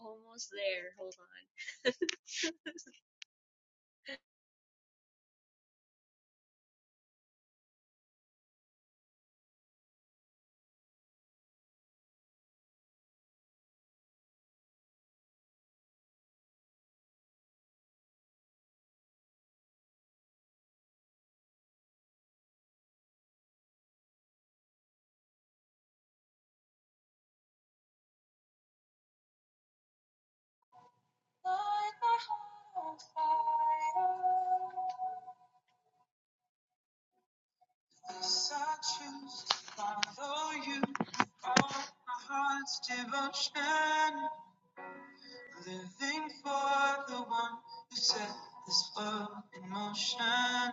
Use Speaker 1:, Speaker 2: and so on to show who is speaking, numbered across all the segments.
Speaker 1: Almost there. Hold on. Light Yes, I choose to follow you. All my heart's devotion. Living for the one who set this world in motion.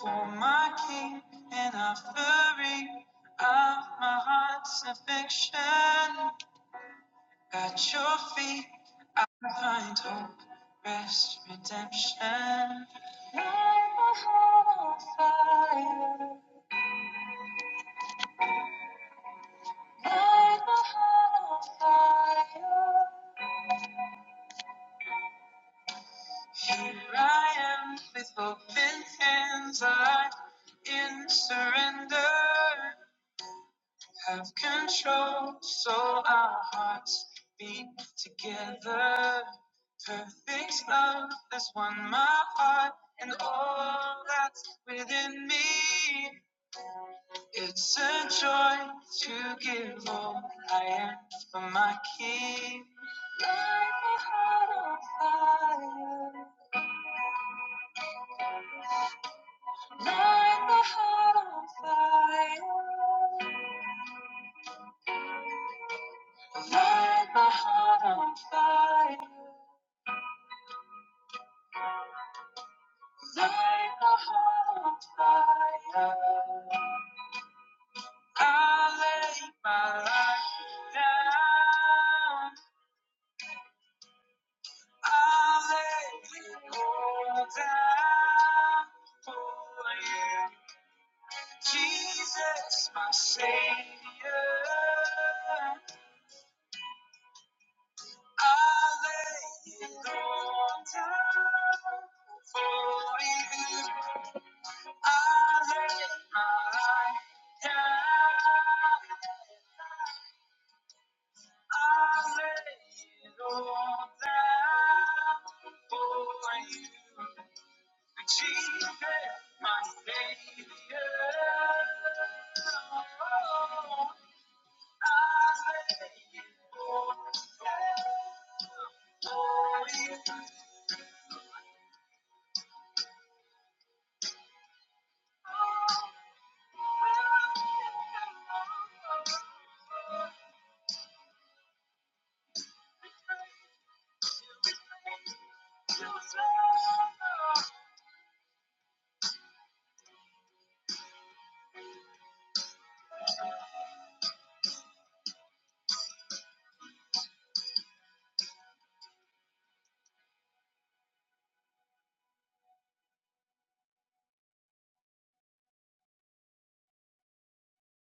Speaker 1: For my king and offering of my heart's affection. At your feet, I find hope, rest, redemption. Here I am with open hands, I in surrender. Have control, so our hearts beat together. Perfect love has won my heart and all that's within me. It's a joy to give all I am for my King on fire. I lay my life down. I lay it all down for you, Jesus, my Savior. I lay it all down for you.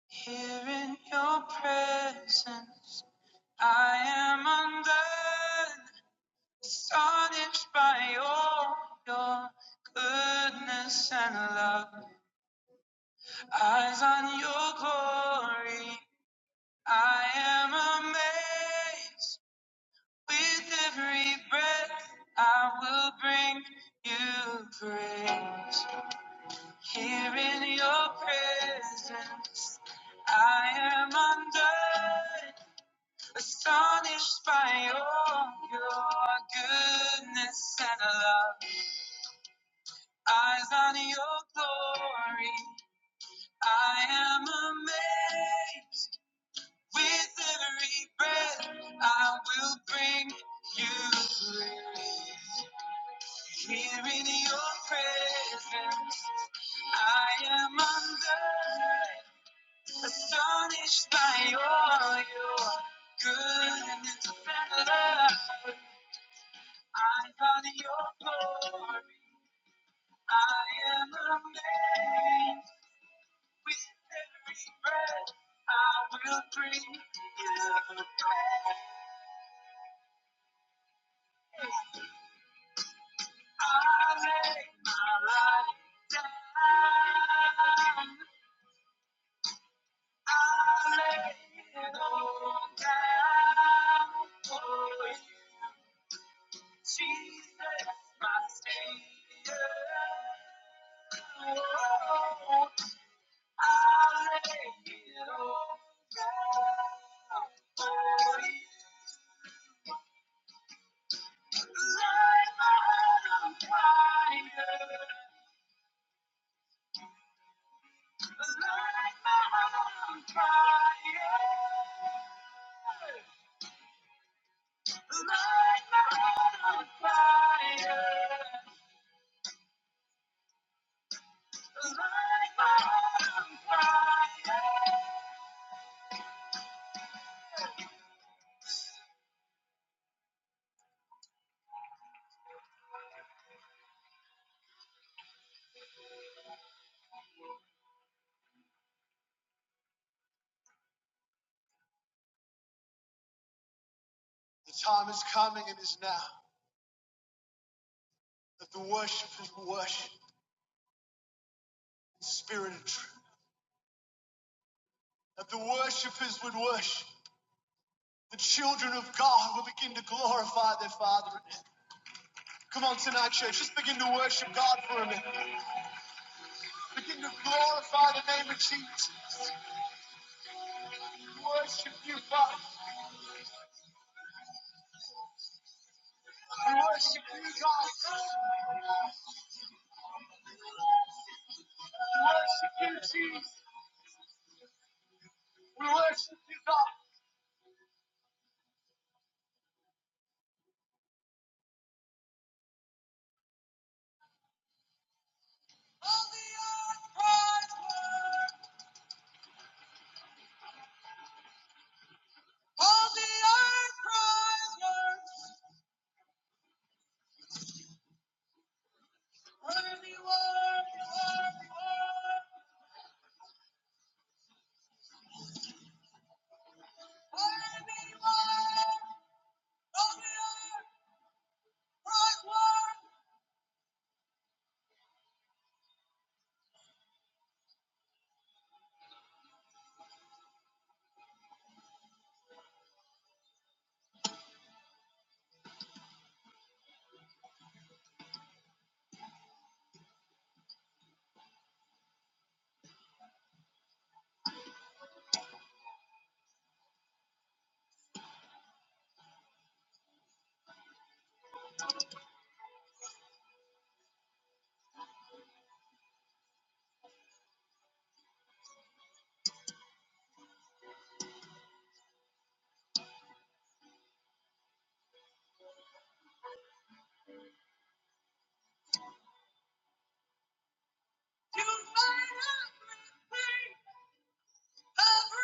Speaker 1: Here in your presence, I am undone. Astonished by all your goodness and love, eyes on your glory, I am amazed. With every breath, I will bring you praise. Here in your presence, I am undone, astonished by all your goodness and love. Eyes on your glory, I am amazed. With every breath, I will bring you praise. Here in your presence, I am undone, astonished by all your goodness and love. Eyes on your glory, I am amazed. With every breath, I will dream again. I lay my life down, I lay it all down for Jesus, my Savior. Oh, I lay it all down for light my heart on fire.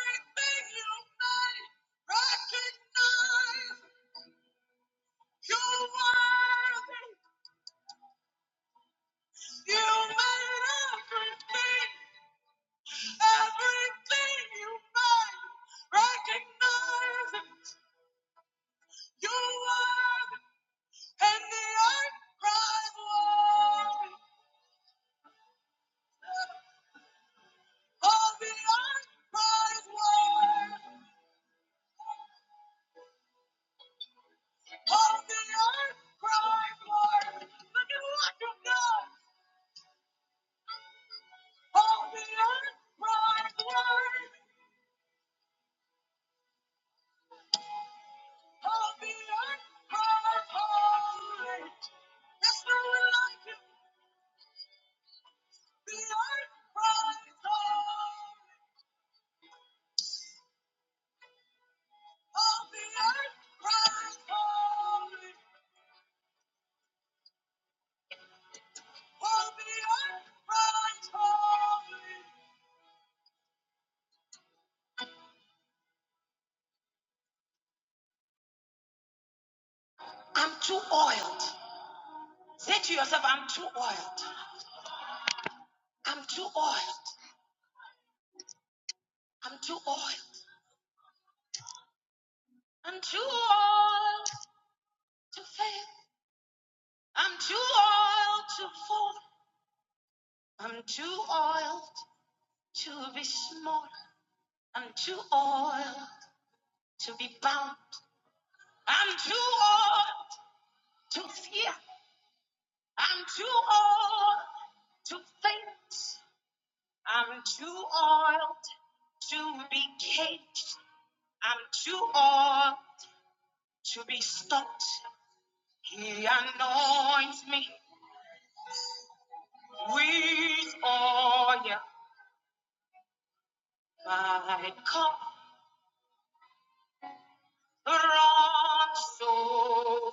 Speaker 1: Everything you made, recognize. You're worthy. You made everything, everything you made. Recognize it. You're worthy. And the earth cries worthy. Oh, the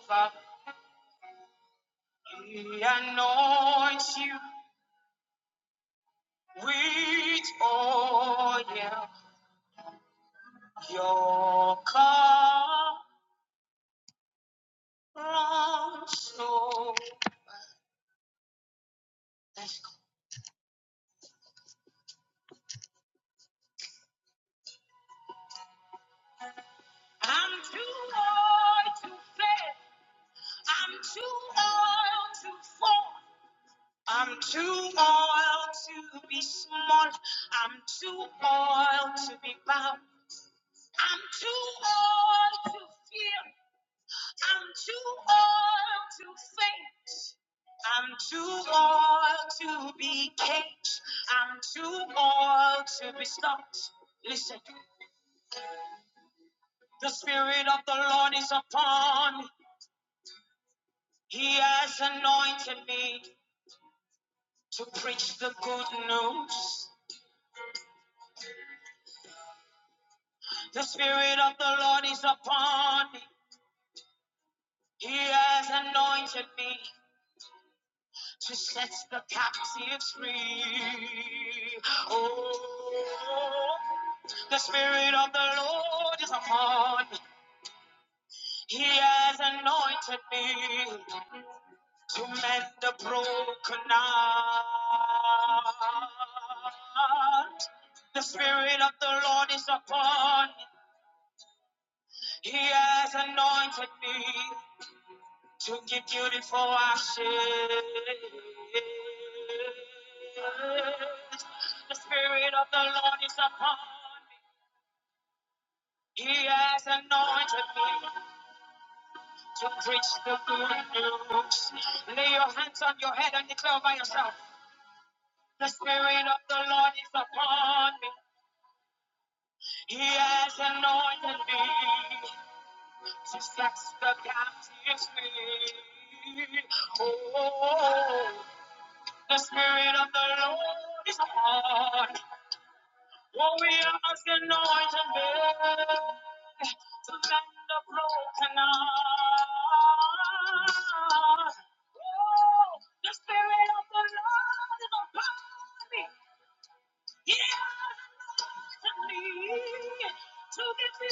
Speaker 1: earth cries over. He anoints you with oil. Your cup runs over. All to be stopped. Listen. The Spirit of the Lord is upon me. He has anointed me to preach the good news. The Spirit of the Lord is upon me. He has anointed me to set the captives free. Oh, the Spirit of the Lord is upon me. He has anointed me to mend the broken heart. The Spirit of the Lord is upon me. He has anointed me to give beautiful ashes. The Spirit of the Lord is upon me. He has anointed me to preach the good news. Lay your hands on your head and declare by yourself. The Spirit of the Lord is upon me. He has anointed me She stacks the captives free. Oh, the spirit of the Lord is upon. What we are must anoint and bear to mend the broken heart. Oh, the spirit of the Lord is upon me. He has anointed me to give me.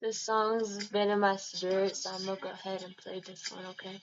Speaker 1: This song's been in my spirit, so I'm gonna go ahead and play this one, okay?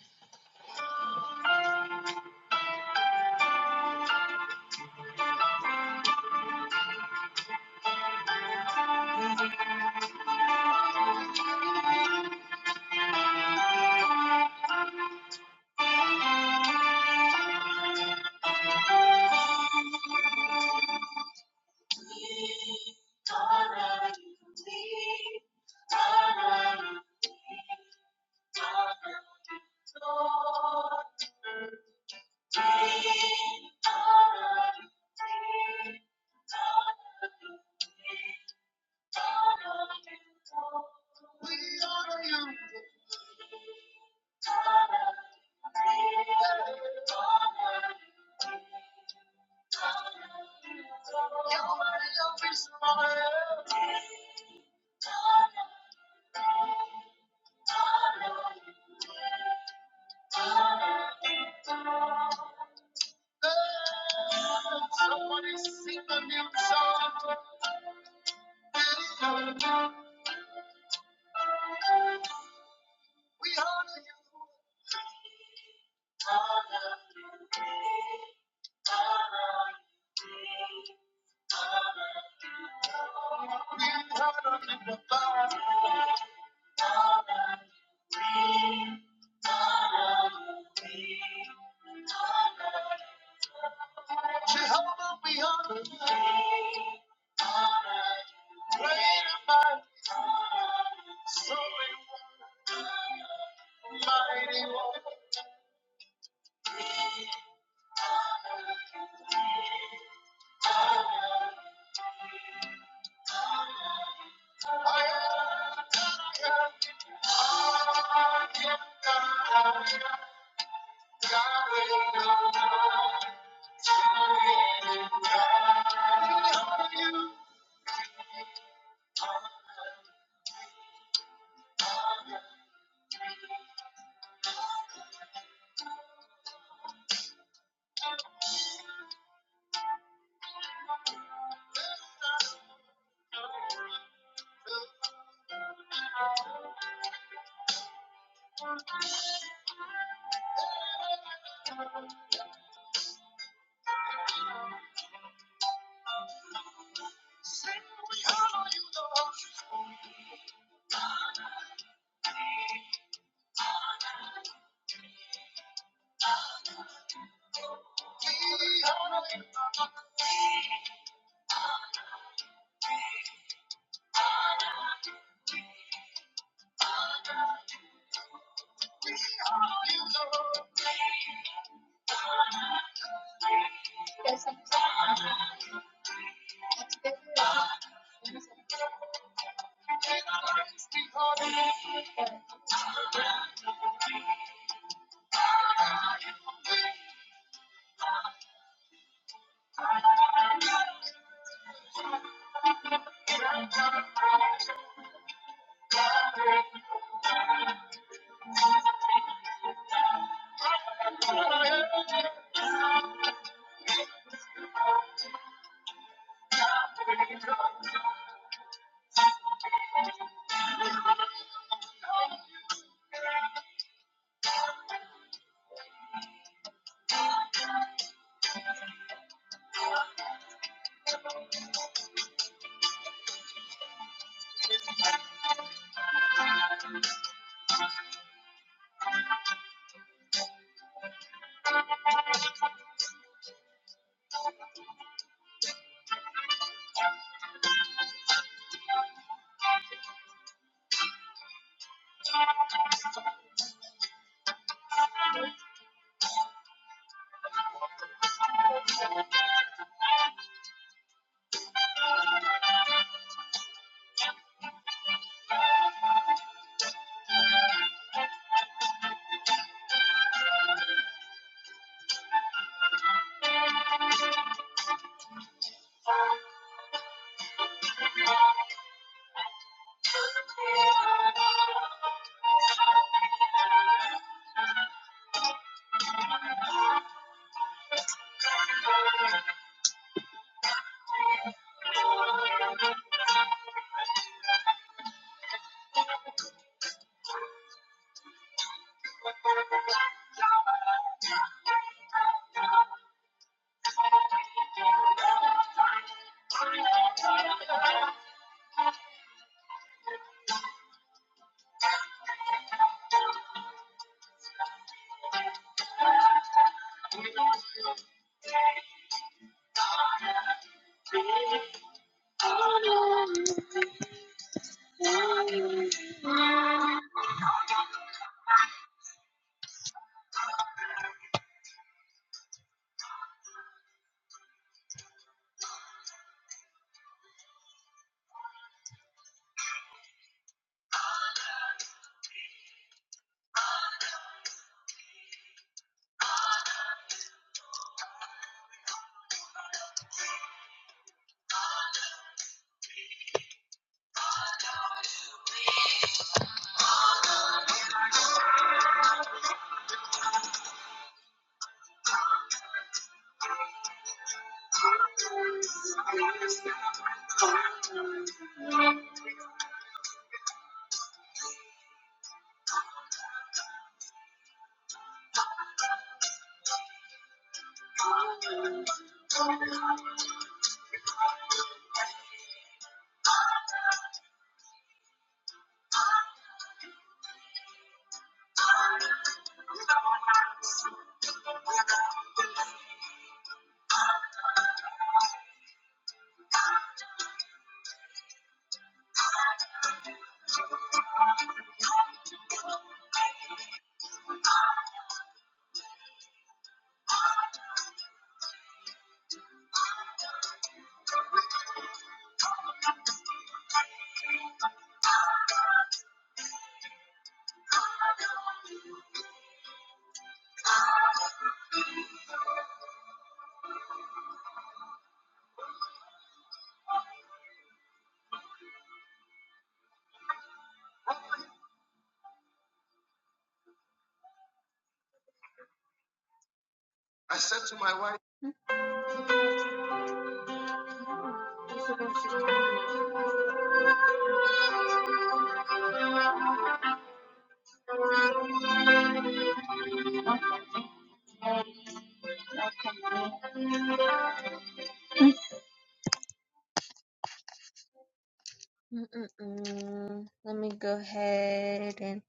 Speaker 1: Mm-mm-mm. Let me go ahead and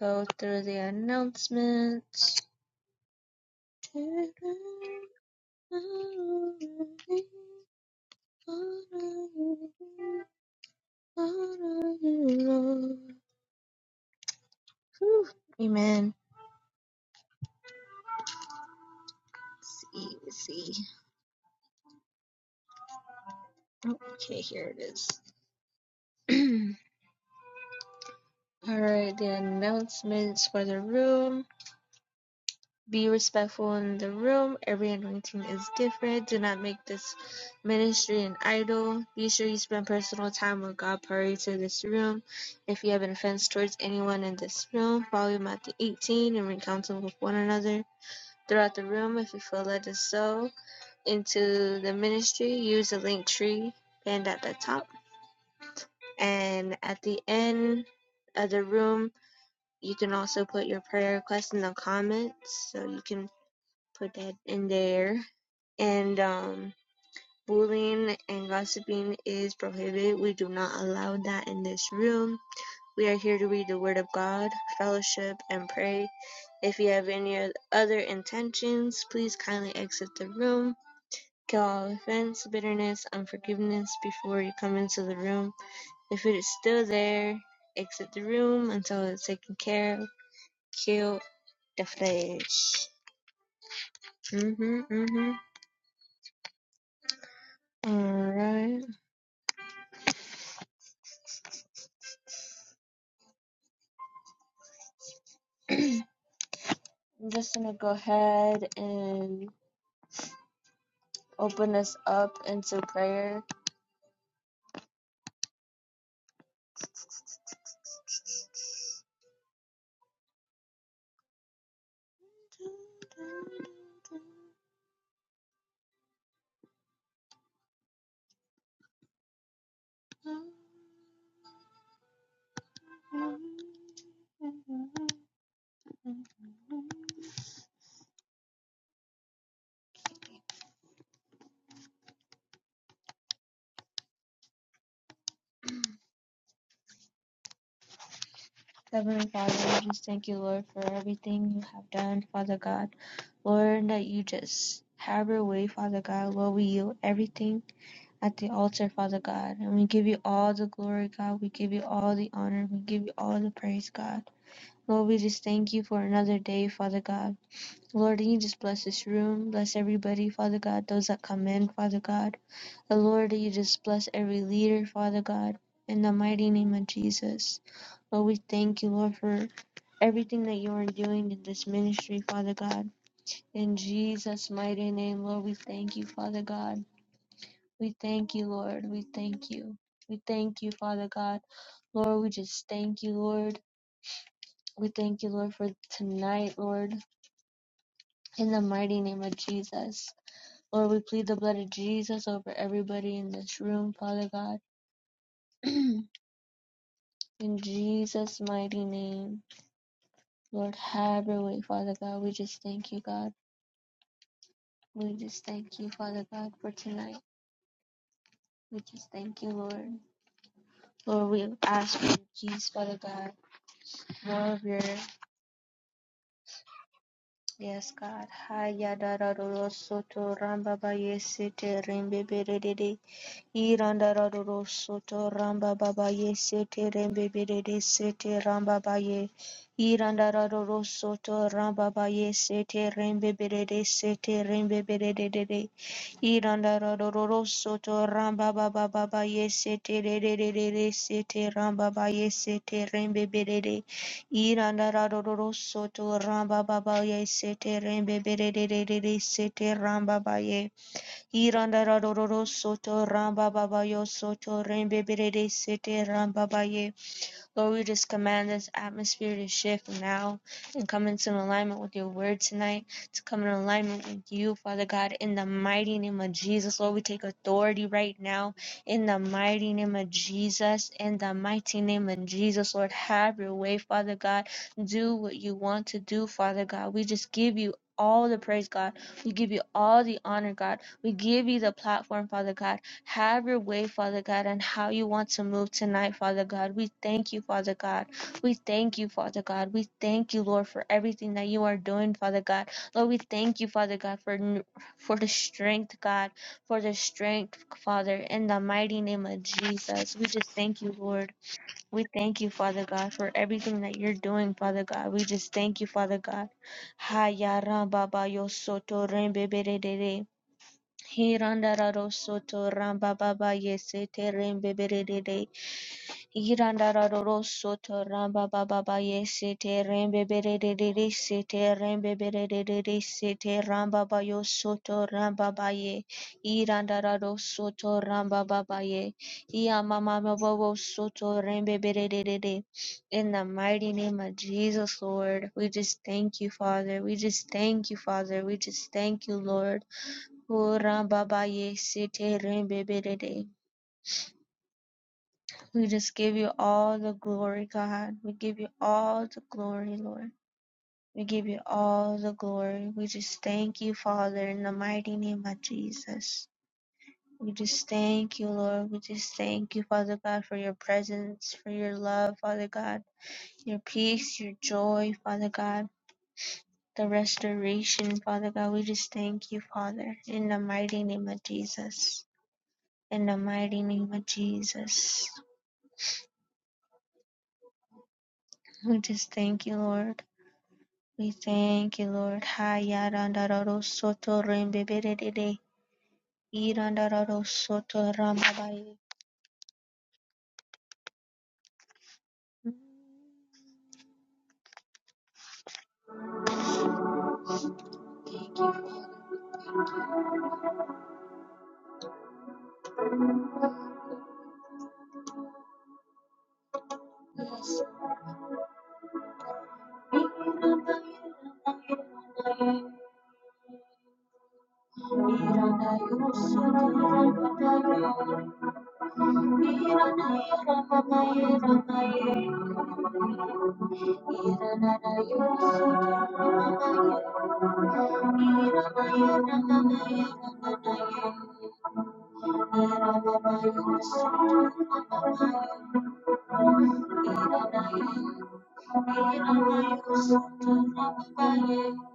Speaker 1: go through the announcements. Whew. Amen. Let's See, see. Okay, here it is. All right, the announcements for the room. Be respectful in the room. Every anointing is different. Do not make this ministry an idol. Be sure you spend personal time with God prior to this room. If you have an offense towards anyone in this room, follow Matthew 18 and recount them with one another. Throughout the room, if you feel led to sow into the ministry, use the link tree pinned at the top. And at the end of the room, you can also put your prayer request in the comments so you can put that in there. And um, bullying and gossiping is prohibited. We do not allow that in this room. We are here to read the Word of God, fellowship, and pray. If you have any other intentions, please kindly exit the room. Kill all offense, bitterness, unforgiveness before you come into the room. If it is still there, exit the room until it's taken care of. Kill the flesh. Mm-hmm, mm-hmm. Alright. I'm just going to go ahead and open us up into prayer. Heavenly Father, we just thank you, Lord, for everything you have done, Father God. Lord, that you just have your way, Father God. Lord, we yield everything at the altar, Father God. And we give you all the glory, God. We give you all the honor. We give you all the praise, God. Lord, we just thank you for another day, Father God. Lord, you just bless this room, bless everybody, Father God, those that come in, Father God. The Lord, you just bless every leader, Father God, in the mighty name of Jesus. Lord, we thank you, Lord, for everything that you are doing in this ministry, Father God. In Jesus' mighty name, Lord, we thank you, Father God. We thank you, Lord. We thank you. We thank you, Father God. Lord, we just thank you, Lord. We thank you, Lord, for tonight, Lord, in the mighty name of Jesus. Lord, we plead the blood of Jesus over everybody in this room, Father God. in Jesus' mighty name. Lord, have your way, Father God. We just thank you, God. We just thank you, Father God, for tonight. We just thank you, Lord. Lord, we ask for your peace, Father God. More of your Yes, God. Haya dararoro soto ramba ba yesete rembe berede. Iranda raroro soto ramba baba yesete rembe berede sete ramba ba ye. Iranda raroro soto ramba ba yesete rembe berede sete rembe berede dede. Iranda raroro soto ramba baba baba yesete dede dede sete ramba ba yesete rembe berede. Irandararo soto rambabaye sete rembebere sete rambabaye. Irandararo soto rambabaye soto rembebere sete rambabaye. Lord, we just command this atmosphere to shift now and come into alignment with your word tonight, to come in alignment with you, Father God, in the mighty name of Jesus. Lord, we take authority right now in the mighty name of Jesus, in the mighty name of Jesus. Lord, have your way, Father God. Do what you want to do, Father God. We just give you all the praise, God. We give you all the honor, God. We give you the platform, Father God have your way, Father God, and how you want to move tonight, Father God. We thank you, Father God. We thank you, Father God. We thank you, Lord, for everything that you are doing, Father God. Lord, we thank you, Father God, for for the strength, God, for the strength, Father, in the mighty name of Jesus. We just thank you, Lord. We thank you, Father God, for everything that you're doing, Father God. We just thank you, Father God. Ha ya ra ba ba yo so to re be be re de de. Hirandara rosoto ramba baba yesete rembe berede. Hirandara rosoto ramba baba yesete rembe berede sete rembe berede sete ramba bayo soto ramba baye. Hirandara rosoto ramba baba ye. Iya mama babo soto rembe berede. In the mighty name of Jesus, Lord, we just thank you, Father. We just thank you, Father. We just thank you, Lord. Oh, Rambabaye, Sete Rembebede. We just give you all the glory, God. We give you all the glory, Lord. We give you all the glory. We just thank you, Father, in the mighty name of Jesus. We just thank you, Lord. We just thank you, Father God, for your presence, for your love, Father God, your peace, your joy, Father God, the restoration, Father God. We just thank you, Father, in the mighty name of Jesus. In the mighty name of Jesus, we just thank you, Lord. We thank you, Lord. Hayarandararo soto rembebedede. Irandararo soto rambabaye. Iranayo soto rambabaye. Thank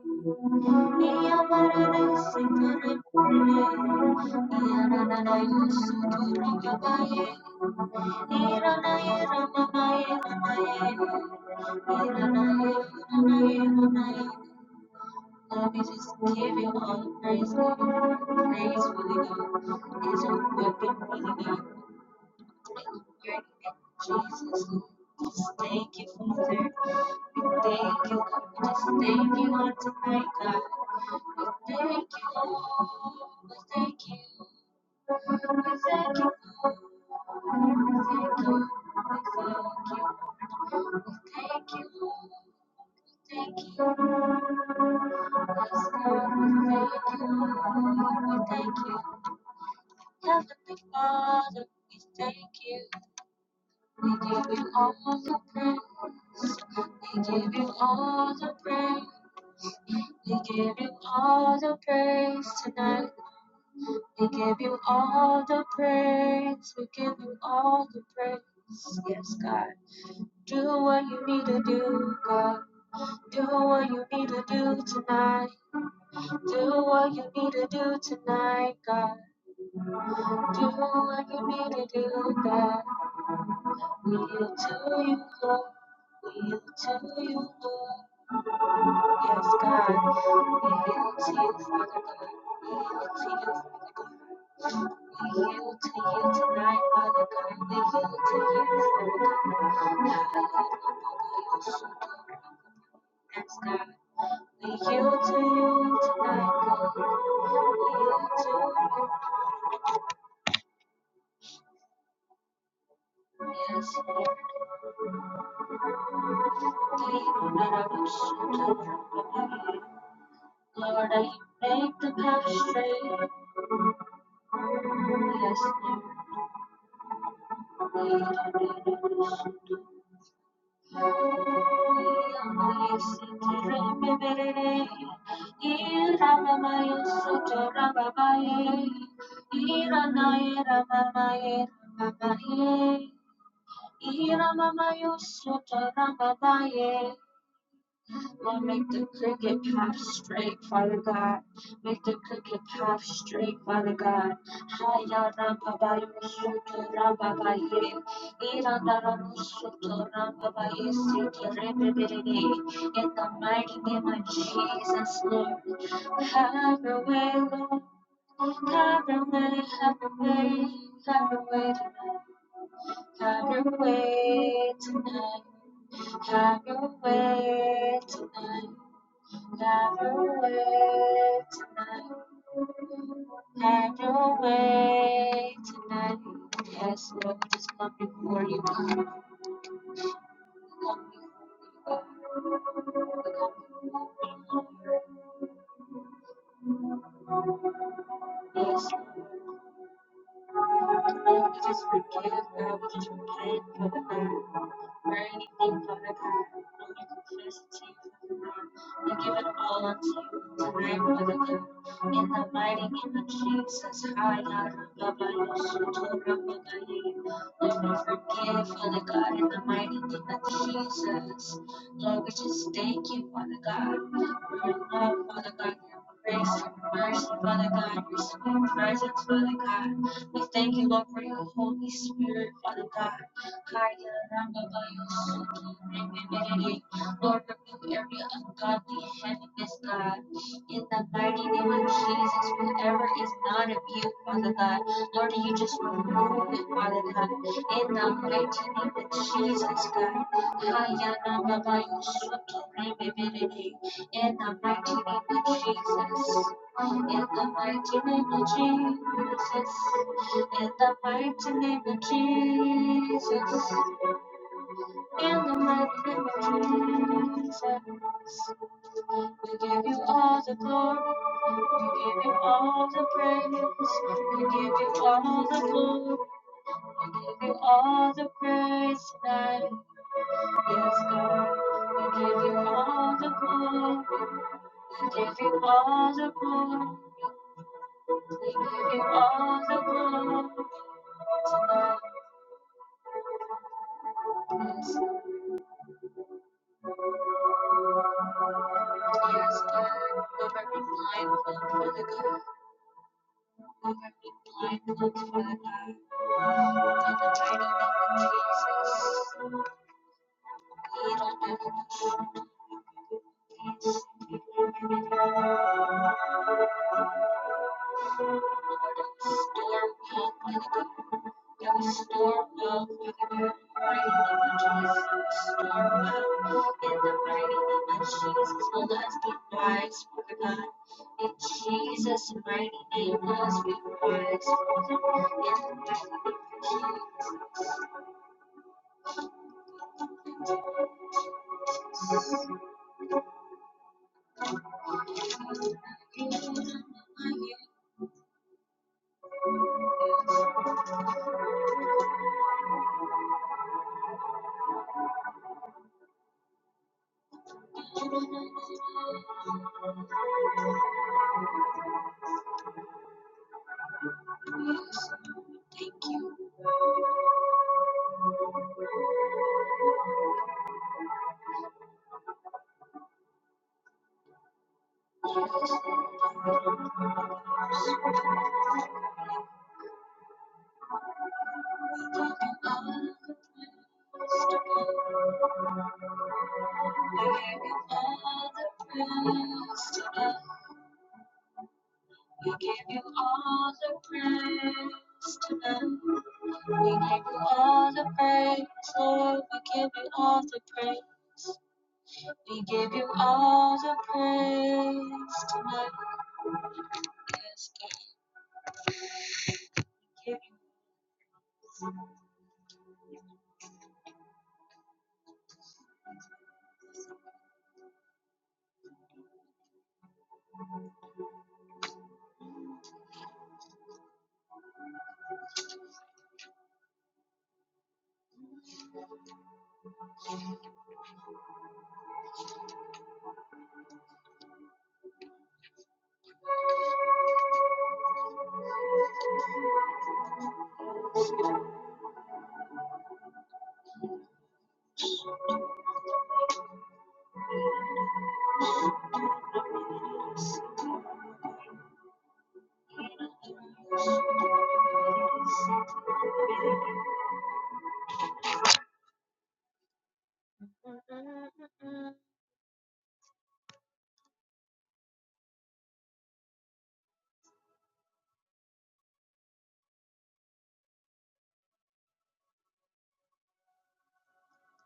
Speaker 1: you. Lord, we just give you all the praise, God. Praise, Holy God. It is your weapon, Holy God. Hallelujah. In Jesus' name. Just thank you, Father. We thank you, God. We just thank you on tonight, God. We thank you, Lord. We thank you. We thank you, Lord. We thank you. We thank you. We thank you, Lord. Thank you. Yes, we thank you. We thank you. Heavenly Father, we thank you. We give you all the praise. We give you all the praise. We give you all the praise tonight. We give you all the praise. We give you all the praise. Yes, God. Do what you need to do, God. Do what you need to do tonight. Do what you need to do tonight, God. Do what you need to do, God. Will to you, Lord. Will to you, Lord. Yes, God. Will to you, Father God. Will to you, Father God. We yield to you tonight, Father God. We yield to you, Father God. Yes, God. We yield to you tonight, God. We yield to you. no? Yes, Lord. Lord, I make the path straight. Yes, Lord. Ira mama yo soto rababaye, Lord, make the crooked path straight, Father God. Make the crooked path straight, Father God. Haya ramba ba yusuto ramba ba ye. Iranda ramu suto ramba ba ye sete rebe berede. In the mighty name of Jesus, Lord. Have your way, Lord. Have your way, have your way, have your way tonight. Have your way tonight. Have your way tonight. Never wait tonight. Never wait tonight. Yes, Lord, we just come before you. come before you. Yes, Lord, we just forgive God. We just repent for the God. Verily, thank God of heaven, when you confess the sins of the Lord, you give it all unto you, tonight for God. In the mighty name of Jesus, Haya Rabba Yusutu Rabba Gaye. Lord, forgive, Father God, in the mighty name of Jesus. Lord, we just thank you, Father God, for your love, Father God, your grace, your mercy, Father God, your sweet presence, Father God. We thank you, Lord, for your Holy Spirit, Father God. Kaya Ramabayo Suki Rememberere, Lord, remove every ungodly heaviness, God. In the mighty name of Jesus, whoever is not of you, Father God, Lord, you just remove it, Father God. In the mighty name of Jesus, God. Kaya Ramabayo Suki Rememberere, In the mighty name of Jesus. In the mighty name of Jesus. In the mighty name of Jesus. In the mighty name of Jesus, we give you all the glory. We give you all the praise. We give you all the glory. We give you all the praise tonight. Yes, God. We give you all the glory. We give you all the glory. We give you all the glory tonight. Yes, yes, God. Remember, mindful for the good. Lord, I've been blindfolded, Father, by the mighty name of Jesus. Storm will, Father God. Every storm will, Father God. Mighty name of Jesus. Storm will, in the mighty name of Jesus. Well, let's be wise, Father God. In Jesus' mighty name, let us be wise, Father. In the mighty name of Jesus. let us be wise for the God. We give you all the praise tonight. We give you all the praise.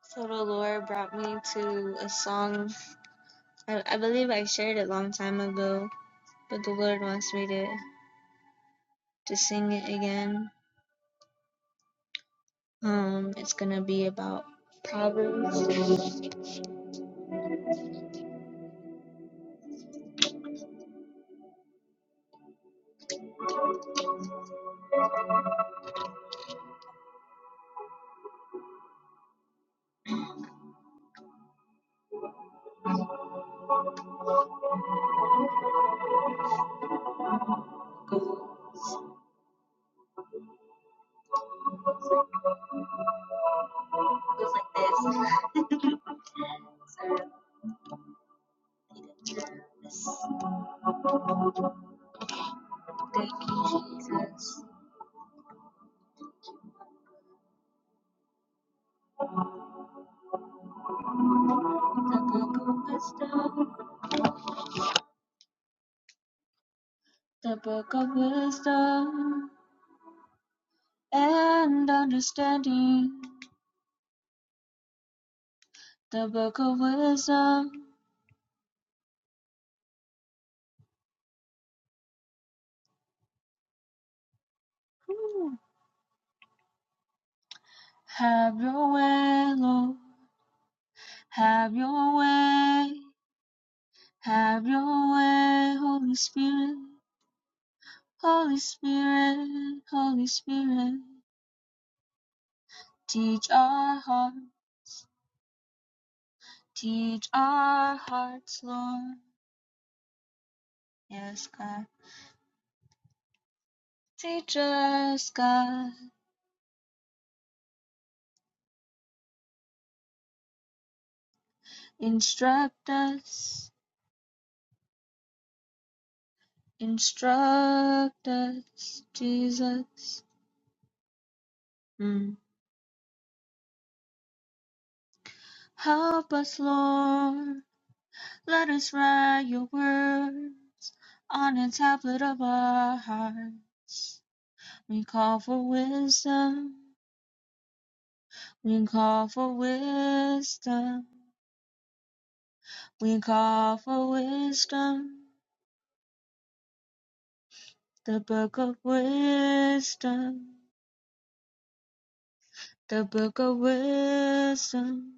Speaker 1: So the Lord brought me to a song. I, I believe I shared it a long time ago, but the Lord wants me to, to sing it again. Um, it's gonna be about Proverbs. It Goes like this. Thank you, Jesus. The book of wisdom, the book of wisdom and understanding. The book of wisdom. Have your way, Lord. Have your way. Have your way, Holy Spirit. Holy Spirit, Holy Spirit. Teach our heart. Teach our hearts, Lord. Yes, God. Teach us, God. Instruct us, instruct us, Jesus. Mm. Help us, Lord. Let us write your word on the tablet of our heart. We call for wisdom. We call for wisdom. We call for wisdom. The book of wisdom. The book of wisdom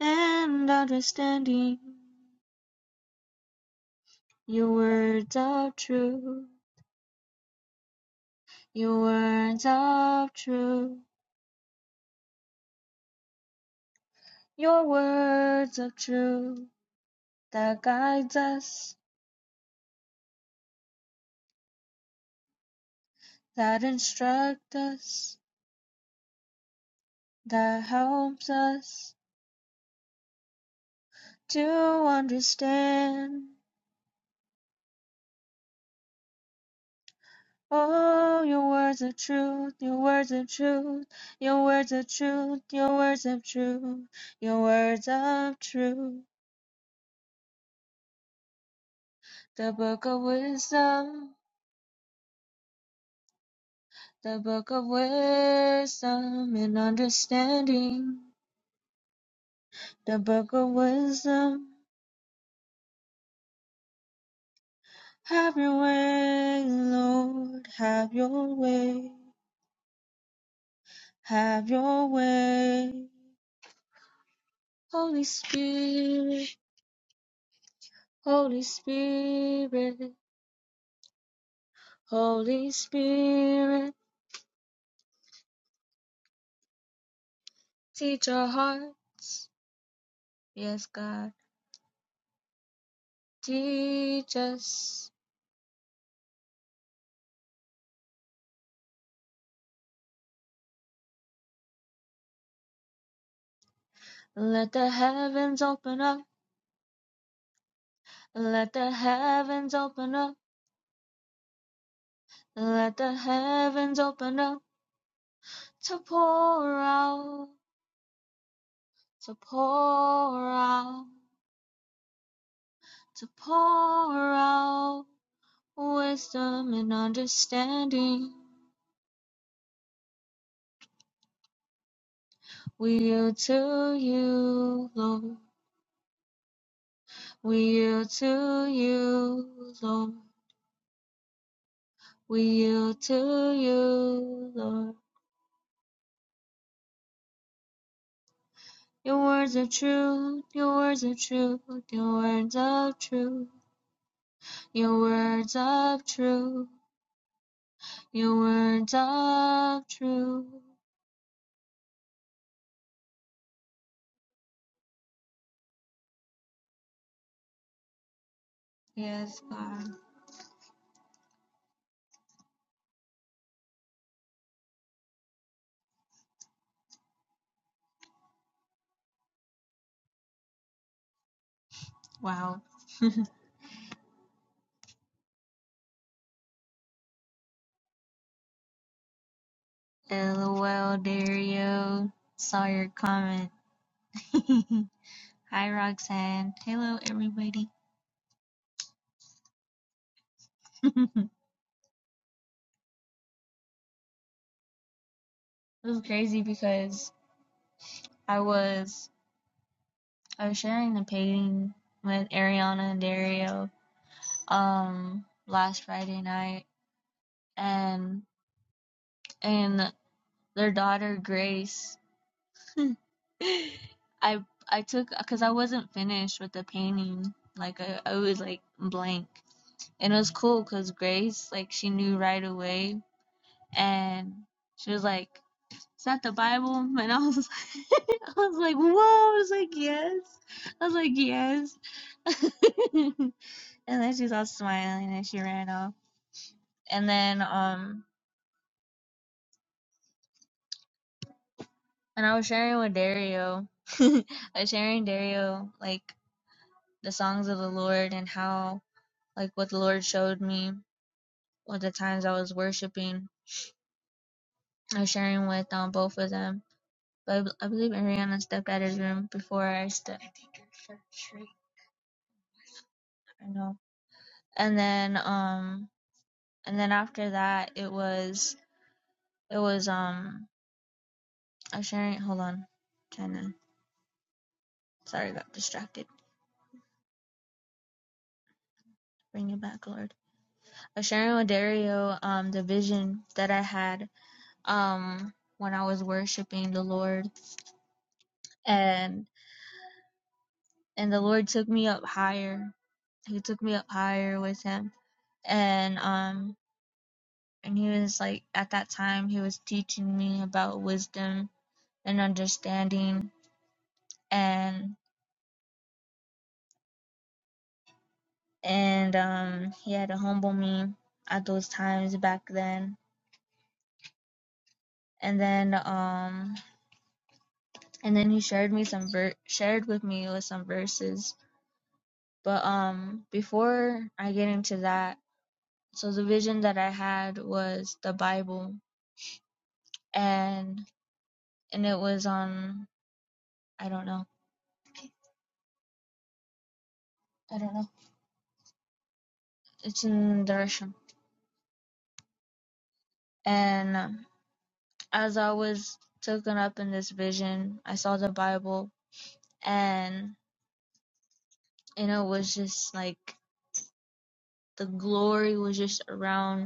Speaker 1: and understanding. Your words of truth, your words of truth, your words of truth that guides us, that instructs, that helps us to understand. Oh, your words of truth, your words of truth, your words of truth, your words of truth, your words of truth. The book of wisdom, the book of wisdom and understanding The book of wisdom, have your way, Lord, have your way, have your way. Holy Spirit, Holy Spirit, Holy Spirit, teach our heart, yes, God, teach us. Let the heavens open up, let the heavens open up, let the heavens open up to pour out, to pour out. to pour out wisdom and understanding. We yield to you, Lord. We yield to you, Lord. We yield to you, Lord. Your words are true, your words are true, your words of truth, your words of truth, your words of truth. Yes, God. Wow. LOL, Dario. Saw your comment. Hi, Roxanne. Hello, everybody. it was crazy because I was I was sharing the painting with Ariana and Dario um last Friday night, and and their daughter Grace. I I took because I wasn't finished with the painting. Like I, I was like blank, and it was cool because Grace like she knew right away, and she was like, "Is that the Bible?" And I was I was like, whoa. I was like, yes. I was like, yes. and then she's all smiling and she ran off. And then, um, and I was sharing with Dario. I was sharing Dario, like, the songs of the Lord and how, like, what the Lord showed me with the times I was worshiping. I was sharing with um, both of them. But I, b- I believe Ariana stepped out of his room before I stepped. I think you're for sure. I don't know. And then, um, and then after that, it was It was um a sharing. Hold on, trying to. Sorry, got distracted. Bring it back, Lord. A sharing with Dario um the vision that I had um when I was worshiping the Lord and and the Lord took me up higher. He took me up higher with Him and um and he was like at that time he was teaching me about wisdom and understanding and and um he had to humble me at those times back then and then um and then he shared me some ver- shared with me with some verses but um before i get into that so the vision that i had was the bible and and it was on i don't know i don't know it's in Darsham. and um, as i was taken up in this vision i saw the bible and and it was just like the glory was just around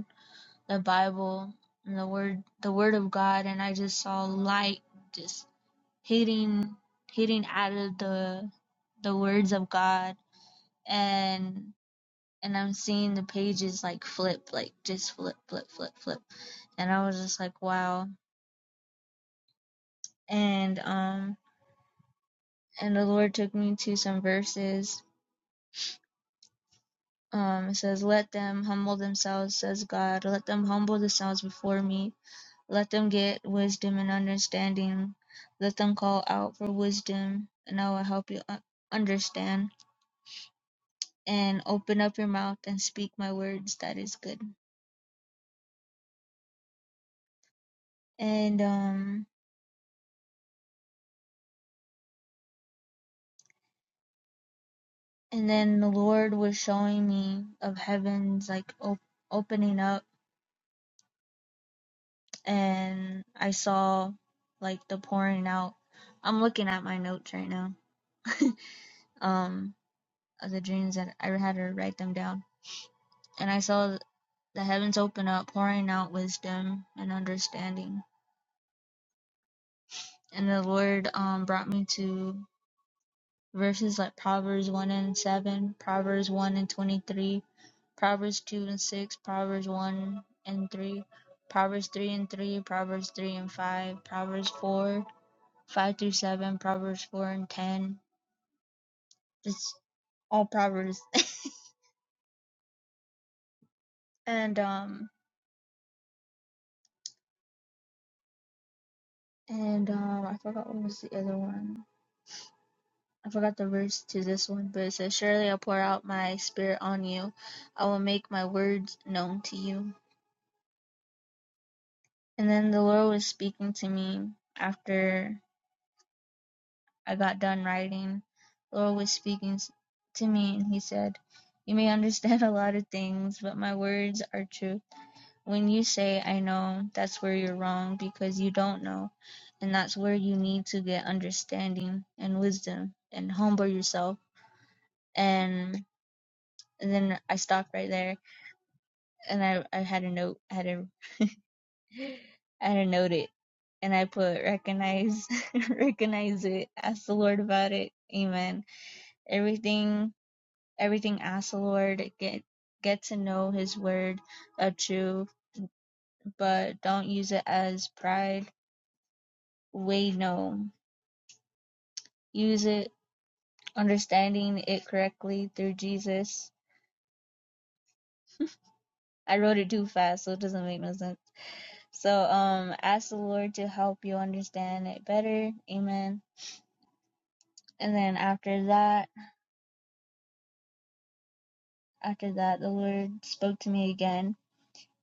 Speaker 1: the Bible and the word the word of God and I just saw light just hitting hitting out of the the words of God and and I'm seeing the pages like flip like just flip flip flip flip and I was just like wow and um and the Lord took me to some verses um it says let them humble themselves says God let them humble themselves before me Let them get wisdom and understanding. Let them call out for wisdom, and I will help you u- understand. And open up your mouth and speak my words. That is good. And um, and then the Lord was showing me of heavens like op- opening up, and I saw like the pouring out. I'm looking at my notes right now. Um, of the dreams that I had her write them down, and I saw the heavens opened up, pouring out wisdom and understanding. And the Lord um, brought me to verses like Proverbs 1 and 7, Proverbs 1 and 23, Proverbs 2 and 6, Proverbs 1 and 3, Proverbs 3 and 3, Proverbs 3 and 5, Proverbs 4, 5 through 7, Proverbs 4 and 10. Just all Proverbs. And, um, and, um, I forgot what was the other one I forgot the verse to this one, but it says, Surely I'll pour out my spirit on you. I will make my words known to you. And then the Lord was speaking to me after I got done writing. The Lord was speaking to me, and He said, You may understand a lot of things, but my words are truth. When you say, I know, that's where you're wrong because you don't know. And that's where you need to get understanding and wisdom and humble yourself. And and then I stopped right there and I I had a note I had a I had a note it and I put recognize recognize it ask the Lord about it amen everything everything ask the Lord get get to know His word a truth but don't use it as pride way no use it understanding it correctly through Jesus I wrote it too fast so it doesn't make no sense so um ask the Lord to help you understand it better amen and then after that After that the Lord spoke to me again,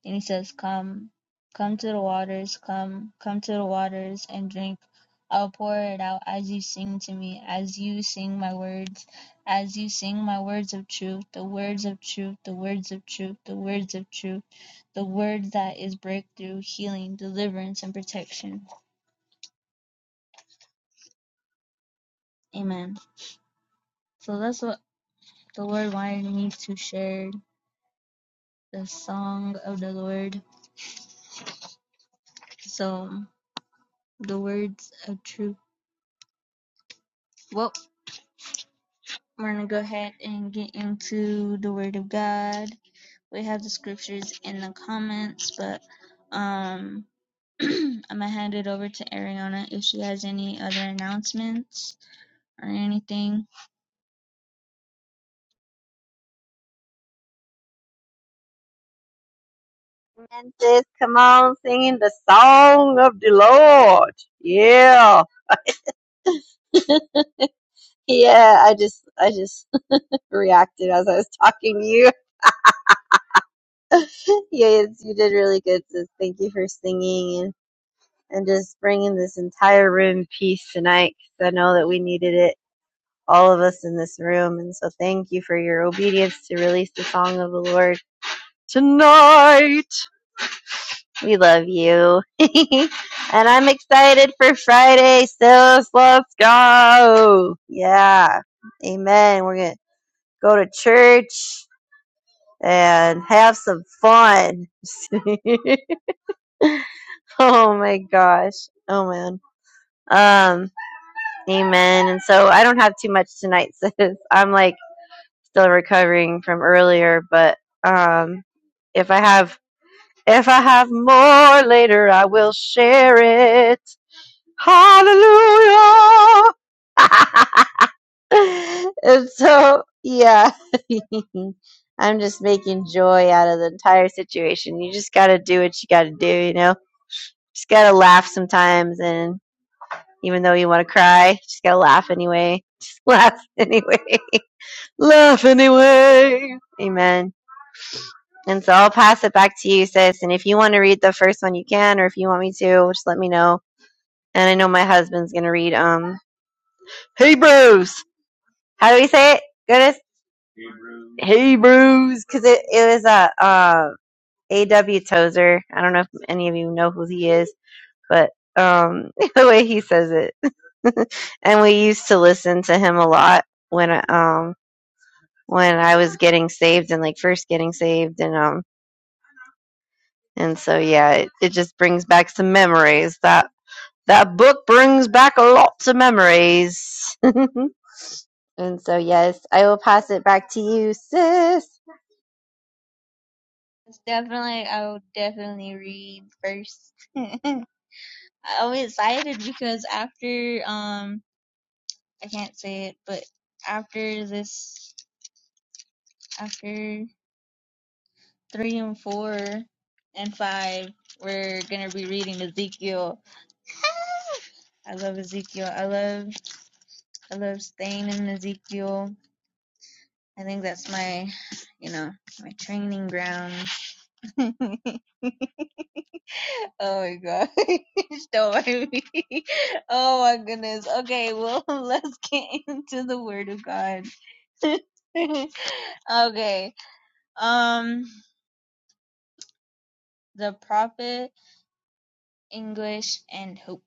Speaker 1: and he says, Come, come to the waters, come, come to us, and drink. I'll pour it out as you sing to me, as you sing my words, as you sing my words of truth, the words of truth, the words of truth, the words of truth, the word that is breakthrough, healing, deliverance, and protection. Amen. So that's what the Lord wanted me to share the song of the Lord. So the words of truth. What We're going to go ahead and get into the Word of God. We have the scriptures in the comments, but um, I'm going to hand it over to Ariana if she has any other announcements or anything.
Speaker 2: And says, come on, singing the song of the Lord. Yeah. Yeah, I just, I just reacted as I was talking to you. Yes, you did really good. So thank you for singing and, and just bringing this entire room peace tonight. 'cause I know that we needed it, all of us in this room. And so thank you for your obedience to release the song of the Lord tonight. We love you. and I'm excited for Friday, sis. Let's go. Yeah. Amen. We're going to go to church and have some fun. oh my gosh. Oh man. Um, amen. And so I don't have too much tonight, sis. I'm like still recovering from earlier, but um if I have if I have more later I will share it. Hallelujah. and so, yeah, I'm just making joy out of the entire situation. You just got to do what you got to do, you know? Just got to laugh sometimes. And even though you want to cry, just got to laugh anyway. Just laugh anyway. laugh anyway. Amen. And so I'll pass it back to you, sis. And if you want to read the first one, you can. Or if you want me to, just let me know. And I know my husband's going to read um Hebrews. How do we say it? Goodness, Hebrews, because it, it was a uh, A.W. Tozer. I don't know if any of you know who he is, but um, the way he says it, and we used to listen to him a lot when I- um when I was getting saved and like first getting saved, and um and so yeah, it, it just brings back some memories. That that book brings back lots of memories. and so yes, I will pass it back to you, sis.
Speaker 1: It's definitely, I will definitely read first. I'm excited because after, um, I can't say it, but after this, after three and four and five, we're going to be reading Ezekiel I love Ezekiel. I love I love staying in Ezekiel. I think that's my you know, my training ground. oh my gosh. Don't mind me. Oh my goodness. Okay, well let's get into the word of God. okay. Um The Prophet, English and Hope.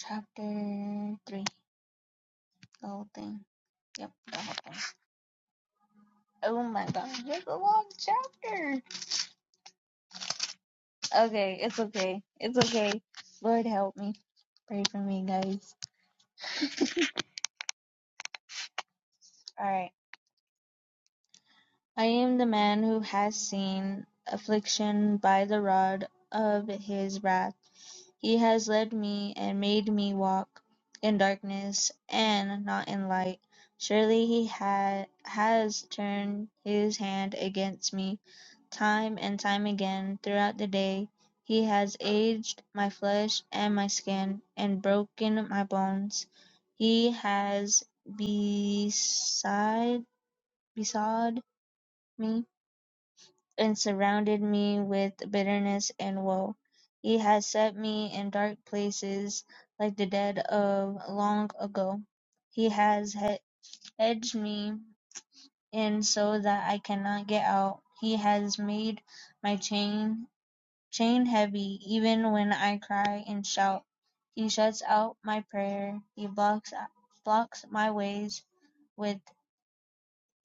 Speaker 1: Chapter three. The whole thing. Yep, the whole thing. Oh my gosh, that's a long chapter. Okay, it's okay. It's okay. Lord help me. Pray for me, guys. Alright. I am the man who has seen affliction by the rod of his wrath. He has led me and made me walk in darkness and not in light. Surely he ha- has turned his hand against me time and time again throughout the day. He has aged my flesh and my skin and broken my bones. He has beside besought me, and surrounded me with bitterness and woe. He has set me in dark places, like the dead of long ago. He has he- hedged me in so that I cannot get out. He has made my chain chain heavy, even when I cry and shout. He shuts out my prayer. He blocks blocks my ways with.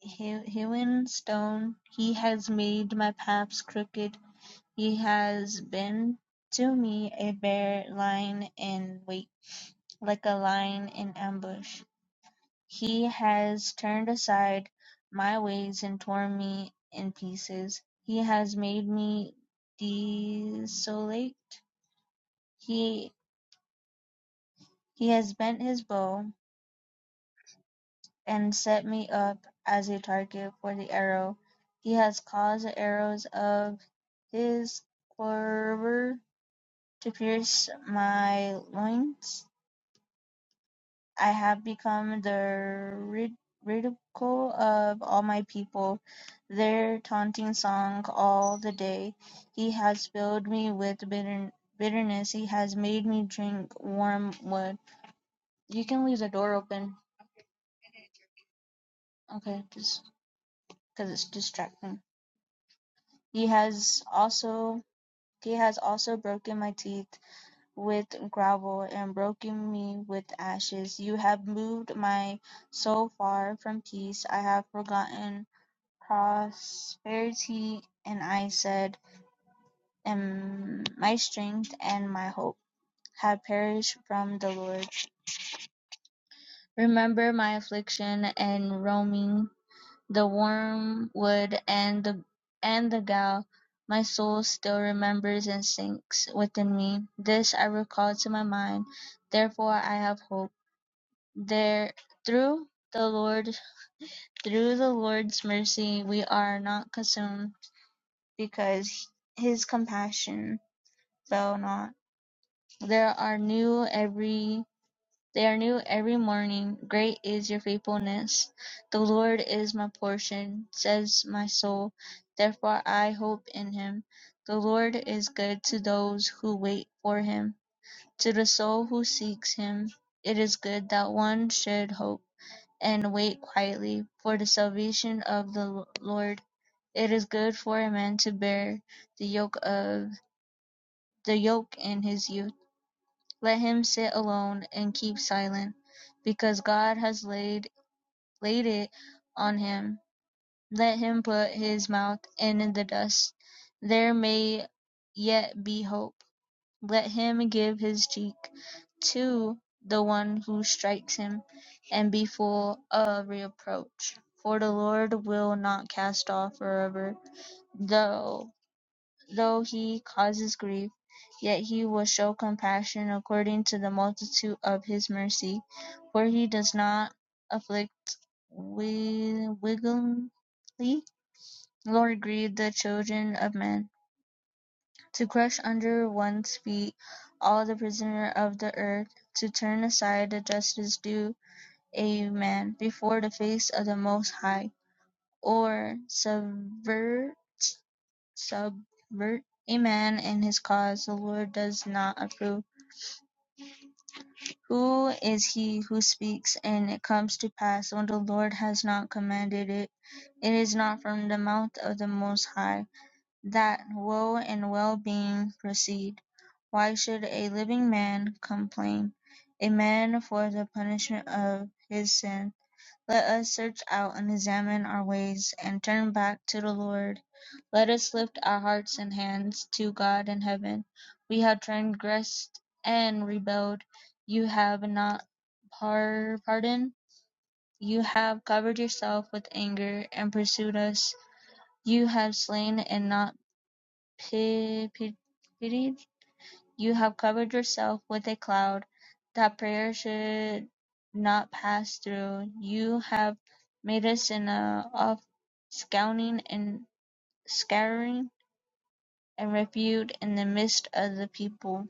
Speaker 1: Hewn stone, He has made my paths crooked; He has been to me a bare line in wait, like a lion in ambush; He has turned aside my ways and torn me in pieces; He has made me desolate; He He has bent His bow, and set me up as a target for the arrow; He has caused the arrows of His quiver to pierce my loins. I have become the rid- ridicule of all my people, their taunting song all the day. He has filled me with bitter- bitterness. He has made me drink warm wood. You can leave the door open, okay? Just because it's distracting. He has also he has also broken my teeth. with gravel and broken me with ashes. You have moved my soul far from peace. I have forgotten prosperity, and I said, and my strength and my hope have perished from the Lord. Remember my affliction and roaming, the wormwood and the and the gall. My soul still remembers and sinks within me. This I recall to my mind. Therefore I have hope. There through the Lord through the Lord's mercy we are not consumed, because his compassion fail not. There are new every they are new every morning. Great is your faithfulness. The Lord is my portion, says my soul. Therefore I hope in him. The Lord is good to those who wait for him, to the soul who seeks him. It is good that one should hope. and wait quietly for the salvation of the Lord. It is good for a man to bear the yoke of the yoke in his youth. Let him sit alone and keep silent, because God has laid laid it on him. Let him put his mouth in the dust. There may yet be hope. Let him give his cheek to the one who strikes him, and be full of reproach. For the Lord will not cast off forever, though though he causes grief, yet he will show compassion according to the multitude of his mercy, for he does not afflict wi- wickedly, nor grieve the children of men. To crush under one's feet all the prisoners of the earth, to turn aside the justice due a man before the face of the Most High, or subvert, subvert a man in his cause, the Lord does not approve. Who is he who speaks, and it comes to pass when the Lord has not commanded it? It is not from the mouth of the Most High that woe and well being proceed. Why should a living man complain, a man for the punishment of his sin? Let us search out and examine our ways and turn back to the Lord. Let us lift our hearts and hands to God in heaven. We have transgressed and rebelled. You have not par- pardoned. You have covered yourself with anger and pursued us. You have slain and not pi- pi- pitied. You have covered yourself with a cloud that prayer should not pass through. You have made us in a of scouting and scouring and rebuked in the midst of the people.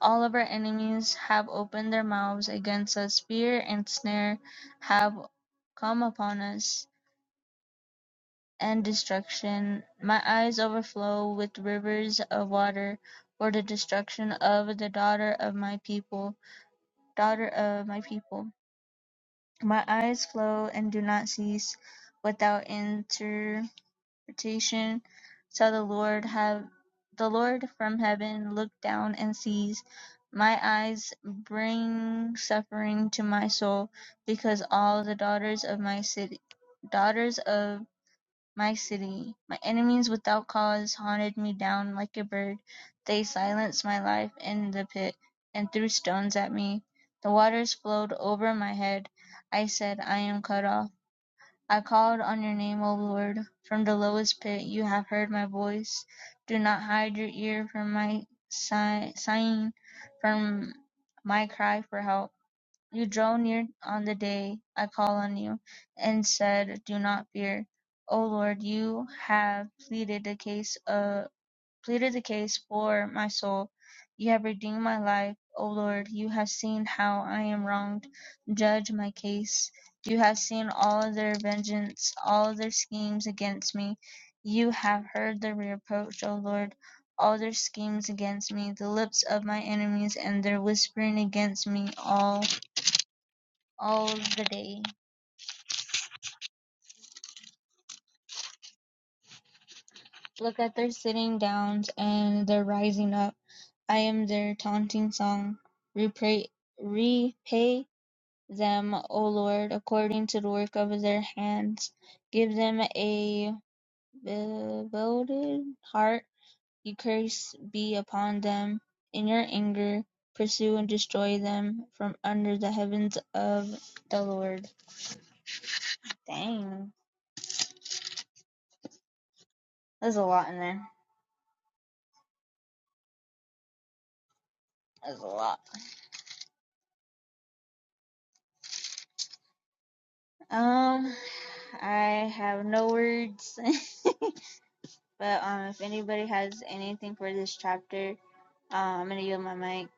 Speaker 1: All of our enemies have opened their mouths against us. Fear and snare have come upon us, and destruction. My eyes overflow with rivers of water for the destruction of the daughter of my people. Daughter of my people. My eyes flow and do not cease without interpretation, till the Lord have the Lord from heaven look down and sees. My eyes bring suffering to my soul, because all the daughters of my city, daughters of my city, my enemies without cause hunted me down like a bird. They silenced my life in the pit and threw stones at me. The waters flowed over my head. I said, I am cut off. I called on your name, O Lord. From the lowest pit you have heard my voice. Do not hide your ear from my sigh- sighing, from my cry for help. You draw near on the day I call on you, and said, Do not fear. O Lord, you have pleaded the case uh, pleaded the case for my soul. You have redeemed my life. O Lord, you have seen how I am wronged. Judge my case. You have seen all of their vengeance, all of their schemes against me. You have heard their reproach, O Lord, all their schemes against me, the lips of my enemies and their whispering against me all all the day. Look at their sitting downs and their rising up. I am their taunting song. Repay, repay them, O Lord, according to the work of their hands. Give them a bewildered heart. Your curse be upon them. In your anger, pursue and destroy them from under the heavens of the Lord. Dang. There's a lot in there. There's a lot. Um, I have no words, but um, if anybody has anything for this chapter, uh, I'm gonna yield my mic,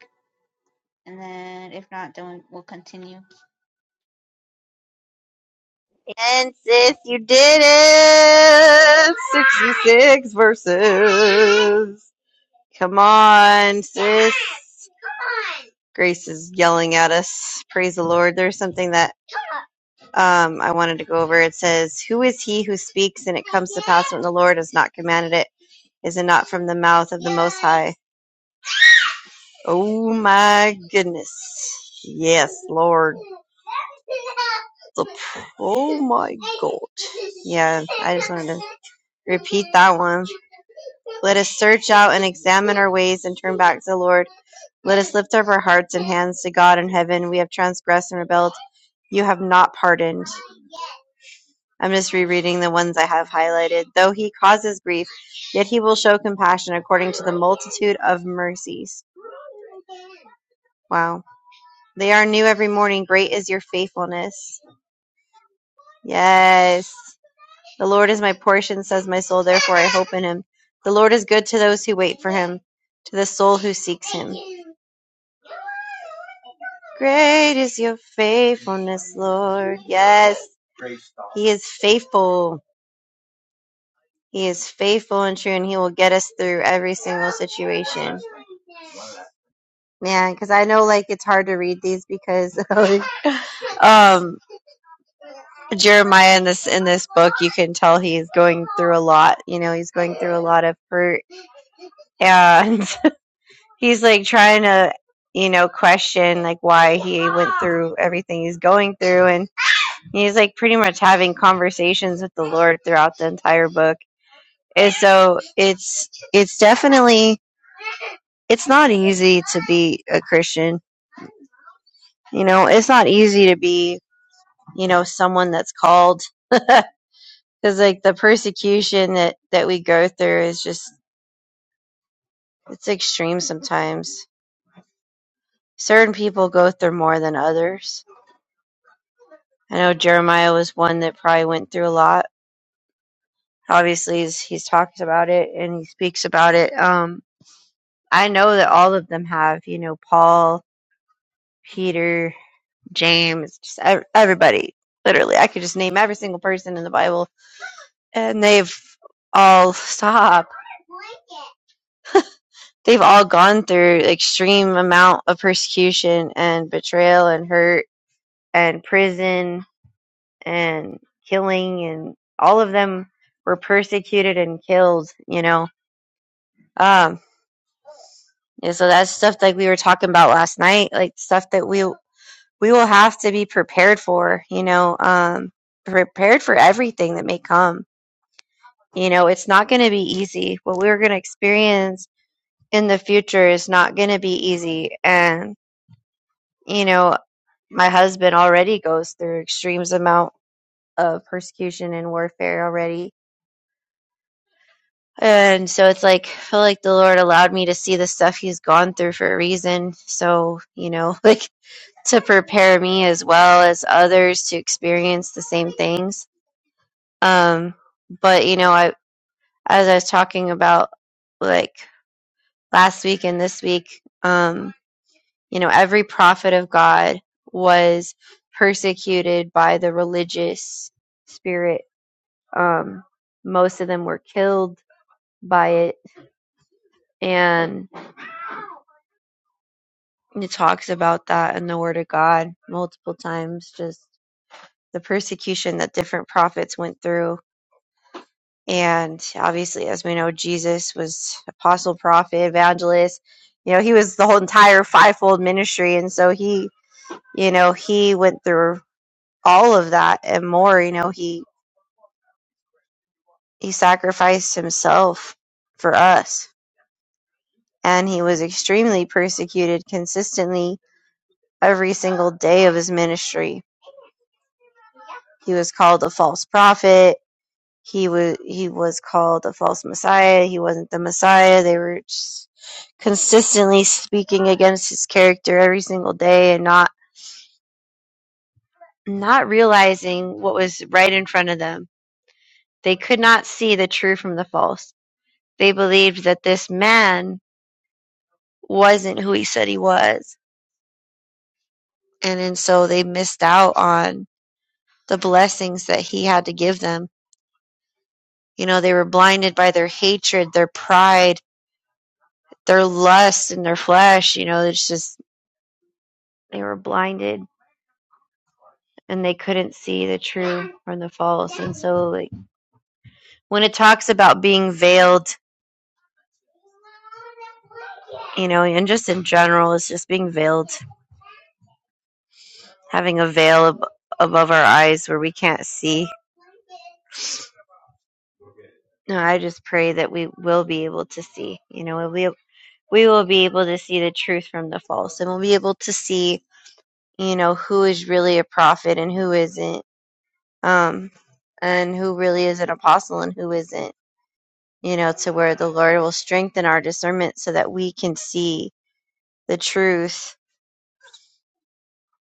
Speaker 1: and then if not, then we- will continue.
Speaker 2: And sis, you did it! 66 verses. Come on, sis. Grace is yelling at us. Praise the Lord. There's something that um, I wanted to go over. It says, Who is he who speaks and it comes to pass when the Lord has not commanded it? Is it not from the mouth of the Most High? Oh my goodness. Yes, Lord. Oh my God. Yeah, I just wanted to repeat that one. Let us search out and examine our ways and turn back to the Lord. Let us lift up our hearts and hands to God in heaven. We have transgressed and rebelled. You have not pardoned. I'm just rereading the ones I have highlighted. Though he causes grief, yet he will show compassion according to the multitude of mercies. Wow. They are new every morning. Great is your faithfulness. Yes. The Lord is my portion, says my soul. Therefore I hope in him. The Lord is good to those who wait for him, to the soul who seeks him. Great is your faithfulness, Lord. Yes, He is faithful. He is faithful and true, and He will get us through every single situation. Man, because I know like it's hard to read these because like, um Jeremiah in this in this book you can tell he's going through a lot. You know, he's going through a lot of hurt, and he's like trying to you know question like why he went through everything he's going through, and. He's like pretty much having conversations with the Lord throughout the entire book. And so it's it's definitely it's not easy to be a Christian. You know, it's not easy to be, you know, someone that's called cuz like the persecution that that we go through is just it's extreme sometimes. Certain people go through more than others. I know Jeremiah was one that probably went through a lot. Obviously, he's, he's talked about it and he speaks about it. Um I know that all of them have, you know, Paul, Peter, James, just ev- everybody. Literally, I could just name every single person in the Bible, and they've all stop. They've all gone through extreme amount of persecution and betrayal and hurt and prison and killing, and all of them were persecuted and killed. You know, um, and so that's stuff like we were talking about last night, like stuff that we we will have to be prepared for, you know, um, prepared for everything that may come. You know, it's not going to be easy. What we're going to experience in the future is not going to be easy. And, you know, my husband already goes through extremes amount of persecution and warfare already. And so it's like, I feel like the Lord allowed me to see the stuff he's gone through for a reason. So, you know, like to prepare me as well as others to experience the same things Um, but you know, I as I was talking about like last week and this week, um, you know, every prophet of God was persecuted by the religious spirit. Um, most of them were killed by it, and it talks about that in the Word of God multiple times. Just the persecution that different prophets went through And obviously, as we know, Jesus was apostle, prophet, evangelist. You know, he was the whole entire fivefold ministry. And so he, you know, he went through all of that and more. You know, he, he sacrificed himself for us. And he was extremely persecuted consistently every single day of his ministry. He was called a false prophet He was he was called a false messiah. He wasn't the messiah. They were s- consistently speaking against his character every single day and not not realizing what was right in front of them. They could not see the true from the false. They believed that this man wasn't who he said he was. And and so they missed out on the blessings that he had to give them. You know, they were blinded by their hatred, their pride, their lust and their flesh. You know, it's just they were blinded and they couldn't see the true from the false. And so, like, when it talks about being veiled, you know, and just in general, it's just being veiled, having a veil ab- above our eyes where we can't see. No, I just pray that we will be able to see, you know, we, we will be able to see the truth from the false and we'll be able to see, you know, who is really a prophet and who isn't, um, and who really is an apostle and who isn't you know, to where the Lord will strengthen our discernment so that we can see the truth.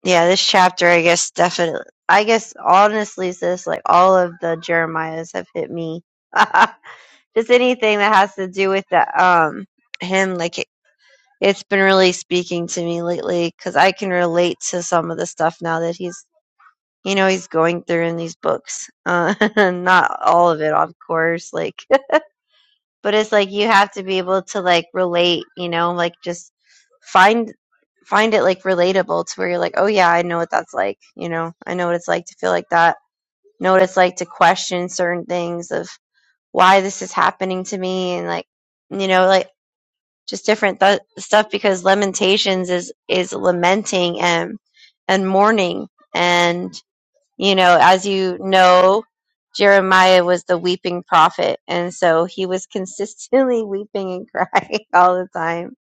Speaker 2: Yeah, this chapter, I guess, definitely, I guess, honestly, sis, like all of the Jeremiahs have hit me. Just anything that has to do with that, um, him, like it, it's been really speaking to me lately because I can relate to some of the stuff now that he's, you know, he's going through in these books. Uh, not all of it, of course, like but it's like you have to be able to like relate you know like just find find it like relatable to where you're like oh yeah i know what that's like you know i know what it's like to feel like that know what it's like to question certain things of why this is happening to me and like you know like just different th- stuff because lamentations is is lamenting and and mourning and. You know, as you know, Jeremiah was the weeping prophet, and so he was consistently weeping and crying all the time.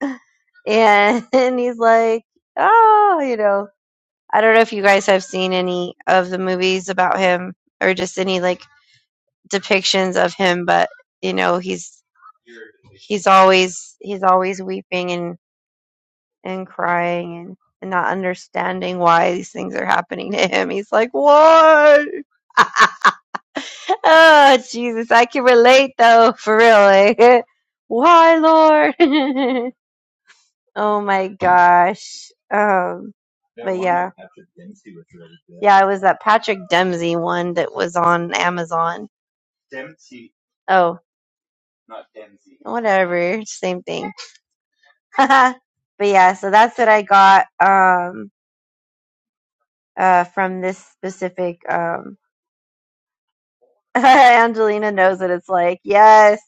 Speaker 2: And, and he's like, oh, you know, I don't know if you guys have seen any of the movies about him or just any like depictions of him, but you know, he's he's always he's always weeping and and crying and, and not understanding why these things are happening to him. He's like, why? Oh, Jesus, I can relate though, for real. Like, why, Lord? oh my gosh. Um, but yeah, yeah, it was that Patrick Dempsey one that was on Amazon. Oh, whatever, same thing. but yeah, so that's what I got um uh from this specific um Angelina knows what it's like. Yes.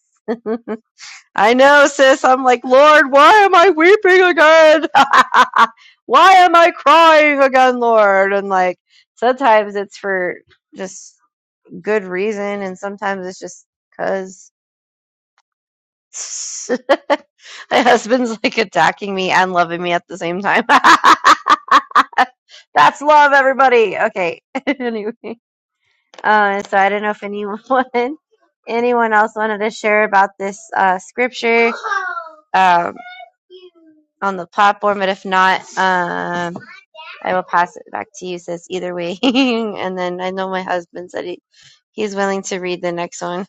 Speaker 2: I know, sis. I'm like, Lord, why am I weeping again? why am I crying again, Lord? And like, sometimes it's for just good reason, and sometimes it's just because my husband's like attacking me and loving me at the same time. That's love, everybody. Okay. anyway, uh, so I don't know if anyone, anyone else wanted to share about this uh, scripture. Um, on the platform, but if not, um, I will pass it back to you, sis, either way. and then I know my husband said he, he's willing to read the next one.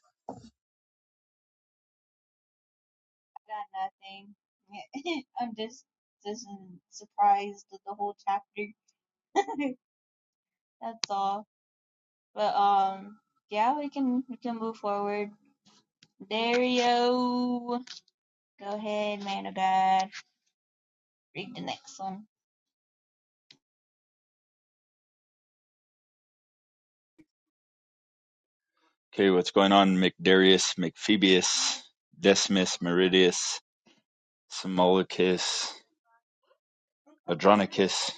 Speaker 1: Nothing. I'm just just surprised with the whole chapter. That's all. But um, yeah, we can we can move forward. Dario, go ahead, man of God. Read the next one.
Speaker 3: Okay, what's going on? McDarius, McPhoebus, Decimus, Meridius, Simolicus, Adronicus,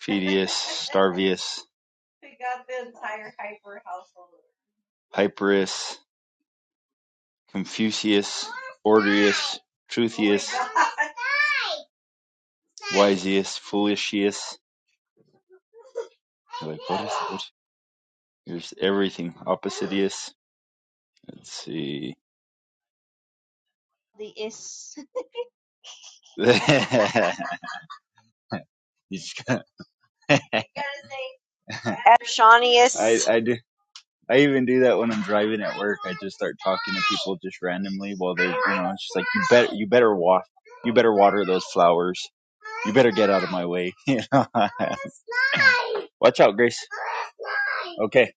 Speaker 3: Phoedius, Starvius, Hyperus, Confucius, Orderius, Truthius, Wisius, Foolisius. You're like, what is it? There's everything. Oppositius. Let's see.
Speaker 1: The is.
Speaker 3: got- I,
Speaker 2: Ershanius.
Speaker 3: I do. I even do that when I'm driving at work. I just start talking to people just randomly while they're, you know, it's just like you bet, you better wa you better water those flowers. You better get out of my way. Watch out, Grace. Okay,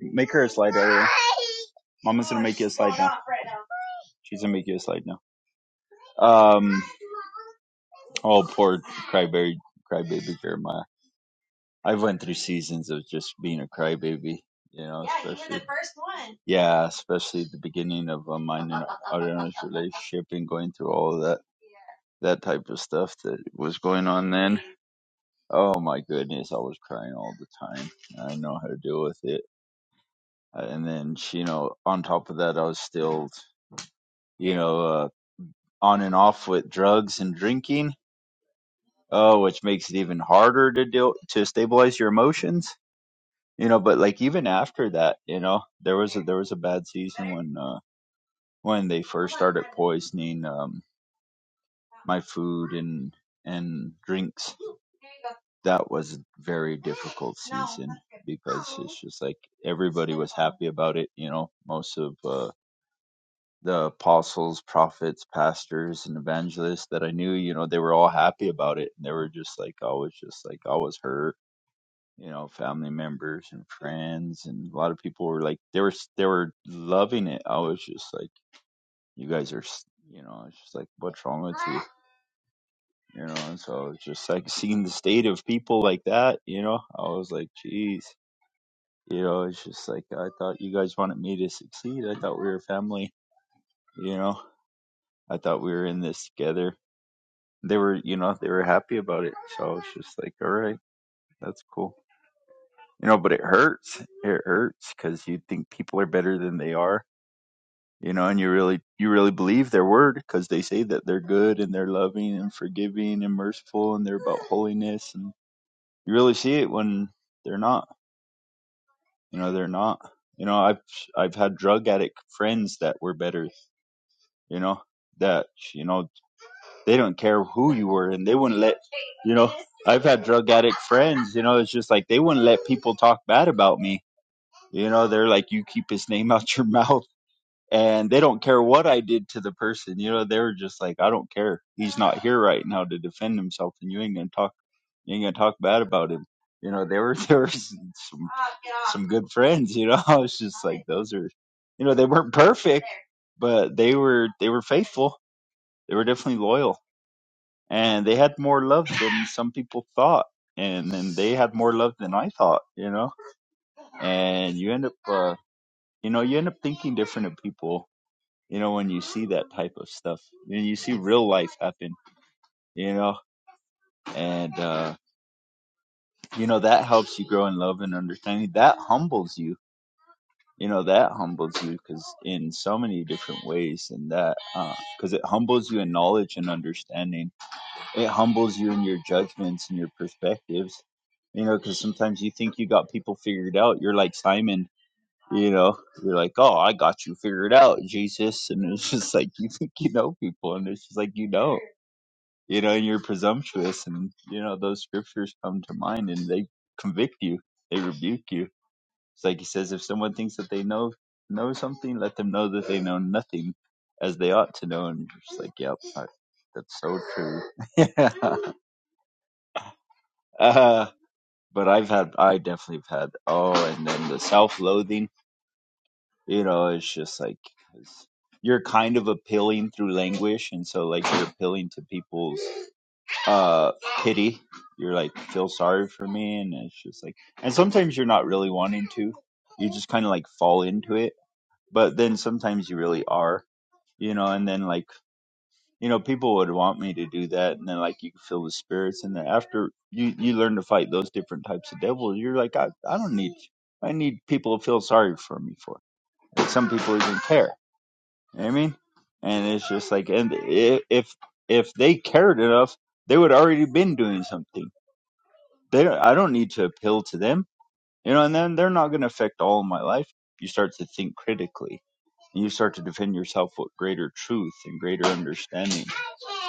Speaker 3: make her a slide. Ariel. Mama's gonna make you a slide now. She's gonna make you a slide now. Um. Oh, poor crybaby, crybaby Jeremiah. I went through seasons of just being a crybaby, you know, Yeah, you were the first one. Yeah, especially the beginning of uh, mine and Ariana's relationship and going through all that that type of stuff that was going on then. Oh my goodness, I was crying all the time. I didn't know how to deal with it. Uh, And then, she, you know, on top of that, I was still, you know, uh, on and off with drugs and drinking. Oh, which makes it even harder to deal to stabilize your emotions you know but like even after that you know there was a there was a bad season when uh when they first started poisoning um my food and and drinks that was a very difficult season because it's just like everybody was happy about it you know most of uh the apostles prophets pastors and evangelists that i knew you know they were all happy about it and they were just like i was just like i was hurt you know, family members and friends, and a lot of people were like, they were they were loving it. I was just like, you guys are, you know, it's just like, what's wrong with you, you know? And so it's just like seeing the state of people like that, you know, I was like, jeez, you know, it's just like I thought you guys wanted me to succeed. I thought we were family, you know. I thought we were in this together. They were, you know, they were happy about it. So I was just like, all right, that's cool. You know, but it hurts. It hurts because you think people are better than they are you know, and you really you really believe their word because they say that they're good and they're loving and forgiving and merciful and they're about holiness and you really see it when they're not. You know, they're not. You know, I've I've had drug addict friends that were better, you know, that you know, they don't care who you were and they wouldn't let you know, I've had drug addict friends, you know, it's just like they wouldn't let people talk bad about me. You know, they're like you keep his name out your mouth and they don't care what I did to the person. You know, they were just like, I don't care. He's not here right now to defend himself, and you ain't gonna talk. You ain't gonna talk bad about him. You know, they were there were some some good friends. You know, I was just like, those are, you know, they weren't perfect, but they were they were faithful. They were definitely loyal, and they had more love than some people thought. And then they had more love than I thought, you know. And you end up, uh, you know, you end up thinking different of people you know when you see that type of stuff and you see real life happen you know and uh you know that helps you grow in love and understanding that humbles you you know that humbles you because in so many different ways and that uh, because it humbles you in knowledge and understanding it humbles you in your judgments and your perspectives you know because sometimes you think you got people figured out you're like simon you know you're like oh i got you figured out jesus and it's just like you think you know people and it's just like you don't you know, and you're presumptuous, and you know those scriptures come to mind, and they convict you, they rebuke you. It's like he says, if someone thinks that they know know something, let them know that they know nothing, as they ought to know. And you're just like, yep, I, that's so true. yeah. uh, but I've had, I definitely have had, oh, and then the self-loathing, you know, it's just like 'cause you're kind of appealing through language, and so like you're appealing to people's uh pity you're like feel sorry for me and it's just like and sometimes you're not really wanting to you just kind of like fall into it but then sometimes you really are you know and then like you know people would want me to do that and then like you can feel the spirits and then after you you learn to fight those different types of devils you're like i, I don't need i need people to feel sorry for me for like some people even care you know what i mean and it's just like and i- if if they cared enough they would already been doing something they don't, I don't need to appeal to them, you know, and then they're not going to affect all of my life. You start to think critically and you start to defend yourself with greater truth and greater understanding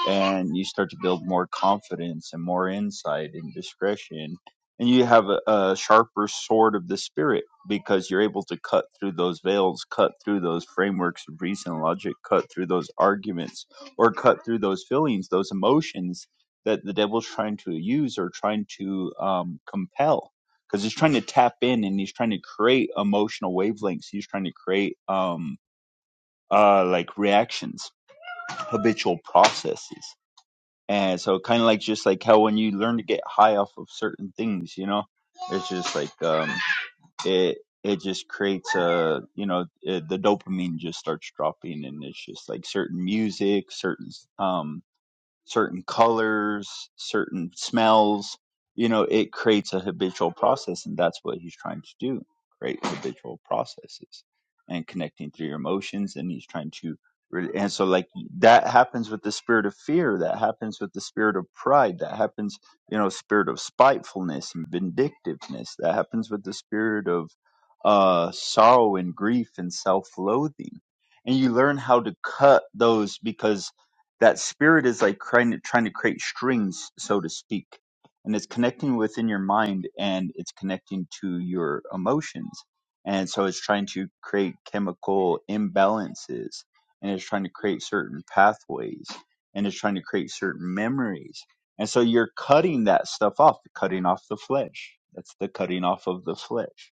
Speaker 3: and you start to build more confidence and more insight and discretion and you have a, a sharper sword of the spirit because you're able to cut through those veils cut through those frameworks of reason and logic cut through those arguments or cut through those feelings those emotions that the devil's trying to use or trying to um, compel because he's trying to tap in and he's trying to create emotional wavelengths he's trying to create um, uh, like reactions habitual processes and so kind of like just like how when you learn to get high off of certain things, you know, it's just like um it it just creates a you know it, the dopamine just starts dropping and it's just like certain music, certain um certain colors, certain smells. You know, it creates a habitual process, and that's what he's trying to do create habitual processes and connecting through your emotions. And he's trying to, really and so, like, that happens with the spirit of fear, that happens with the spirit of pride, that happens, you know, spirit of spitefulness and vindictiveness, that happens with the spirit of uh, sorrow and grief and self loathing. And you learn how to cut those because that spirit is like trying to trying to create strings, so to speak, and it's connecting within your mind and it's connecting to your emotions, and so it's trying to create chemical imbalances, and it's trying to create certain pathways, and it's trying to create certain memories, and so you're cutting that stuff off, cutting off the flesh. That's the cutting off of the flesh,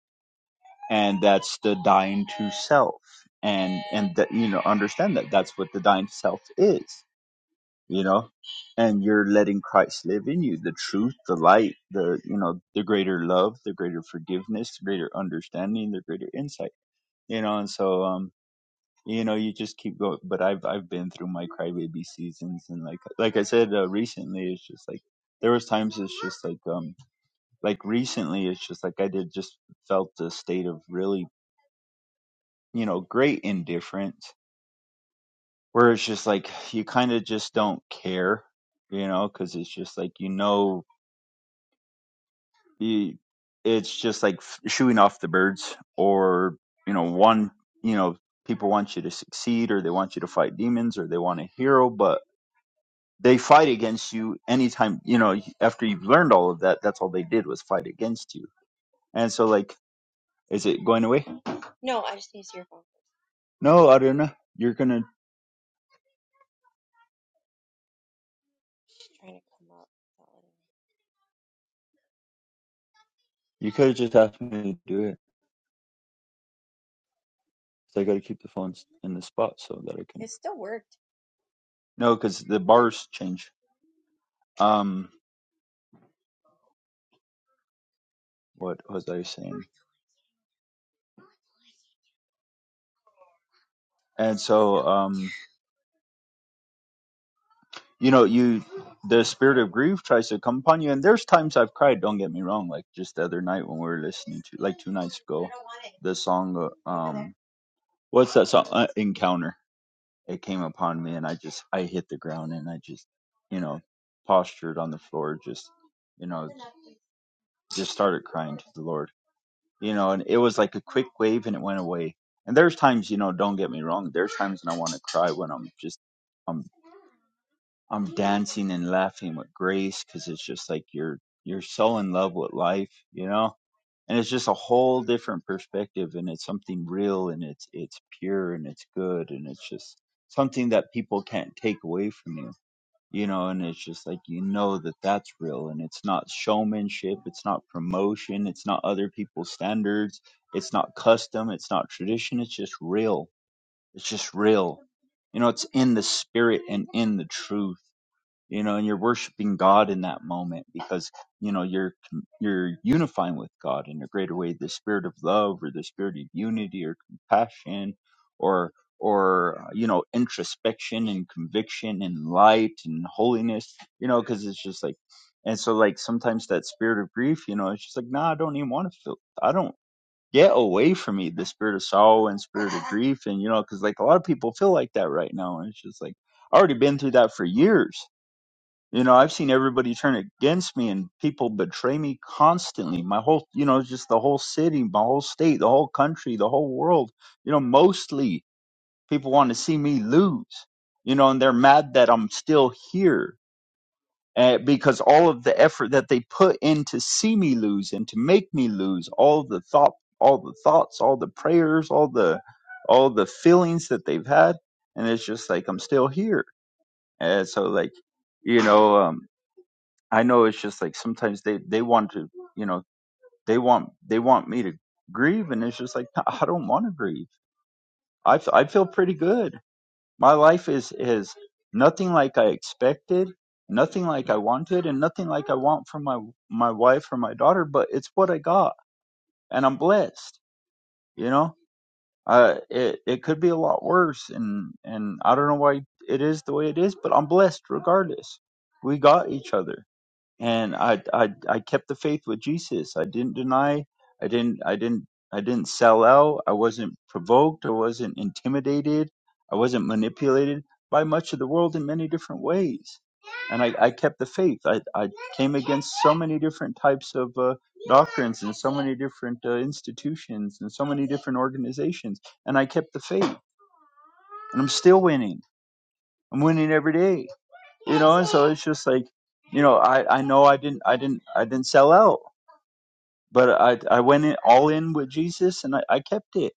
Speaker 3: and that's the dying to self, and and that you know understand that that's what the dying to self is you know and you're letting christ live in you the truth the light the you know the greater love the greater forgiveness the greater understanding the greater insight you know and so um you know you just keep going but i've i've been through my crybaby seasons and like like i said uh, recently it's just like there was times it's just like um like recently it's just like i did just felt a state of really you know great indifference where it's just like you kind of just don't care you know because it's just like you know you, it's just like f- shooing off the birds or you know one you know people want you to succeed or they want you to fight demons or they want a hero but they fight against you anytime you know after you've learned all of that that's all they did was fight against you and so like is it going away no i don't know you're gonna you could have just asked me to do it so i gotta keep the phone in the spot so that i can no because the bars change um what was i saying and so um you know you the spirit of grief tries to come upon you and there's times i've cried don't get me wrong like just the other night when we were listening to like two nights ago the song uh, um what's that song uh, encounter it came upon me and i just i hit the ground and i just you know postured on the floor just you know just started crying to the lord you know and it was like a quick wave and it went away and there's times you know don't get me wrong there's times when i want to cry when i'm just I'm. I'm dancing and laughing with grace because it's just like you're you're so in love with life, you know. And it's just a whole different perspective, and it's something real, and it's it's pure, and it's good, and it's just something that people can't take away from you, you know. And it's just like you know that that's real, and it's not showmanship, it's not promotion, it's not other people's standards, it's not custom, it's not tradition, it's just real. It's just real, you know. It's in the spirit and in the truth you know and you're worshiping god in that moment because you know you're you're unifying with god in a greater way the spirit of love or the spirit of unity or compassion or or you know introspection and conviction and light and holiness you know because it's just like and so like sometimes that spirit of grief you know it's just like nah i don't even want to feel i don't get away from me the spirit of sorrow and spirit of grief and you know because like a lot of people feel like that right now and it's just like I already been through that for years. You know, I've seen everybody turn against me and people betray me constantly. My whole, you know, just the whole city, my whole state, the whole country, the whole world. You know, mostly people want to see me lose, you know, and they're mad that I'm still here uh, because all of the effort that they put in to see me lose and to make me lose, all the thought, all the thoughts, all the prayers, all the, all the feelings that they've had. And it's just like, I'm still here. And so like, you know, um, I know it's just like sometimes they they want to, you know, they want they want me to grieve, and it's just like I don't want to grieve. I f- I feel pretty good. My life is is nothing like I expected, nothing like I wanted, and nothing like I want from my my wife or my daughter. But it's what I got, and I'm blessed. You know, uh, it it could be a lot worse, and and I don't know why it is the way it is, but I'm blessed regardless. We got each other and I, I I kept the faith with Jesus. I didn't deny. I didn't I didn't I didn't sell out. I wasn't provoked. I wasn't intimidated. I wasn't manipulated by much of the world in many different ways. And I, I kept the faith. I, I came against so many different types of uh, doctrines and so many different uh, institutions and so many different organizations. And I kept the faith. And I'm still winning. I'm winning every day you know and so it's just like you know i i know i didn't i didn't i didn't sell out but i i went in all in with jesus and i, I kept it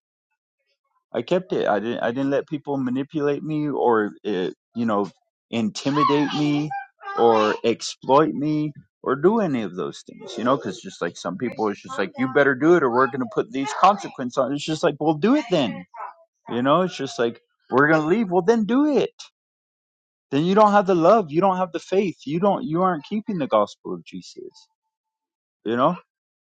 Speaker 3: i kept it i didn't i didn't let people manipulate me or uh, you know intimidate me or exploit me or do any of those things you know because just like some people it's just like you better do it or we're going to put these consequences on it's just like well do it then you know it's just like we're going to leave well then do it then you don't have the love you don't have the faith you don't you aren't keeping the gospel of jesus you know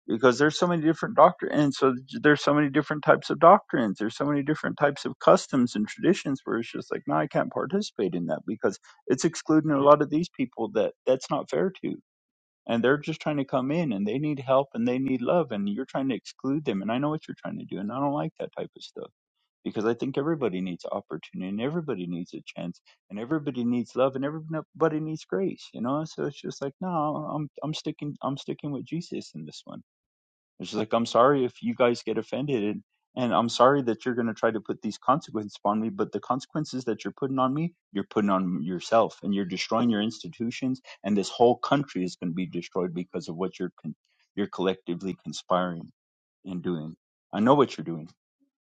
Speaker 3: because there's so many different doctrine and so there's so many different types of doctrines there's so many different types of customs and traditions where it's just like no i can't participate in that because it's excluding a lot of these people that that's not fair to and they're just trying to come in and they need help and they need love and you're trying to exclude them and i know what you're trying to do and i don't like that type of stuff because I think everybody needs opportunity and everybody needs a chance and everybody needs love and everybody needs grace, you know. So it's just like, no, I'm I'm sticking I'm sticking with Jesus in this one. It's just like I'm sorry if you guys get offended and and I'm sorry that you're going to try to put these consequences upon me, but the consequences that you're putting on me, you're putting on yourself and you're destroying your institutions and this whole country is going to be destroyed because of what you're con- you're collectively conspiring and doing. I know what you're doing.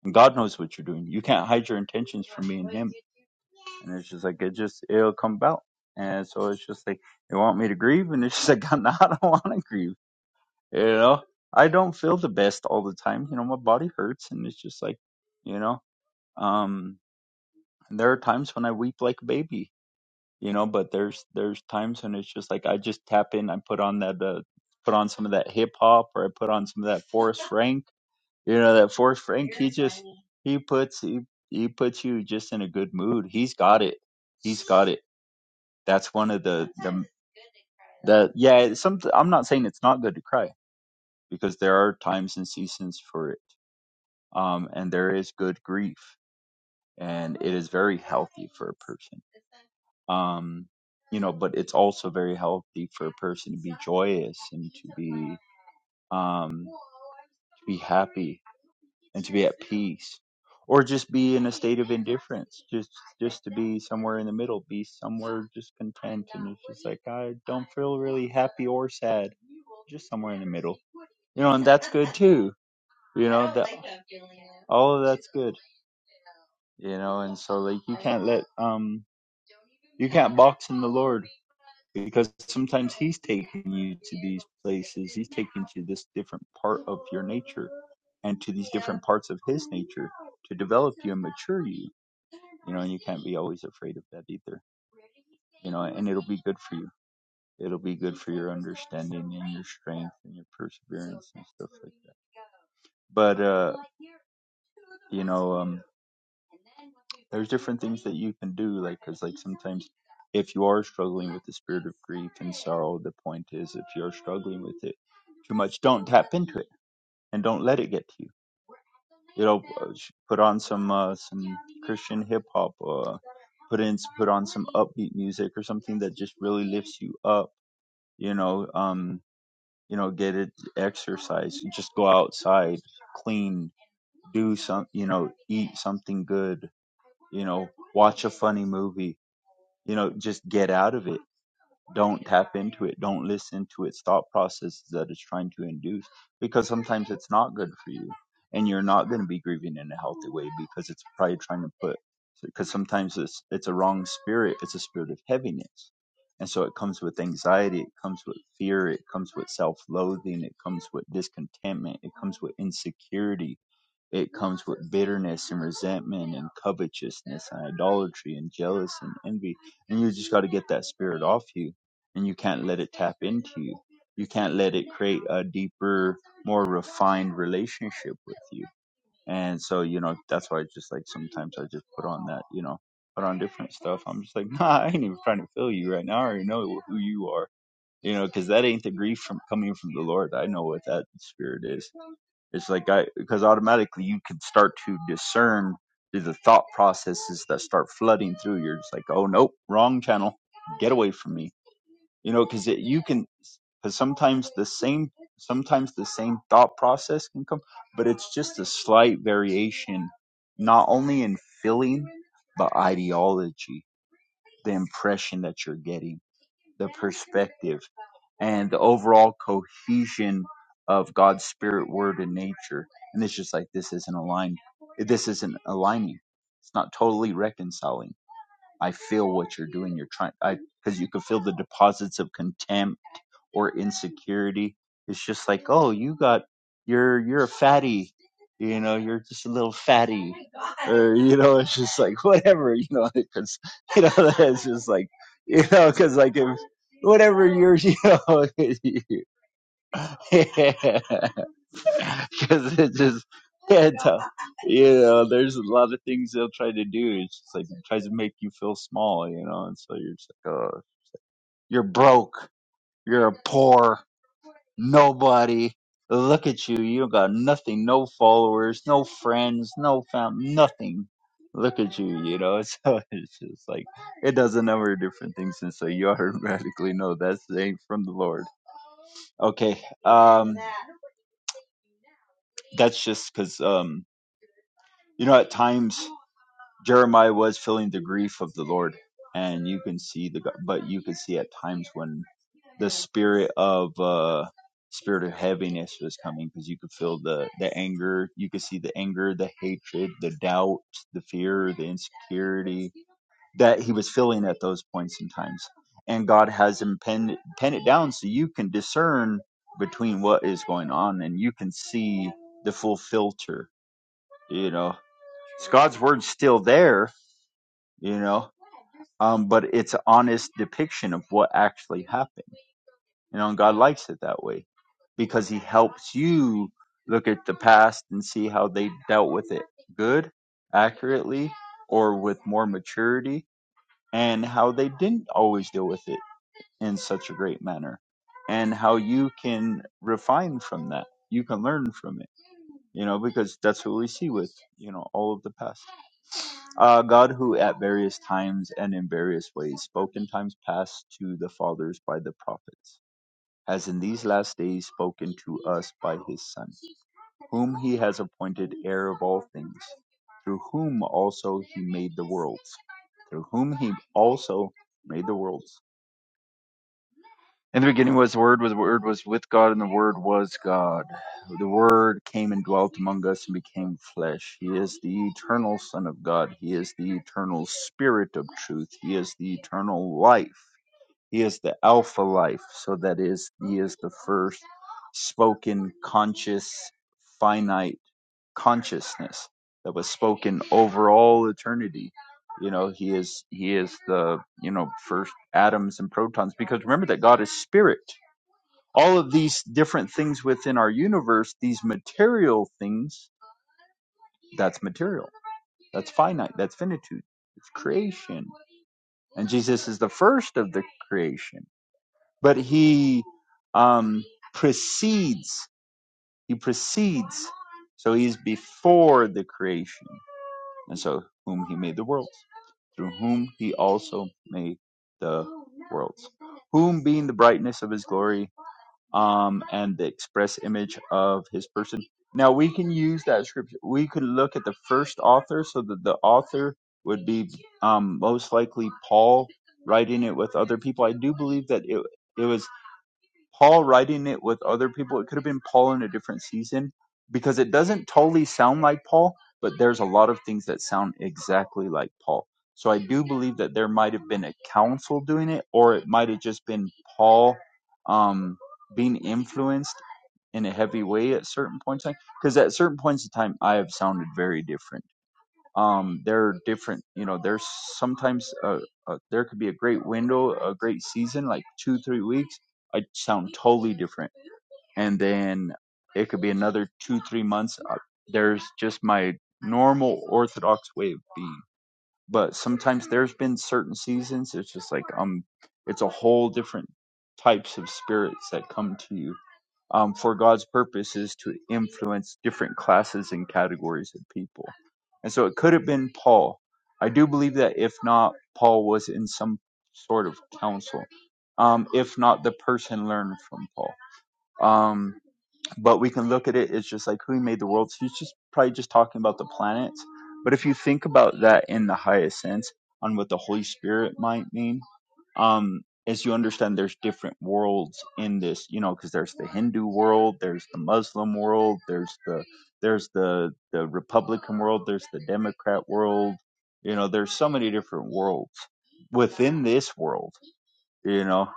Speaker 3: And God knows what you're doing. You can't hide your intentions from me and Him. And it's just like it just it'll come about. And so it's just like they want me to grieve, and it's just like no, I don't want to grieve. You know, I don't feel the best all the time. You know, my body hurts, and it's just like, you know, um, and there are times when I weep like a baby. You know, but there's there's times when it's just like I just tap in. I put on that uh, put on some of that hip hop, or I put on some of that Forrest Frank you know that fourth Frank, he just he puts he he puts you just in a good mood. He's got it. He's got it. That's one of the the the yeah. It's something I'm not saying it's not good to cry because there are times and seasons for it. Um, and there is good grief, and it is very healthy for a person um you know but it's also very healthy for a person to be joyous and to be um to be happy and to be at peace or just be in a state of indifference just just to be somewhere in the middle be somewhere just content and it's just like i don't feel really happy or sad just somewhere in the middle you know and that's good too you know that all of that's good you know and so like you can't let um you can't box in the lord because sometimes he's taking you to these places he's taking you to this different part of your nature and to these different parts of his nature to develop you and mature you you know and you can't be always afraid of that either you know and it'll be good for you it'll be good for your understanding and your strength and your perseverance and stuff like that but uh you know um there's different things that you can do like because like sometimes if you are struggling with the spirit of grief and sorrow the point is if you're struggling with it too much don't tap into it and don't let it get to you you know uh, sh- put on some uh, some christian hip hop uh put in put on some upbeat music or something that just really lifts you up you know um you know get it exercise just go outside clean do some, you know, eat something good, you know, watch a funny movie, you know, just get out of it. Don't tap into it. Don't listen to its thought processes that it's trying to induce because sometimes it's not good for you and you're not going to be grieving in a healthy way because it's probably trying to put, because sometimes it's, it's a wrong spirit. It's a spirit of heaviness. And so it comes with anxiety, it comes with fear, it comes with self loathing, it comes with discontentment, it comes with insecurity it comes with bitterness and resentment and covetousness and idolatry and jealousy and envy. And you just got to get that spirit off you. And you can't let it tap into you. You can't let it create a deeper, more refined relationship with you. And so, you know, that's why I just like sometimes I just put on that, you know, put on different stuff. I'm just like, nah, I ain't even trying to feel you right now. I already know who you are, you know, because that ain't the grief from coming from the Lord. I know what that spirit is it's like I because automatically you can start to discern through the thought processes that start flooding through. You're just like, oh nope, wrong channel, get away from me. You know, because you can because sometimes the same sometimes the same thought process can come, but it's just a slight variation, not only in feeling but ideology, the impression that you're getting, the perspective and the overall cohesion of God's spirit, word, and nature. And it's just like this isn't aligned. This isn't aligning. It's not totally reconciling. I feel what you're doing. You're trying. I because you can feel the deposits of contempt or insecurity. It's just like, oh, you got you're you're a fatty, you know, you're just a little fatty, or you know, it's just like whatever, you know, because you know it's just like you know, because like if whatever you're, you know, because it just. Yeah, tough. you know, there's a lot of things they'll try to do. It's just like it tries to make you feel small, you know, and so you're just like, oh, you're broke you're poor. Nobody. Look at you. You got nothing. No followers. No friends. No fam. Nothing. Look at you. You know. So it's just like it does a number of different things, and so you automatically know that's ain't from the Lord. Okay. Um. That's just because um. You know, at times Jeremiah was feeling the grief of the Lord and you can see the but you can see at times when the spirit of uh spirit of heaviness was coming because you could feel the the anger you could see the anger the hatred the doubt the fear the insecurity that he was feeling at those points in times and god has him pen, pen it down so you can discern between what is going on and you can see the full filter you know it's god's word still there you know um but it's an honest depiction of what actually happened you know and god likes it that way because he helps you look at the past and see how they dealt with it good accurately or with more maturity and how they didn't always deal with it in such a great manner and how you can refine from that you can learn from it you know, because that's what we see with, you know, all of the past. Uh, God, who at various times and in various ways spoke in times past to the fathers by the prophets, has in these last days spoken to us by his Son, whom he has appointed heir of all things, through whom also he made the worlds. Through whom he also made the worlds In the beginning was the Word, was the Word was with God, and the Word was God. The Word came and dwelt among us and became flesh. He is the eternal Son of God. He is the eternal Spirit of truth. He is the eternal life. He is the Alpha life. So that is, He is the first spoken, conscious, finite consciousness that was spoken over all eternity you know he is he is the you know first atoms and protons because remember that god is spirit all of these different things within our universe, these material things, that's material. That's finite. That's finitude. It's creation. And Jesus is the first of the creation. But he um, precedes. He precedes. So he's before the creation. And so whom he made the worlds, through whom he also made the worlds. Whom being the brightness of his glory um, and the express image of his person. Now we can use that scripture. We could look at the first author, so that the author would be um, most likely Paul writing it with other people. I do believe that it it was. Paul writing it with other people. It could have been Paul in a different season because it doesn't totally sound like Paul, but there's a lot of things that sound exactly like Paul. So I do believe that there might have been a council doing it, or it might have just been Paul um, being influenced in a heavy way at certain points. in time. Because at certain points in time, I have sounded very different um there are different you know there's sometimes uh uh there could be a great window a great season like two three weeks i sound totally different and then it could be another two three months uh, there's just my normal orthodox way of being but sometimes there's been certain seasons it's just like um it's a whole different types of spirits that come to you um, for God's purpose is to influence different classes and categories of people. And so it could have been Paul. I do believe that if not, Paul was in some sort of council. Um, if not, the person learned from Paul. Um, but we can look at it as just like who made the world. So he's just probably just talking about the planets. But if you think about that in the highest sense on what the Holy Spirit might mean, um, as you understand, there's different worlds in this, you know, because there's the Hindu world, there's the Muslim world, there's the there's the the Republican world, there's the Democrat world, you know, there's so many different worlds within this world you know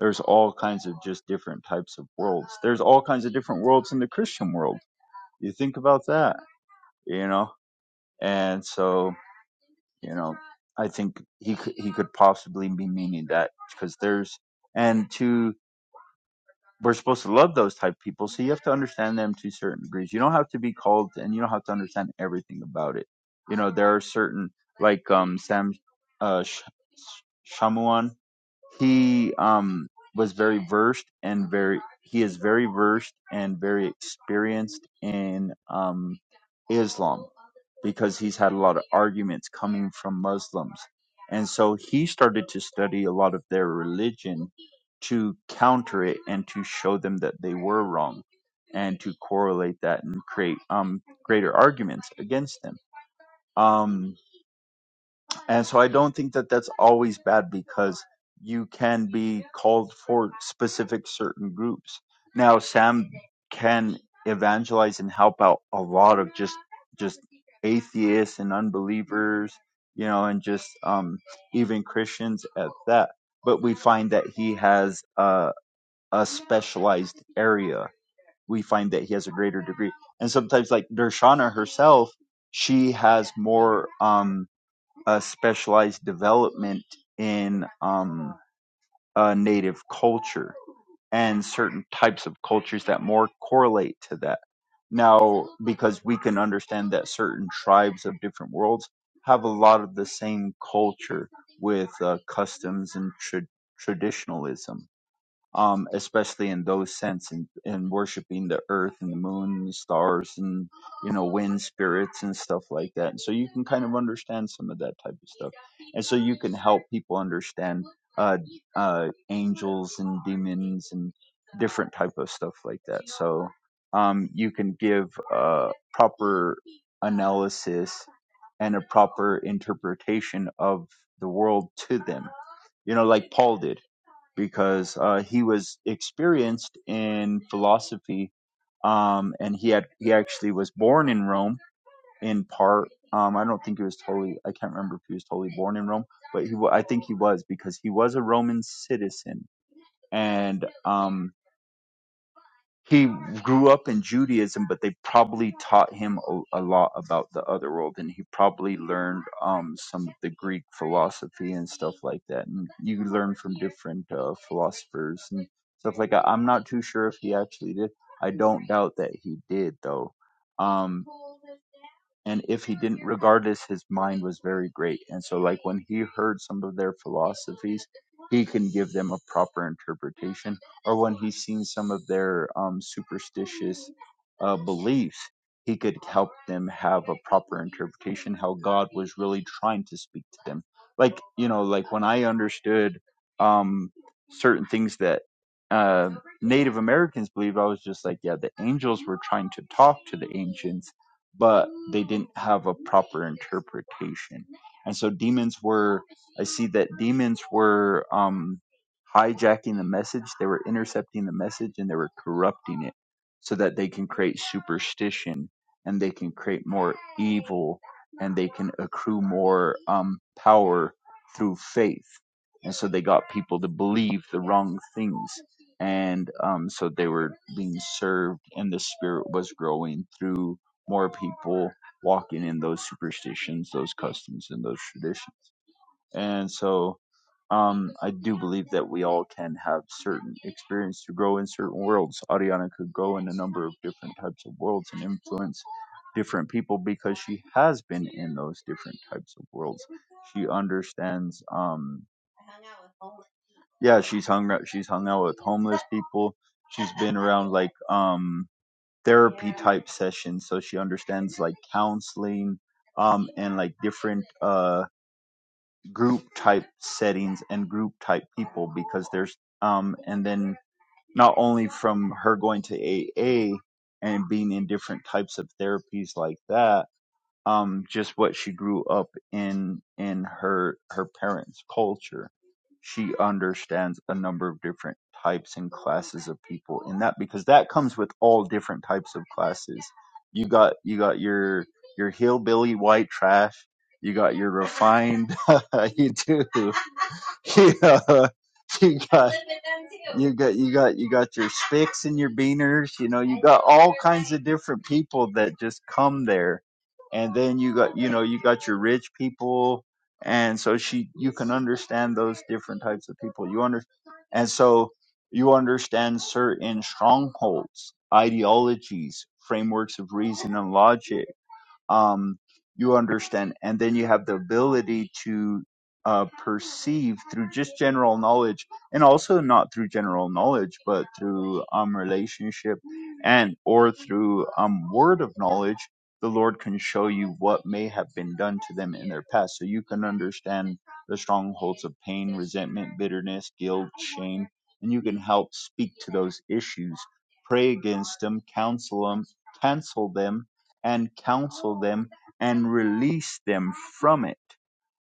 Speaker 3: there's all kinds of just different types of worlds there's all kinds of different worlds in the christian world you think about that you know and so you know i think he could he could possibly be meaning that because there's and to we're supposed to love those type of people so you have to understand them to certain degrees you don't have to be called and you don't have to understand everything about it you know there are certain like um sam uh Sh- Sh- shamuan He um was very versed and very he is very versed and very experienced in um Islam because he's had a lot of arguments coming from Muslims. And so he started to study a lot of their religion to counter it and to show them that they were wrong and to correlate that and create um greater arguments against them. Um and so I don't think that that's always bad because you can be called for specific certain groups. Now Sam can evangelize and help out a lot of just just atheists and unbelievers, you know, and just um even Christians at that. But we find that he has a a specialized area. We find that he has a greater degree. And sometimes like Dershana herself, she has more um a specialized development in um, uh, native culture and certain types of cultures that more correlate to that. Now, because we can understand that certain tribes of different worlds have a lot of the same culture with uh, customs and tra- traditionalism um, especially in those sense, in, in worshiping the earth and the moon and the stars and you know wind spirits and stuff like that. And so you can kind of understand some of that type of stuff, and so you can help people understand uh, uh, angels and demons and different type of stuff like that. So um, you can give a proper analysis and a proper interpretation of the world to them. You know, like Paul did because uh, he was experienced in philosophy, um, and he had he actually was born in Rome in part. Um, I don't think he was totally. I can't remember if he was totally born in Rome, but he. wa- I think he was because he was a Roman citizen, and um, he grew up in Judaism, but they probably taught him a, a lot about the other world, and he probably learned um, some of the Greek philosophy and stuff like that. And you learn from different uh, philosophers and stuff like that. I'm not too sure if he actually did. I don't doubt that he did, though. Um, and if he didn't regardless his mind was very great and so like when he heard some of their philosophies he can give them a proper interpretation or when he's seen some of their um, superstitious uh, beliefs he could help them have a proper interpretation how god was really trying to speak to them like you know like when i understood um, certain things that uh, native americans believe i was just like yeah the angels were trying to talk to the ancients but they didn't have a proper interpretation. And so demons were, I see that demons were um, hijacking the message, they were intercepting the message, and they were corrupting it so that they can create superstition and they can create more evil and they can accrue more um, power through faith. And so they got people to believe the wrong things. And um, so they were being served, and the spirit was growing through more people walking in those superstitions, those customs, and those traditions. And so um, I do believe that we all can have certain experience to grow in certain worlds. Ariana could go in a number of different types of worlds and influence different people because she has been in those different types of worlds. She understands. Um, yeah, she's hung. She's hung out with homeless people. She's been around like um, therapy type sessions so she understands like counseling um and like different uh group type settings and group type people because there's um and then not only from her going to AA and being in different types of therapies like that um, just what she grew up in in her her parents' culture. She understands a number of different types and classes of people in that because that comes with all different types of classes. You got you got your your hillbilly white trash. You got your refined. you do. You yeah, you got you got you got you got your spicks and your beaners. You know, you got all kinds of different people that just come there, and then you got you know you got your rich people, and so she you can understand those different types of people. You under and so you understand certain strongholds, ideologies, frameworks of reason and logic um, you understand, and then you have the ability to uh, perceive through just general knowledge, and also not through general knowledge, but through um, relationship and or through um, word of knowledge. The Lord can show you what may have been done to them in their past, so you can understand the strongholds of pain, resentment, bitterness, guilt, shame, and you can help speak to those issues, pray against them, counsel them, cancel them, and counsel them and release them from it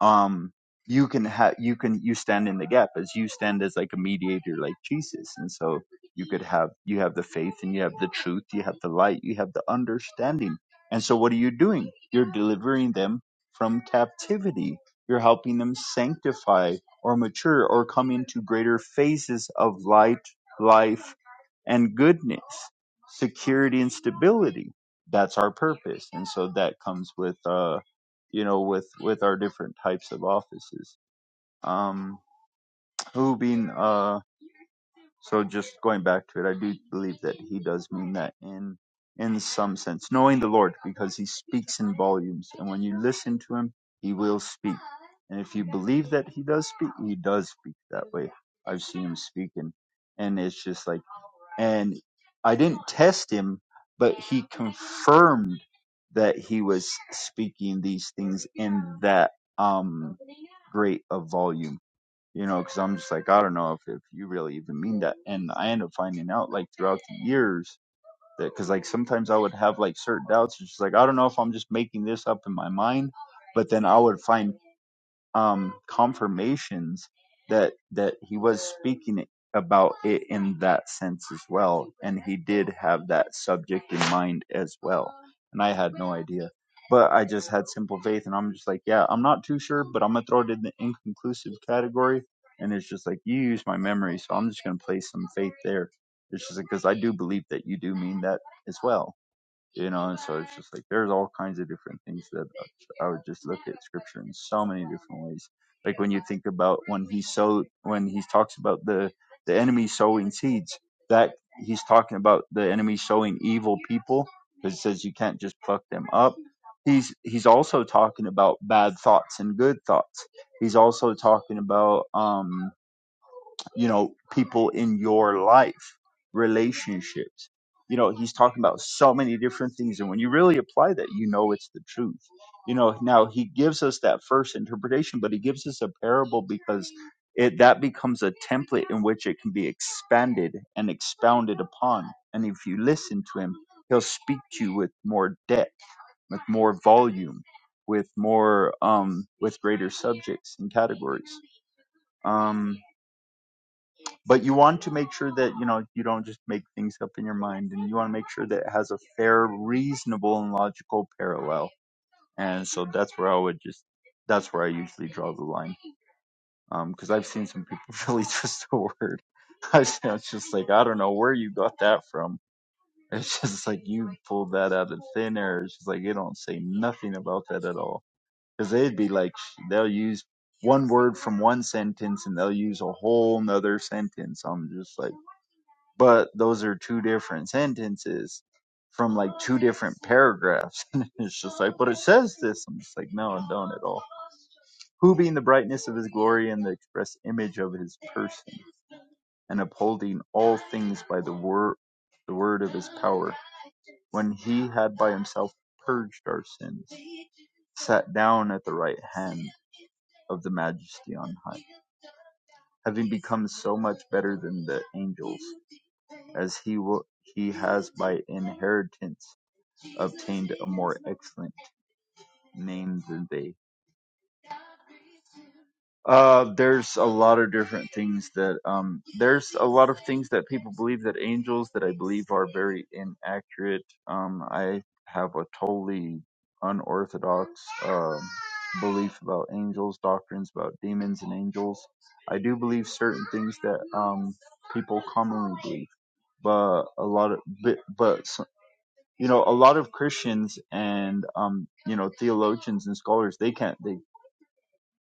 Speaker 3: um you can have you can you stand in the gap as you stand as like a mediator like jesus and so you could have you have the faith and you have the truth you have the light you have the understanding and so what are you doing you're delivering them from captivity you're helping them sanctify or mature or come into greater phases of light life and goodness security and stability that's our purpose and so that comes with uh you know, with with our different types of offices. Um, who being uh, so just going back to it, I do believe that he does mean that in in some sense, knowing the Lord because he speaks in volumes, and when you listen to him, he will speak. And if you believe that he does speak, he does speak that way. I've seen him speak, and and it's just like, and I didn't test him, but he confirmed that he was speaking these things in that um great a volume you know because i'm just like i don't know if, if you really even mean that and i end up finding out like throughout the years that because like sometimes i would have like certain doubts it's just like i don't know if i'm just making this up in my mind but then i would find um, confirmations that that he was speaking about it in that sense as well, and he did have that subject in mind as well. And I had no idea, but I just had simple faith, and I'm just like, yeah, I'm not too sure, but I'm gonna throw it in the inconclusive category. And it's just like you use my memory, so I'm just gonna place some faith there. It's just because I do believe that you do mean that as well you know and so it's just like there's all kinds of different things that uh, i would just look at scripture in so many different ways like when you think about when he so when he talks about the the enemy sowing seeds that he's talking about the enemy sowing evil people because it says you can't just pluck them up he's he's also talking about bad thoughts and good thoughts he's also talking about um you know, people in your life, relationships. You know, he's talking about so many different things. And when you really apply that, you know it's the truth. You know, now he gives us that first interpretation, but he gives us a parable because it that becomes a template in which it can be expanded and expounded upon. And if you listen to him, he'll speak to you with more depth, with more volume, with more um with greater subjects and categories. Um, but you want to make sure that you know you don't just make things up in your mind and you want to make sure that it has a fair reasonable and logical parallel and so that's where i would just that's where i usually draw the line Um, because i've seen some people really twist the word i was it's just like i don't know where you got that from it's just like you pulled that out of thin air it's just like they don't say nothing about that at all because they'd be like they'll use one word from one sentence and they'll use a whole nother sentence i'm just like but those are two different sentences from like two different paragraphs. And it's just like, but it says this. I'm just like, no, it don't at all. Who being the brightness of his glory and the express image of his person, and upholding all things by the word the word of his power, when he had by himself purged our sins, sat down at the right hand of the majesty on high, having become so much better than the angels as he wa he has by inheritance obtained a more excellent name than they. Uh, there's a lot of different things that um, there's a lot of things that people believe that angels that I believe are very inaccurate. Um, I have a totally unorthodox um belief about angels, doctrines about demons and angels. I do believe certain things that um people commonly believe, but a lot of but but s- you know a lot of christians and um you know theologians and scholars they can't they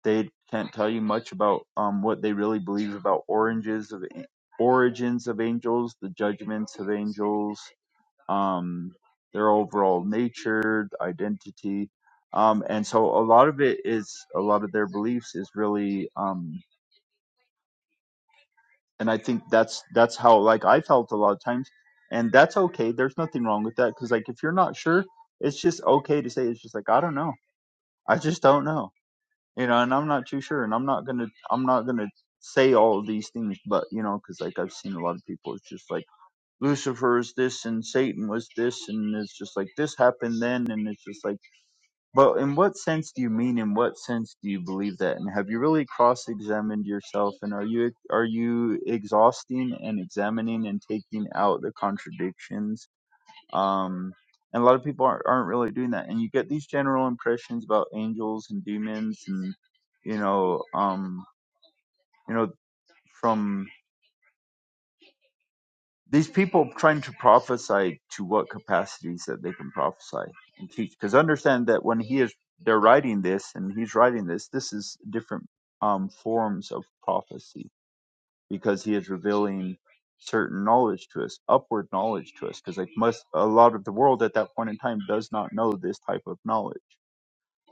Speaker 3: they can't tell you much about um what they really believe about oranges of origins of angels the judgments of angels um their overall nature identity um and so a lot of it is a lot of their beliefs is really um and i think that's that's how like i felt a lot of times and that's okay there's nothing wrong with that because like if you're not sure it's just okay to say it's just like i don't know i just don't know you know and i'm not too sure and i'm not gonna i'm not gonna say all of these things but you know because like i've seen a lot of people it's just like lucifer is this and satan was this and it's just like this happened then and it's just like well, in what sense do you mean? In what sense do you believe that? And have you really cross-examined yourself? And are you are you exhausting and examining and taking out the contradictions? Um, and a lot of people aren't, aren't really doing that. And you get these general impressions about angels and demons, and you know, um, you know, from these people trying to prophesy to what capacities that they can prophesy and teach because understand that when he is they're writing this and he's writing this this is different um, forms of prophecy because he is revealing certain knowledge to us upward knowledge to us because like most a lot of the world at that point in time does not know this type of knowledge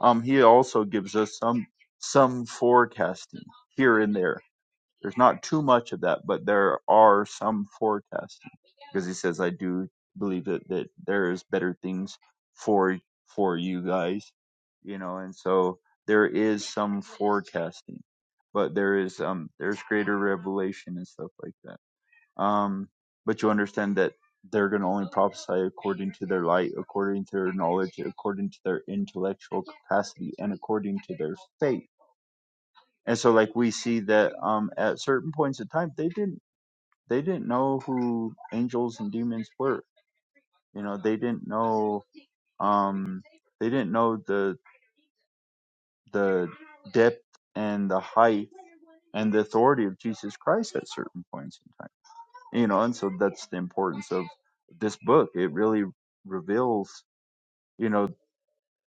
Speaker 3: um he also gives us some some forecasting here and there there's not too much of that, but there are some forecasts because he says, "I do believe that that there is better things for for you guys," you know, and so there is some forecasting, but there is um there's greater revelation and stuff like that. Um, but you understand that they're going to only prophesy according to their light, according to their knowledge, according to their intellectual capacity, and according to their faith and so like we see that um at certain points in time they didn't they didn't know who angels and demons were you know they didn't know um they didn't know the the depth and the height and the authority of jesus christ at certain points in time you know and so that's the importance of this book it really reveals you know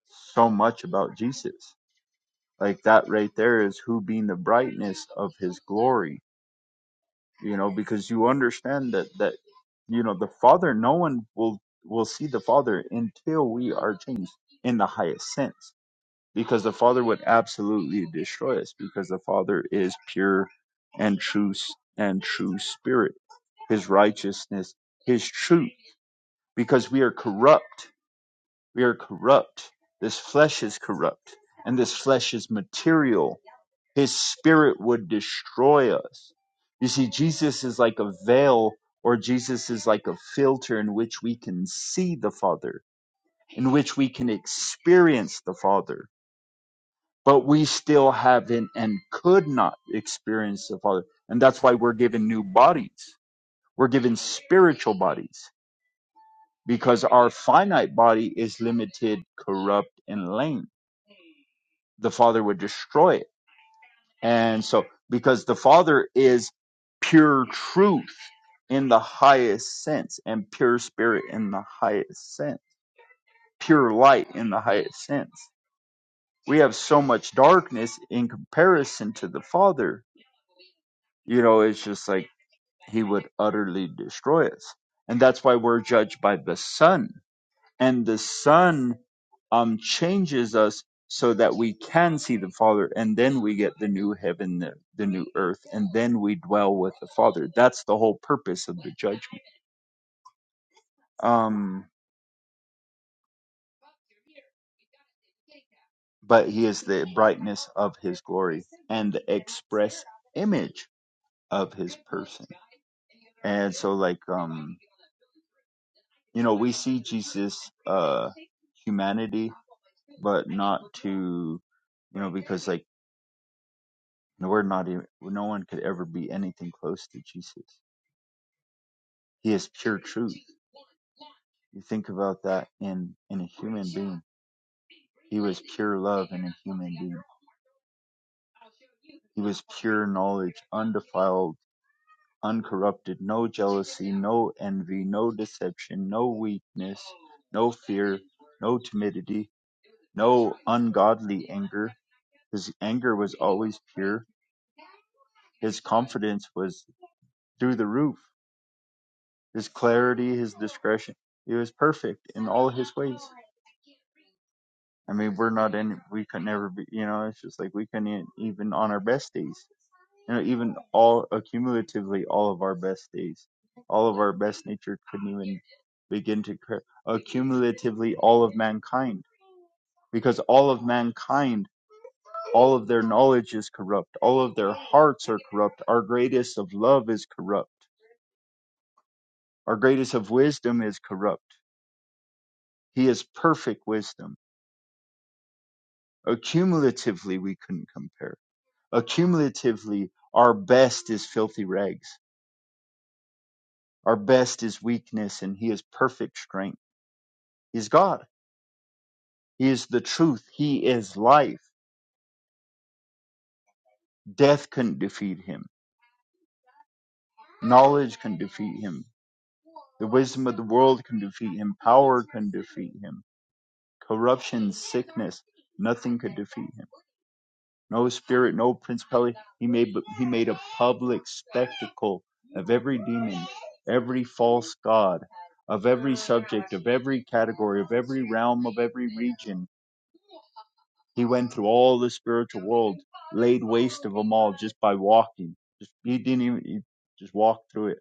Speaker 3: so much about jesus like that right there is who being the brightness of his glory you know because you understand that that you know the father no one will will see the father until we are changed in the highest sense because the father would absolutely destroy us because the father is pure and true s- and true spirit his righteousness his truth because we are corrupt we are corrupt this flesh is corrupt and this flesh is material his spirit would destroy us. You see, Jesus is like a veil, or Jesus is like a filter in which we can see the Father, in which we can experience the Father, but we still haven't and could not experience the Father. And that's why we're given new bodies, we're given spiritual bodies, because our finite body is limited, corrupt, and lame. The Father would destroy it And so, because the Father is pure truth in the highest sense, and pure spirit in the highest sense, pure light in the highest sense. We have so much darkness in comparison to the Father. You know, it's just like He would utterly destroy us. And that's why we're judged by the Son and the Son um, changes us so that we can see the Father, and then we get the new heaven, the, the new earth, and then we dwell with the Father. That's the whole purpose of the judgment. Um, but He is the brightness of His glory and the express image of His person. And so, like, um, you know, we see Jesus' uh, humanity, but not to, you know, because like. And we're not even, no one could ever be anything close to Jesus. He is pure truth. You think about that in, in a human being. He was pure love in a human being. He was pure knowledge, undefiled, uncorrupted, no jealousy, no envy, no deception, no weakness, no fear, no timidity, no ungodly anger. His anger was always pure. His confidence was through the roof. His clarity, his discretion. He was perfect in all his ways. I mean, we're not in, we could never be, you know, it's just like we couldn't e- even on our best days, you know, even all accumulatively, all of our best days, all of our best nature couldn't even begin to accumulatively all of mankind because all of mankind, all of their knowledge is corrupt, all of their hearts are corrupt, our greatest of love is corrupt, our greatest of wisdom is corrupt. He is perfect wisdom. Accumulatively, we couldn't compare. Accumulatively, our best is filthy rags. Our best is weakness, and He is perfect strength. He's God. He is the truth. He is life. Death couldn't defeat Him. Knowledge can defeat Him. The wisdom of the world can defeat Him. Power can defeat Him. Corruption, sickness, nothing could defeat Him. no spirit, no principality. He made he made a public spectacle of every demon, every false god, of every subject, of every category, of every realm, of every region. He went through all the spiritual world, laid waste of them all just by walking. Just, he didn't even he just walked through it,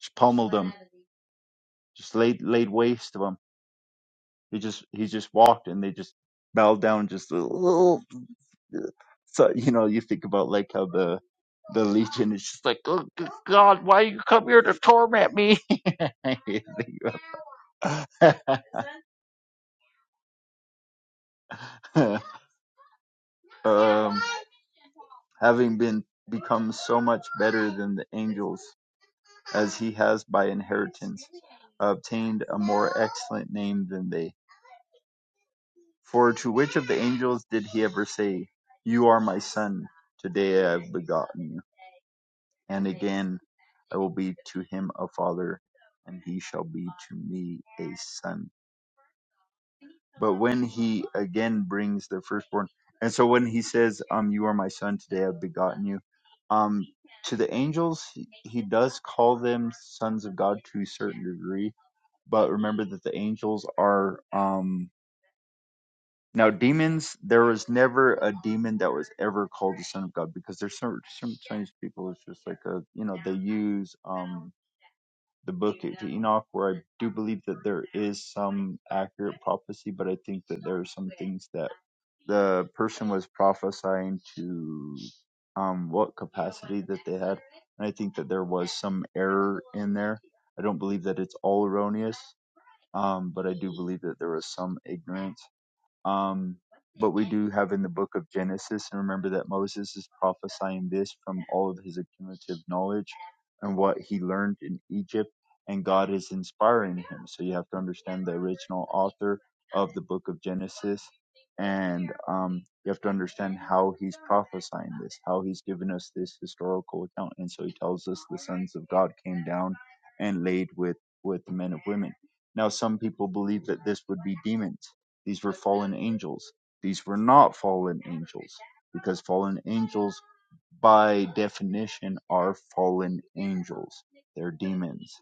Speaker 3: just pummeled them, just laid laid waste of them. He just he just walked and they just bowed down, and just so you know you think about like how the the legion is just like oh good god why you come here to torment me um, having been become so much better than the angels as he has by inheritance obtained a more excellent name than they for to which of the angels did he ever say you are my son today i have begotten you And again, I will be to him a father, and he shall be to me a son. But when he again brings the firstborn, and so when he says, um, you are my son, today I've begotten you, um, to the angels, he, he does call them sons of God to a certain degree. But remember that the angels are, um, now demons, there was never a demon that was ever called the son of God because there's some, some Chinese people, it's just like a, you know, they use, um, the book of Enoch, where I do believe that there is some accurate prophecy, but I think that there are some things that the person was prophesying to um, what capacity that they had. And I think that there was some error in there. I don't believe that it's all erroneous, um, but I do believe that there was some ignorance um, but we do have in the book of Genesis, and remember that Moses is prophesying this from all of his accumulative knowledge and what he learned in Egypt, and God is inspiring him. So you have to understand the original author of the book of Genesis, and um, you have to understand how he's prophesying this, how he's given us this historical account. And so he tells us the sons of God came down and laid with, with the men of women. Now, some people believe that this would be demons these were fallen angels. These were not fallen angels because fallen angels by definition are fallen angels. They're demons.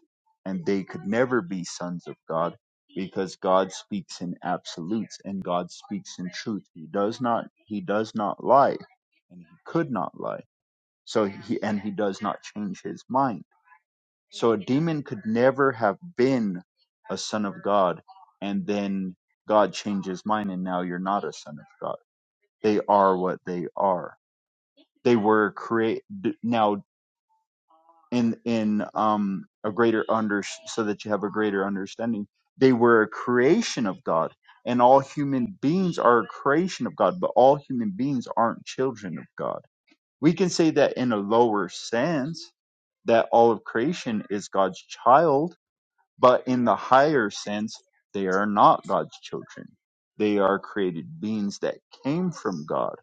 Speaker 3: And they could never be sons of God because God speaks in absolutes and God speaks in truth. He does not he does not lie and he could not lie. So he and he does not change his mind. So a demon could never have been a son of God and then God changes mind, and now you're not a son of God. They are what they are. They were create d- now in in um a greater under so that you have a greater understanding. They were a creation of God, and all human beings are a creation of God, but all human beings aren't children of God. We can say that in a lower sense that all of creation is God's child but in the higher sense, they are not God's children. They are created beings that came from God,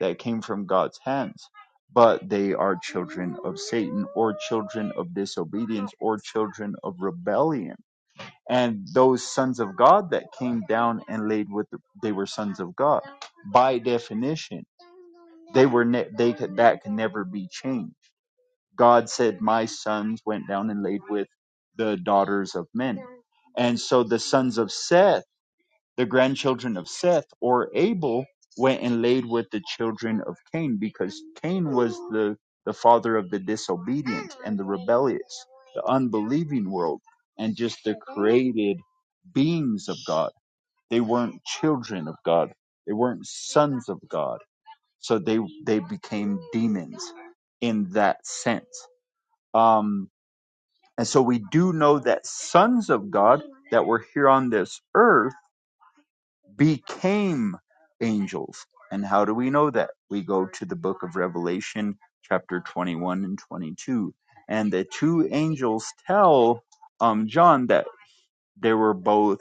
Speaker 3: that came from God's hands. But they are children of Satan or children of disobedience or children of rebellion. And those sons of God that came down and laid with, the, they were sons of God. By definition, they were, ne- they could, that can never be changed God said, My sons went down and laid with the daughters of men. And so the sons of Seth, the grandchildren of Seth or Abel, went and laid with the children of Cain because Cain was the, the father of the disobedient and the rebellious, the unbelieving world, and just the created beings of God. They weren't children of God, they weren't sons of God. So they, they became demons in that sense. Um, and so we do know that sons of God that were here on this earth became angels. And how do we know that? We go to the book of Revelation, chapter 21 and 22. And the two angels tell um, John that they were both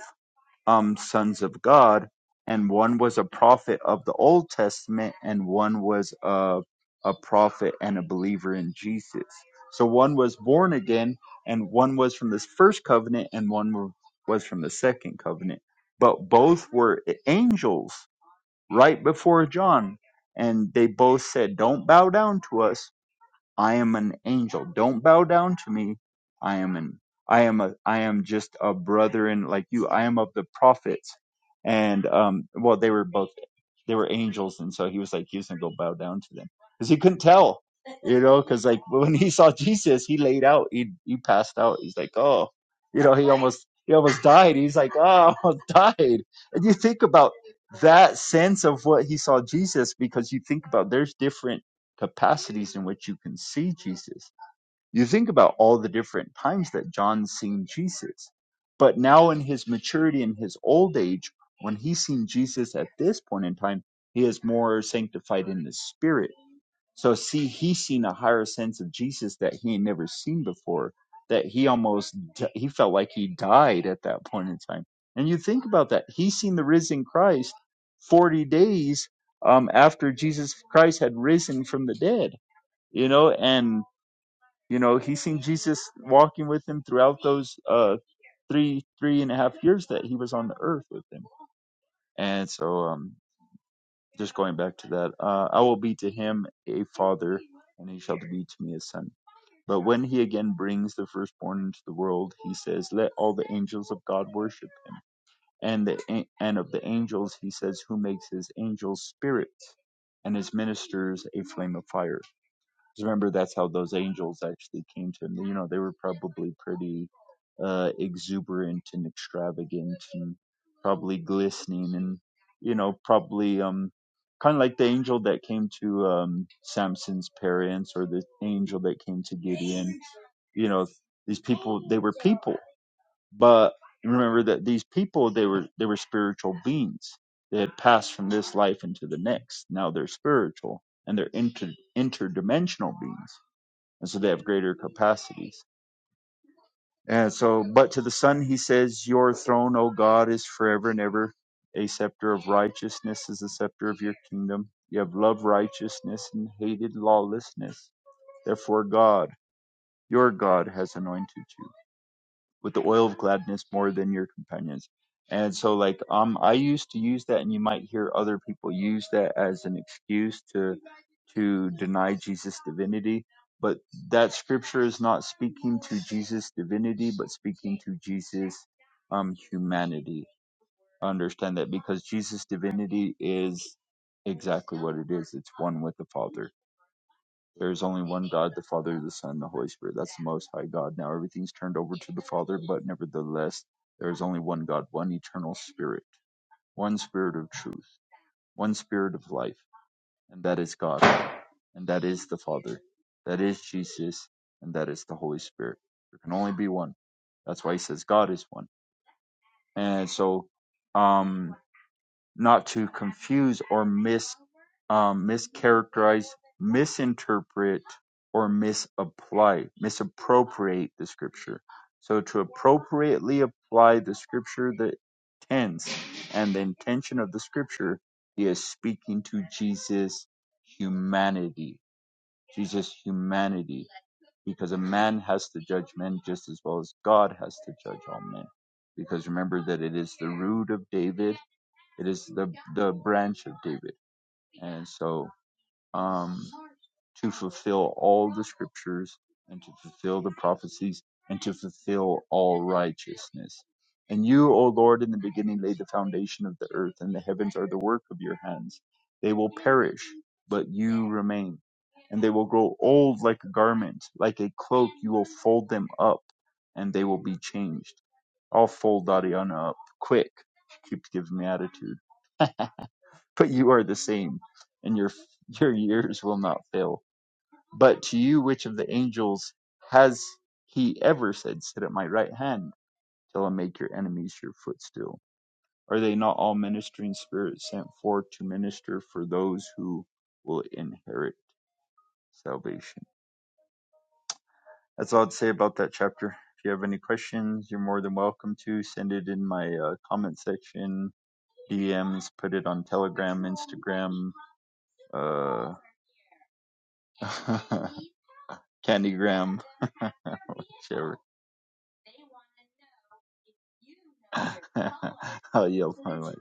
Speaker 3: um sons of God, and one was a prophet of the Old Testament, and one was a a prophet and a believer in Jesus. So one was born again, and one was from this first covenant, and one wa- was from the second covenant. But both were angels right before John, and they both said, "Don't bow down to us." I am an angel. Don't bow down to me. I am an I am a I am just a brethren like you. I am of the prophets. And um well they were both they were angels and so he was like he was gonna go bow down to them. Because he couldn't tell. You know, because like when he saw Jesus, he laid out, he he passed out. He's like, Oh you know, he almost he almost died. He's like, Oh, I almost died. And you think about that sense of what he saw Jesus because you think about there's different capacities in which you can see Jesus. You think about all the different times that John's seen Jesus. But now in his maturity in his old age, when he's seen Jesus at this point in time, he is more sanctified in the spirit. So see, he's seen a higher sense of Jesus that he had never seen before, that he almost, d- he felt like he died at that point in time. And you think about that. He's seen the risen Christ 40 days um, after Jesus Christ had risen from the dead you know and you know he seen jesus walking with him throughout those uh three three and a half years that he was on the earth with him and so um just going back to that uh i will be to him a father and he shall be to me a son but when he again brings the firstborn into the world he says let all the angels of god worship him and the and of the angels he says who makes his angels spirits and his ministers a flame of fire Just remember that's how those angels actually came to him. You know, they were probably pretty uh, exuberant and extravagant and probably glistening and you know probably um kind of like the angel that came to um Samson's parents or the angel that came to Gideon. You know, these people they were people but remember that these people they were they were spiritual beings they had passed from this life into the next now they're spiritual and they're inter, interdimensional beings and so they have greater capacities and so but to the son he says your throne o god is forever and ever a scepter of righteousness is the scepter of your kingdom you have loved righteousness and hated lawlessness therefore god your god has anointed you with the oil of gladness more than your companions. And so like um I used to use that and you might hear other people use that as an excuse to to deny Jesus divinity, but that scripture is not speaking to Jesus divinity but speaking to Jesus um humanity. Understand that because Jesus divinity is exactly what it is. It's one with the Father. There is only one God, the Father, the Son, the Holy Spirit. That's the Most High God. Now everything's turned over to the Father, but nevertheless, there is only one God, one eternal Spirit, one Spirit of truth, one Spirit of life, and that is God, and that is the Father, that is Jesus, and that is the Holy Spirit. There can only be one. That's why he says God is one. And so, um, not to confuse or mis um, mischaracterize, misinterpret, or misapply, misappropriate the scripture. So to appropriately apply the scripture, the tense and the intention of the scripture, he is speaking to Jesus' humanity. Jesus' humanity, because a man has to judge men just as well as God has to judge all men. Because remember that it is the root of David it is the the branch of David, and so um, to fulfill all the scriptures and to fulfill the prophecies and to fulfill all righteousness. And you, O Lord, in the beginning laid the foundation of the earth, and the heavens are the work of your hands. They will perish, but you remain, and they will grow old like a garment, like a cloak. You will fold them up, and they will be changed. I'll fold Ariana up quick. She Keeps giving me attitude but you are the same, and your your years will not fail. But to you, which of the angels has he ever said, Sit at my right hand till I make your enemies your footstool? Are they not all ministering spirits sent forth to minister for those who will inherit salvation? That's all I'd say about that chapter. If you have any questions, you're more than welcome to send it in my uh, comment section, DMs, put it on Telegram, Instagram, uh, Candy Graham, whichever. I'll yell my way.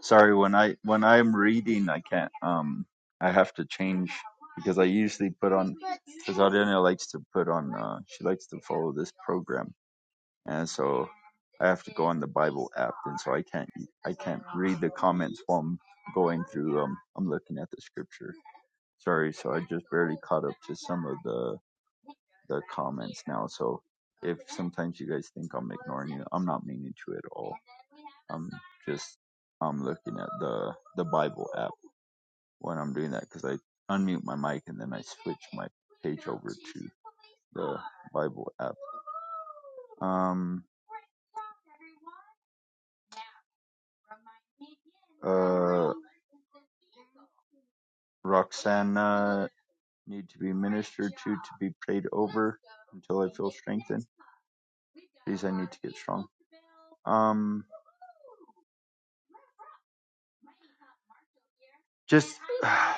Speaker 3: Sorry, when I when I'm reading, I can't. Um, I have to change because I usually put on because Ariana likes to put on. Uh, she likes to follow this program, and so I have to go on the Bible app, and so I can't I can't read the comments while I'm going through. Um, I'm looking at the scripture. Sorry, so I just barely caught up to some of the the comments now. So if sometimes you guys think I'm ignoring you, I'm not meaning to at all. I'm just I'm looking at the the Bible app when I'm doing that because I unmute my mic and then I switch my page over to the Bible app. Um, uh, Roxana need to be ministered to to be prayed over until I feel strengthened. Please, I need to get strong. Um, just uh,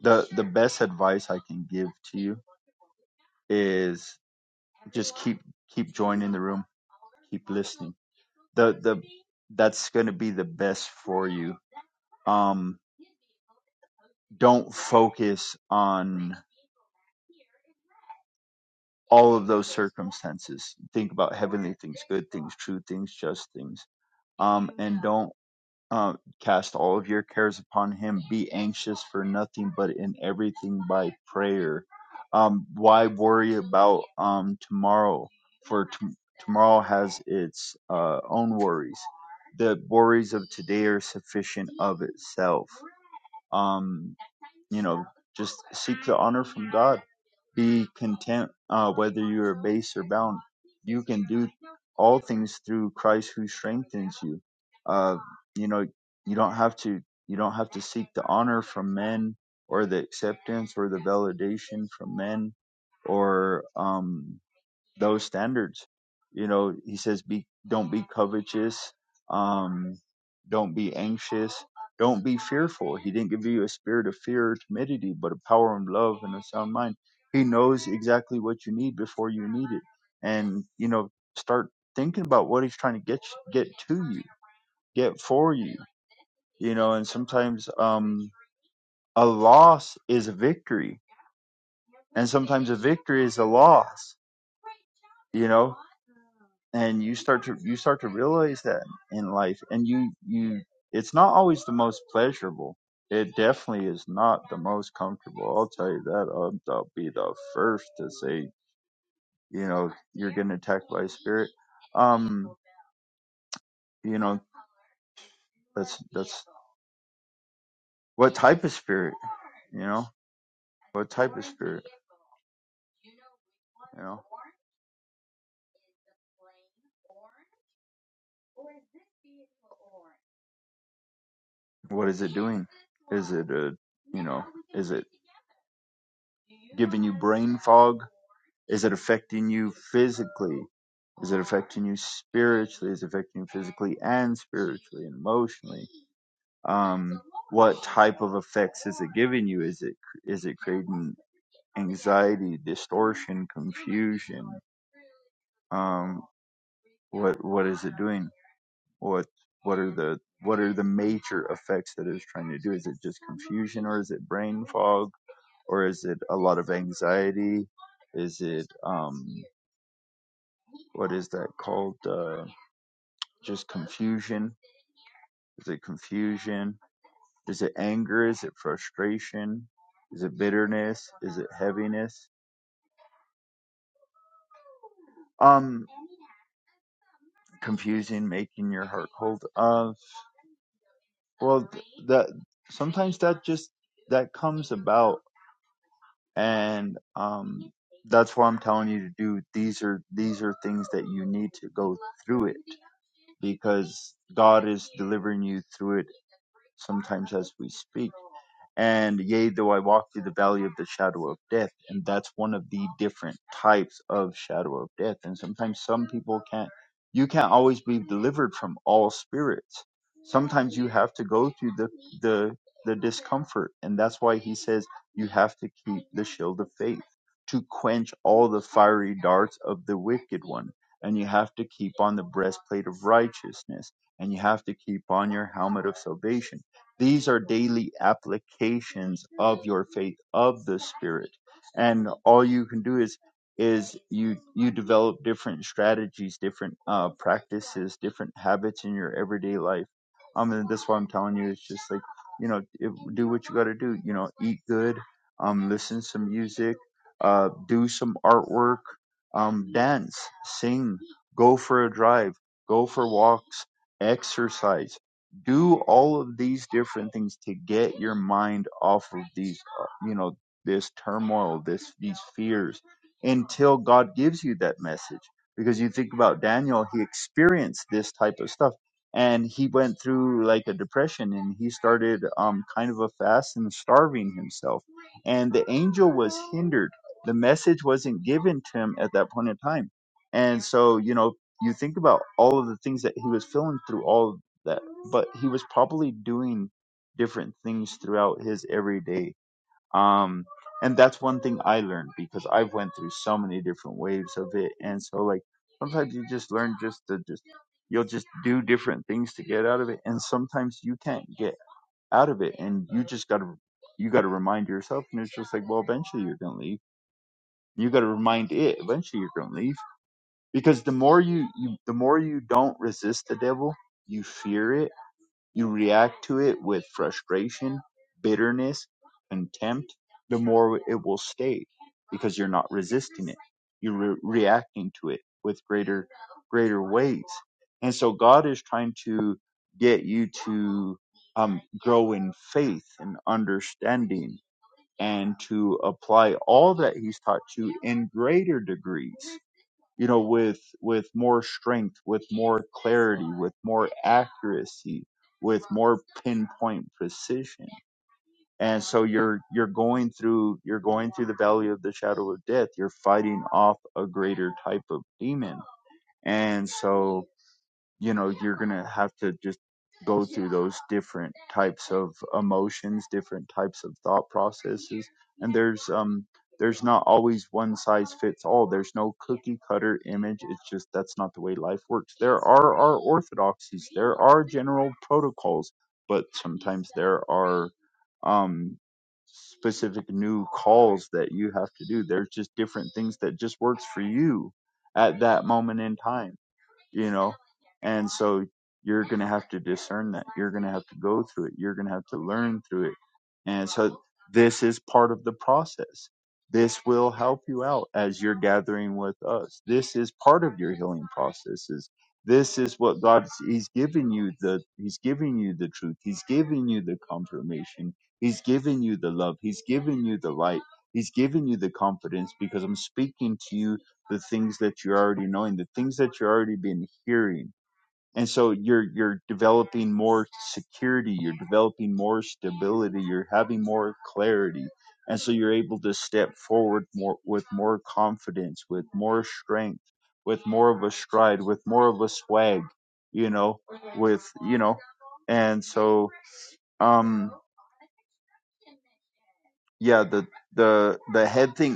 Speaker 3: the the best advice I can give to you is just keep keep joining the room, keep listening. The the that's going to be the best for you. Um, don't focus on all of those circumstances. Think about heavenly things, good things, true things, just things. Um, and don't uh, cast all of your cares upon Him. Be anxious for nothing, but in everything by prayer. Um, why worry about um, tomorrow? For t- tomorrow has its uh, own worries. The worries of today are sufficient of itself. Um, you know, just seek the honor from God. Be content uh, whether you are base or bound. You can do all things through Christ who strengthens you. Uh, you know, you don't have to you don't have to seek the honor from men or the acceptance or the validation from men or um, those standards. You know, he says, "Be don't be covetous, um, don't be anxious, don't be fearful." He didn't give you a spirit of fear or timidity, but a power and love and a sound mind. He knows exactly what you need before you need it, and you know, start thinking about what he's trying to get get to you, get for you. You know, and sometimes um, a loss is a victory, and sometimes a victory is a loss you know and you start to you start to realize that in life and you you it's not always the most pleasurable it definitely is not the most comfortable i'll tell you that i'll, I'll be the first to say you know you're getting attacked by a spirit um you know that's that's what type of spirit you know what type of spirit you know what is it doing is it a you know is it giving you brain fog? Is it affecting you physically? Is it affecting you spiritually? Is it affecting you physically and spiritually and emotionally? Um, what type of effects is it giving you? Is it is it creating anxiety, distortion, confusion? Um, what what is it doing? what what are the what are the major effects that it's trying to do is it just confusion or is it brain fog or is it a lot of anxiety is it um what is that called uh just confusion is it confusion is it anger is it frustration is it bitterness is it heaviness um confusing making your heart cold Uh, Well, th- that sometimes that just that comes about, and um, that's why I'm telling you to do. These are these are things that you need to go through it because God is delivering you through it sometimes as we speak. And yea, though I walk through the valley of the shadow of death, and that's one of the different types of shadow of death. And sometimes some people can't. You can't always be delivered from all spirits sometimes you have to go through the the the discomfort and that's why he says you have to keep the shield of faith to quench all the fiery darts of the wicked one and you have to keep on the breastplate of righteousness and you have to keep on your helmet of salvation these are daily applications of your faith of the spirit and all you can do is is you you develop different strategies different uh, practices different habits in your everyday life um, and that's why I'm telling you, it's just like, you know, if, do what you got to do. You know, eat good, um, listen to some music, uh, do some artwork, um, dance, sing, go for a drive, go for walks, exercise. Do all of these different things to get your mind off of these, uh, you know, this turmoil, this these fears, until God gives you that message. Because you think about Daniel, he experienced this type of stuff and he went through like a depression and he started um kind of a fast and starving himself and the angel was hindered the message wasn't given to him at that point in time and so you know you think about all of the things that he was feeling through all of that but he was probably doing different things throughout his everyday um and that's one thing i learned because i've went through so many different waves of it and so like sometimes you just learn just to just you'll just do different things to get out of it and sometimes you can't get out of it and you just gotta you gotta remind yourself and it's just like well eventually you're gonna leave you gotta remind it eventually you're gonna leave because the more you, you the more you don't resist the devil you fear it you react to it with frustration, bitterness, contempt, the more it will stay because you're not resisting it. You're re- reacting to it with greater, greater weights. And so God is trying to get you to um, grow in faith and understanding and to apply all that He's taught you in greater degrees you know with with more strength with more clarity with more accuracy with more pinpoint precision and so you're you're going through you're going through the valley of the shadow of death you're fighting off a greater type of demon and so you know you're gonna have to just go through those different types of emotions different types of thought processes and there's um there's not always one size fits all there's no cookie cutter image it's just that's not the way life works there are our orthodoxies there are general protocols but sometimes there are um specific new calls that you have to do there's just different things that just works for you at that moment in time you know and so you're going to have to discern that you're going to have to go through it you're going to have to learn through it and so this is part of the process this will help you out as you're gathering with us this is part of your healing processes this is what god's he's giving you the he's giving you the truth he's giving you the confirmation he's giving you the love he's giving you the light he's giving you the confidence because i'm speaking to you the things that you're already knowing, the things that you're already been hearing. And so you're you're developing more security, you're developing more stability, you're having more clarity. And so you're able to step forward more with more confidence, with more strength, with more of a stride, with more of a swag, you know, with you know. And so um yeah, the the the head thing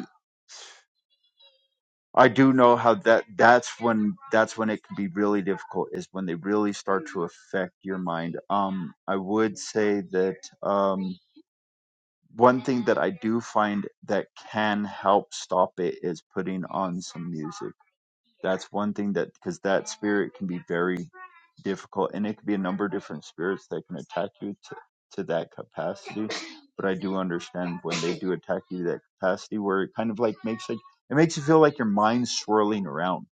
Speaker 3: I do know how that that's when that's when it can be really difficult is when they really start to affect your mind. Um I would say that um one thing that I do find that can help stop it is putting on some music. That's one thing that because that spirit can be very difficult and it could be a number of different spirits that can attack you to, to that capacity. But I do understand when they do attack you to that capacity where it kind of like makes like it makes you feel like your mind's swirling around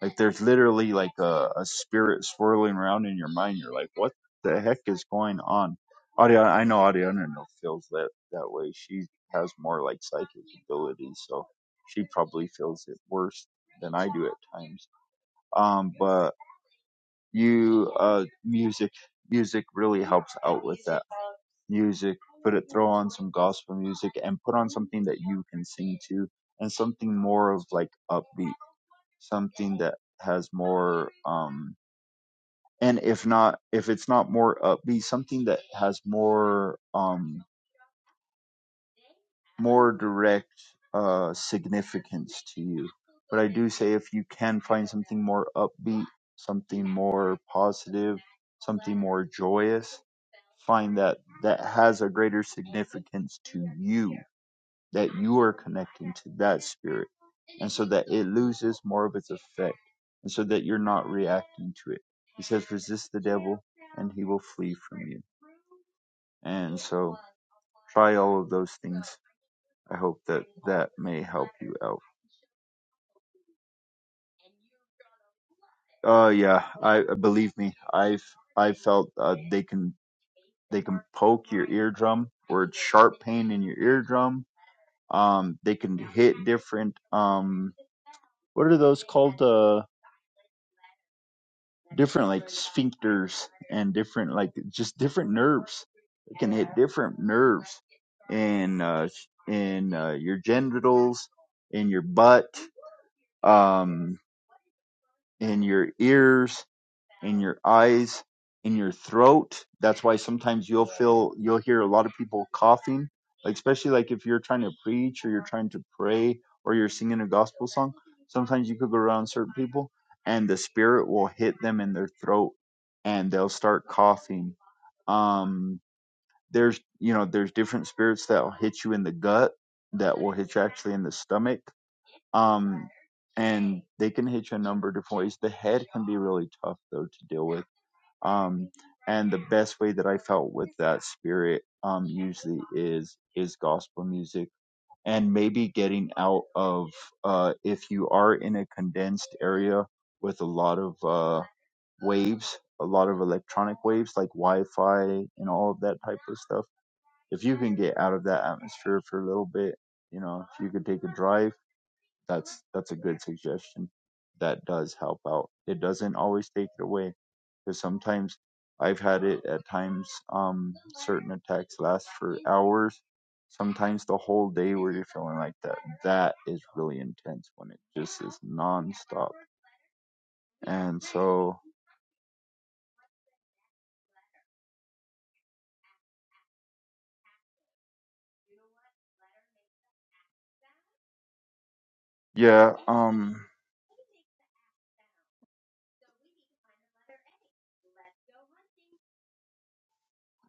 Speaker 3: like there's literally like a, a spirit swirling around in your mind. You're like, what the heck is going on? Ariana, I know Ariana no, feels that that way. She has more like psychic abilities, so she probably feels it worse than I do at times. Um, but you, uh, music, music really helps out with that. Music, put it, throw on some gospel music, and put on something that you can sing to, and something more of like upbeat something that has more um and if not if it's not more upbeat something that has more um more direct uh significance to you but i do say if you can find something more upbeat something more positive something more joyous find that that has a greater significance to you that you are connecting to that spirit and so that it loses more of its effect, and so that you're not reacting to it. He says, resist the devil, and he will flee from you. And so try all of those things. I hope that that may help you out. Uh, yeah, I uh, believe me, I've I felt uh, they can they can poke your eardrum or it's sharp pain in your eardrum. Um, they can hit different um, what are those called? Uh. different like sphincters and different like just different nerves. It can hit different nerves in uh, in uh, your genitals, in your butt, um, in your ears, in your eyes, in your throat. That's why sometimes you'll feel you'll hear a lot of people coughing, like especially like if you're trying to preach or you're trying to pray or you're singing a gospel song. Sometimes you could go around certain people and the spirit will hit them in their throat and they'll start coughing. Um, there's, you know, there's different spirits that will hit you in the gut, that will hit you actually in the stomach. Um, and they can hit you a number of different ways. The head can be really tough though to deal with. Um, and the best way that I felt with that spirit um, usually is is gospel music and maybe getting out of uh, if you are in a condensed area with a lot of uh, waves, a lot of electronic waves like Wi-Fi and all of that type of stuff. If you can get out of that atmosphere for a little bit, you know, if you could take a drive that's that's a good suggestion. That does help out. It doesn't always take it away because sometimes I've had it at times. Um, certain attacks last for hours, sometimes the whole day where you're feeling like that. That is really intense when it just is nonstop. And so yeah, um,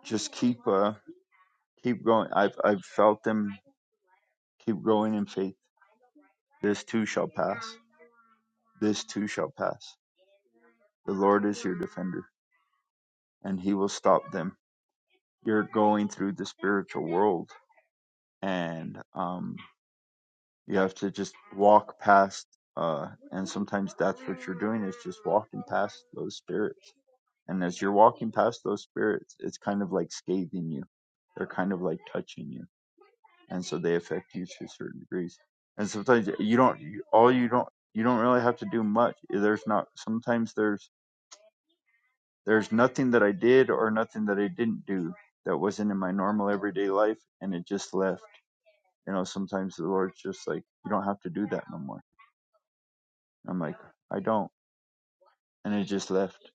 Speaker 3: just keep uh keep going. I've I've felt them keep growing in faith. This too shall pass. This too shall pass. The Lord is your defender, and He will stop them. You're going through the spiritual world, and um, you have to just walk past. Uh, and sometimes that's what you're doing is just walking past those spirits. And as you're walking past those spirits, it's kind of like scathing you. They're kind of like touching you, and so they affect you to certain degrees. And sometimes you don't. You, all you don't. You don't really have to do much. There's not. Sometimes there's There's nothing that I did or nothing that I didn't do that wasn't in my normal everyday life, and it just left. You know, sometimes the Lord's just like, you don't have to do that no more. I'm like, I don't, and it just left,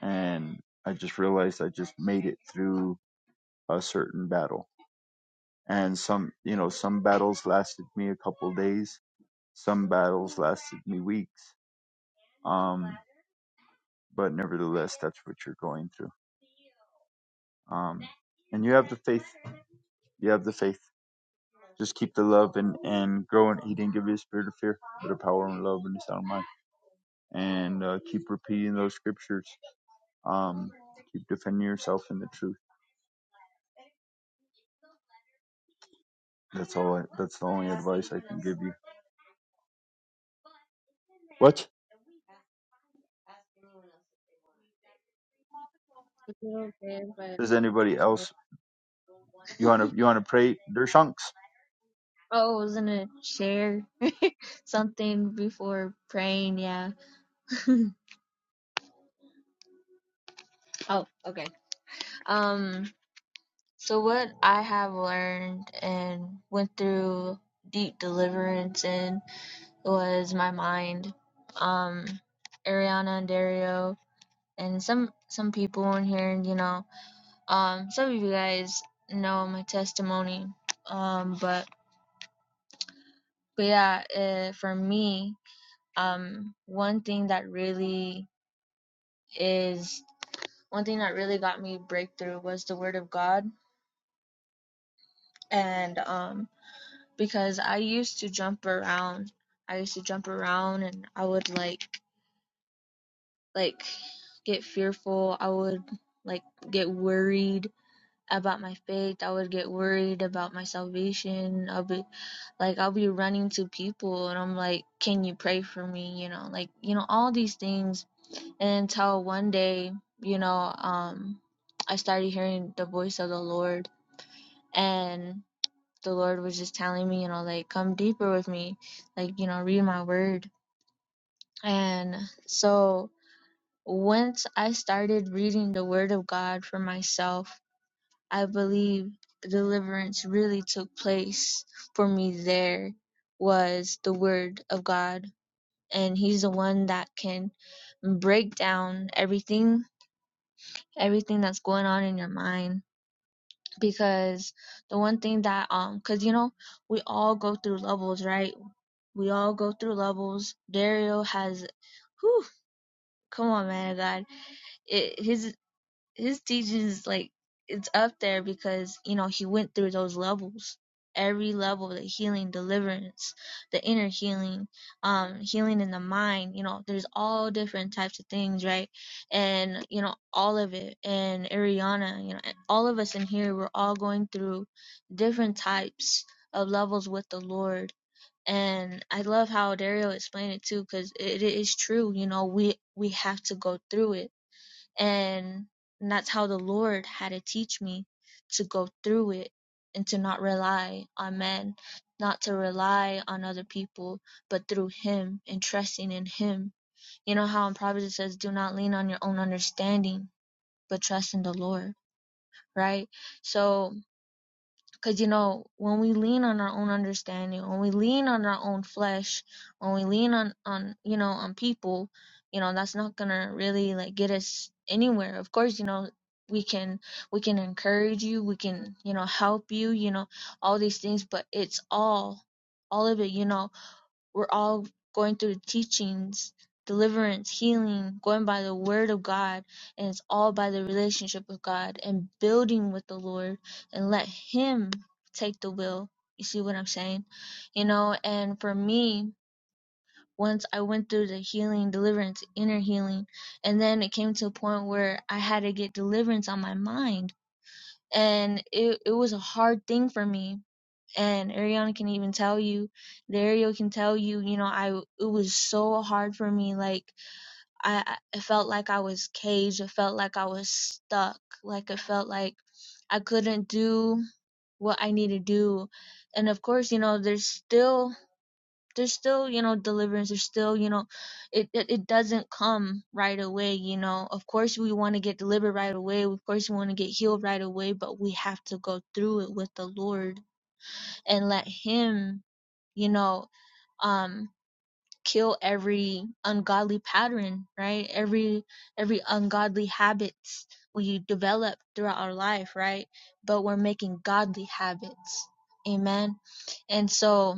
Speaker 3: and I just realized I just made it through a certain battle, and some, you know, some battles lasted me a couple of days, some battles lasted me weeks, um, but nevertheless, that's what you're going through, um, and you have the faith you have the faith Just keep the love and, and grow in eating. Give you a spirit of fear, but a power and love and a sound mind. And uh, keep repeating those scriptures. Um, keep defending yourself in the truth. That's all. I, that's the only advice I can give you. What?
Speaker 1: If you don't
Speaker 3: Does anybody else? You wanna you wanna pray? Dershunks.
Speaker 1: Oh, I was gonna share. something before praying, yeah. Oh, okay. Um, so what I have learned and went through deep deliverance in was my mind. Um, Ariana and Dario and some some people in here, you know. Um, some of you guys know my testimony. Um, but but yeah, uh, for me, um, one thing that really is one thing that really got me breakthrough was the word of God. And um because I used to jump around. I used to jump around and I would like like get fearful. I would like get worried about my faith. I would get worried about my salvation. I'll be like I'll be running to people and I'm like, "Can you pray for me?" you know, like, you know, all these things and until one day, you know, um I started hearing the voice of the Lord and the Lord was just telling me, you know, like come deeper with me, like, you know, read my word. And so once I started reading the word of God for myself, I believe deliverance really took place for me there was the word of God. And he's the one that can break down everything, everything that's going on in your mind. Because the one thing that, um, cause you know, we all go through levels, right? we all go through levels. Dario has, whew, come on, man of God. It, his his teachings like it's up there because you know he went through those levels. Every level, the healing, deliverance, the inner healing, um, healing in the mind. You know, there's all different types of things, right? And you know, all of it. And Ariana, you know, all of us in here, we're all going through different types of levels with the Lord and I love how Dario explained it too, because it, it is true. You know, we we have to go through it, and that's how the Lord had to teach me to go through it and to not rely on men, not to rely on other people, but through Him and trusting in Him. You know how in Proverbs it says, "Do not lean on your own understanding, but trust in the Lord." Right? So because, you know, when we lean on our own understanding, when we lean on our own flesh, when we lean on, on you know, on people, you know, that's not going to really, like, get us anywhere. Of course, you know, we can we can encourage you we can you know help you you know all these things but it's all all of it you know we're all going through the teachings, deliverance, healing, going by the word of God, and it's all by the relationship with God and building with the Lord and let Him take the will. You see what I'm saying? You know, and for me, once I went through the healing, deliverance, inner healing, and then it came to a point where I had to get deliverance on my mind. And it, it was a hard thing for me and Ariana can even tell you, Dario can tell you, you know, I it was so hard for me. Like I, I felt like I was caged. It felt like I was stuck. Like it felt like I couldn't do what I need to do. And of course, you know, there's still there's still you know deliverance. There's still you know, it it, it doesn't come right away. You know, of course we want to get delivered right away. Of course we want to get healed right away. But we have to go through it with the Lord and let Him you know um kill every ungodly pattern right every every ungodly habits we develop throughout our life right but we're making godly habits amen and so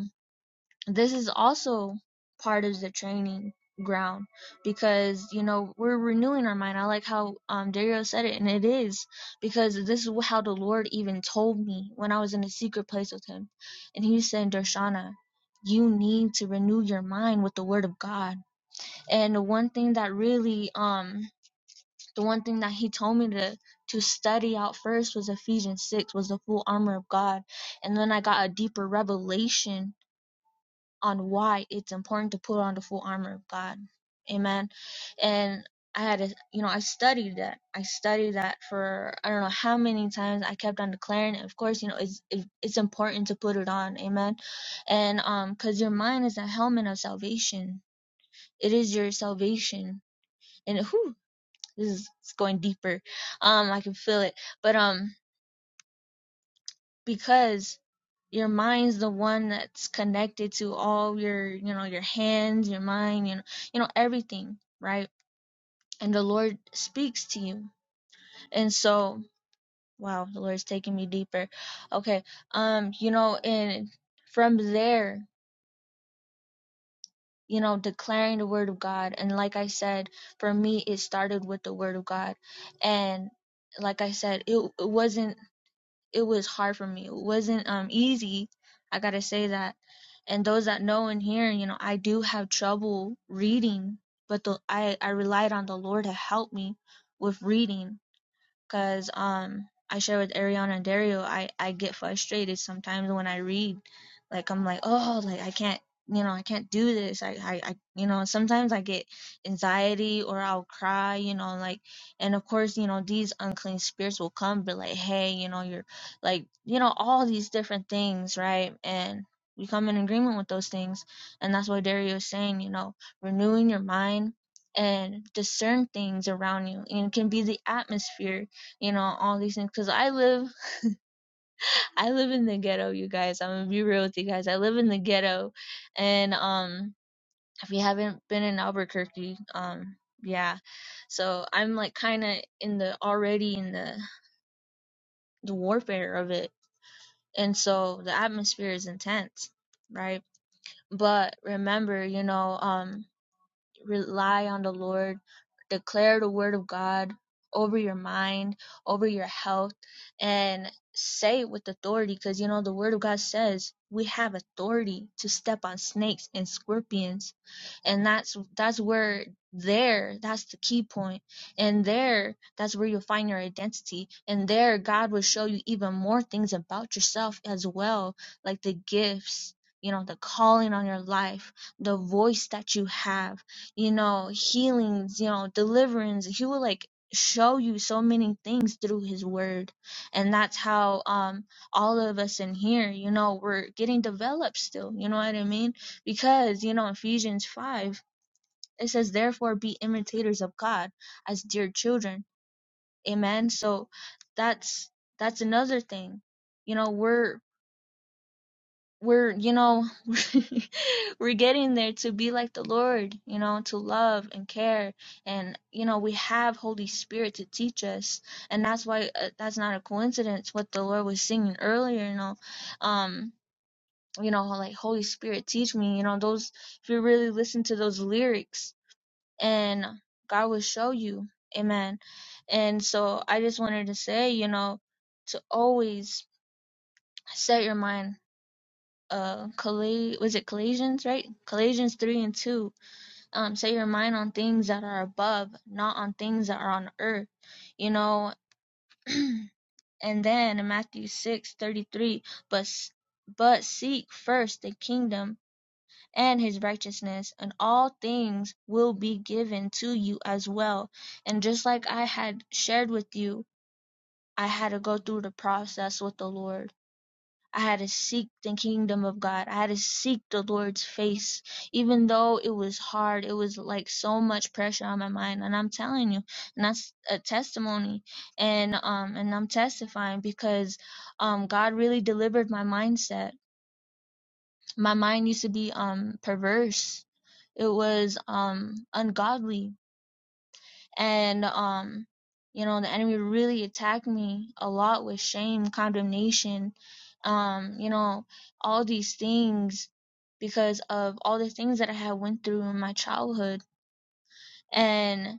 Speaker 1: this is also part of the training ground because you know we're renewing our mind i like how um dario said it and it is because this is how the lord even told me when i was in a secret place with him and he said darshana you need to renew your mind with the word of god and the one thing that really um the one thing that he told me to to study out first was ephesians 6 was the full armor of god and then i got a deeper revelation on why it's important to put on the full armor of God. Amen. And I had, a, you know, I studied that. I studied that for I don't know how many times. I kept on declaring it. Of course, you know, it's it, it's important to put it on. Amen. And um, cause your mind is a helmet of salvation. It is your salvation. And whew, this is it's going deeper. Um, I can feel it. But um, because your mind's the one that's connected to all your you know your hands your mind you know you know everything right and the lord speaks to you and so wow the lord's taking me deeper okay um you know and from there you know declaring the word of god and like i said for me it started with the word of god and like i said it, it wasn't it was hard for me it wasn't um easy i gotta say that and those that know and hear, you know, I do have trouble reading, but the I I relied on the Lord to help me with reading because um I share with Ariana and Dario, I I get frustrated sometimes when I read, like I'm like oh like I can't you know I can't do this I I, I you know sometimes I get anxiety or I'll cry you know like and of course you know these unclean spirits will come but like hey you know you're like you know all these different things right and we come in agreement with those things and that's what Dario is saying you know renewing your mind and discern things around you and it can be the atmosphere you know all these things because i live i live in the ghetto you guys i'm gonna be real with you guys i live in the ghetto and um if you haven't been in albuquerque um yeah so i'm like kind of in the already in the the warfare of it and so the atmosphere is intense right but remember you know um rely on the Lord. Declare the word of God over your mind, over your health, and say it with authority because you know the word of God says we have authority to step on snakes and scorpions and that's that's where there that's the key point and there that's where you'll find your identity and there god will show you even more things about yourself as well like the gifts you know the calling on your life the voice that you have you know healings you know deliverance he will like show you so many things through his word and that's how um all of us in here you know we're getting developed still you know what i mean because you know Ephesians 5 it says therefore be imitators of God as dear children amen so that's that's another thing you know we're we're you know we're getting there to be like the Lord you know to love and care and you know we have Holy Spirit to teach us and that's why uh, that's not a coincidence what the Lord was singing earlier you know um you know like Holy Spirit teach me you know those if you really listen to those lyrics and God will show you. Amen. And so I just wanted to say, you know, to always set your mind uh colla- was it Colossians, right? Colossians 3 and 2. Um set your mind on things that are above, not on things that are on earth. You know, and then in Matthew 6:33, but s- but seek first the kingdom and his righteousness, and all things will be given to you as well. And just like I had shared with you, I had to go through the process with the Lord. I had to seek the kingdom of God. I had to seek the Lord's face, even though it was hard. It was like so much pressure on my mind. And I'm telling you, and that's a testimony. And um, and I'm testifying because um, God really delivered my mindset. My mind used to be um perverse it was um ungodly and um you know the enemy really attacked me a lot with shame condemnation um you know all these things because of all the things that i had went through in my childhood and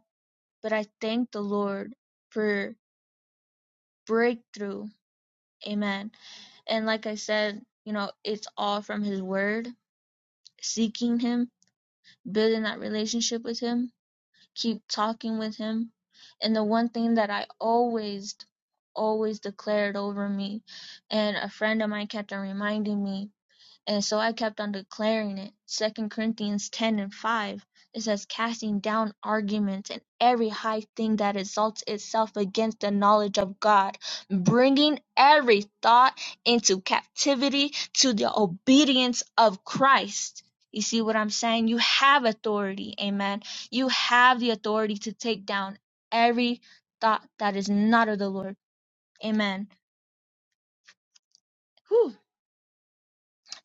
Speaker 1: but i thank the lord for breakthrough amen and like i said you know it's all from his word seeking him building that relationship with him keep talking with him and the one thing that I always, always declared over me, and a friend of mine kept on reminding me and so I kept on declaring it. Second Corinthians ten and five. It says, casting down arguments and every high thing that exalts itself against the knowledge of God, bringing every thought into captivity to the obedience of Christ. You see what I'm saying? You have authority. Amen. You have the authority to take down every thought that is not of the Lord. Amen. Whew.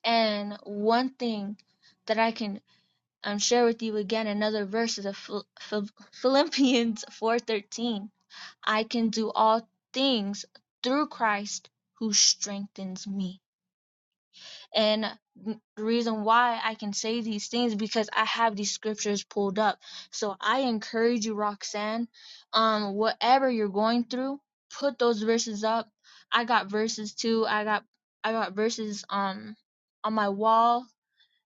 Speaker 1: And one thing that I can I'm share with you again another verse of Philippians 4:13. I can do all things through Christ who strengthens me. And the reason why I can say these things is because I have these scriptures pulled up. So I encourage you Roxanne, um whatever you're going through, put those verses up. I got verses too. I got I got verses um on my wall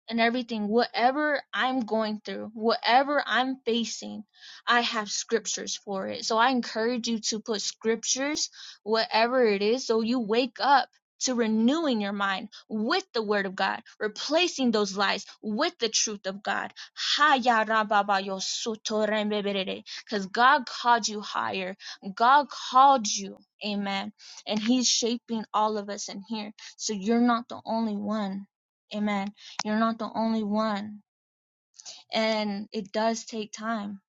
Speaker 1: and everything, whatever I'm going through, whatever I'm facing, I have scriptures for it. So I encourage you to put scriptures, whatever it is, so you wake up to renewing your mind with the word of God, replacing those lies with the truth of God. Because God called you higher. God called you. Amen. And He's shaping all of us in here. So you're not the only one. Amen you're not the only one. And it does take time.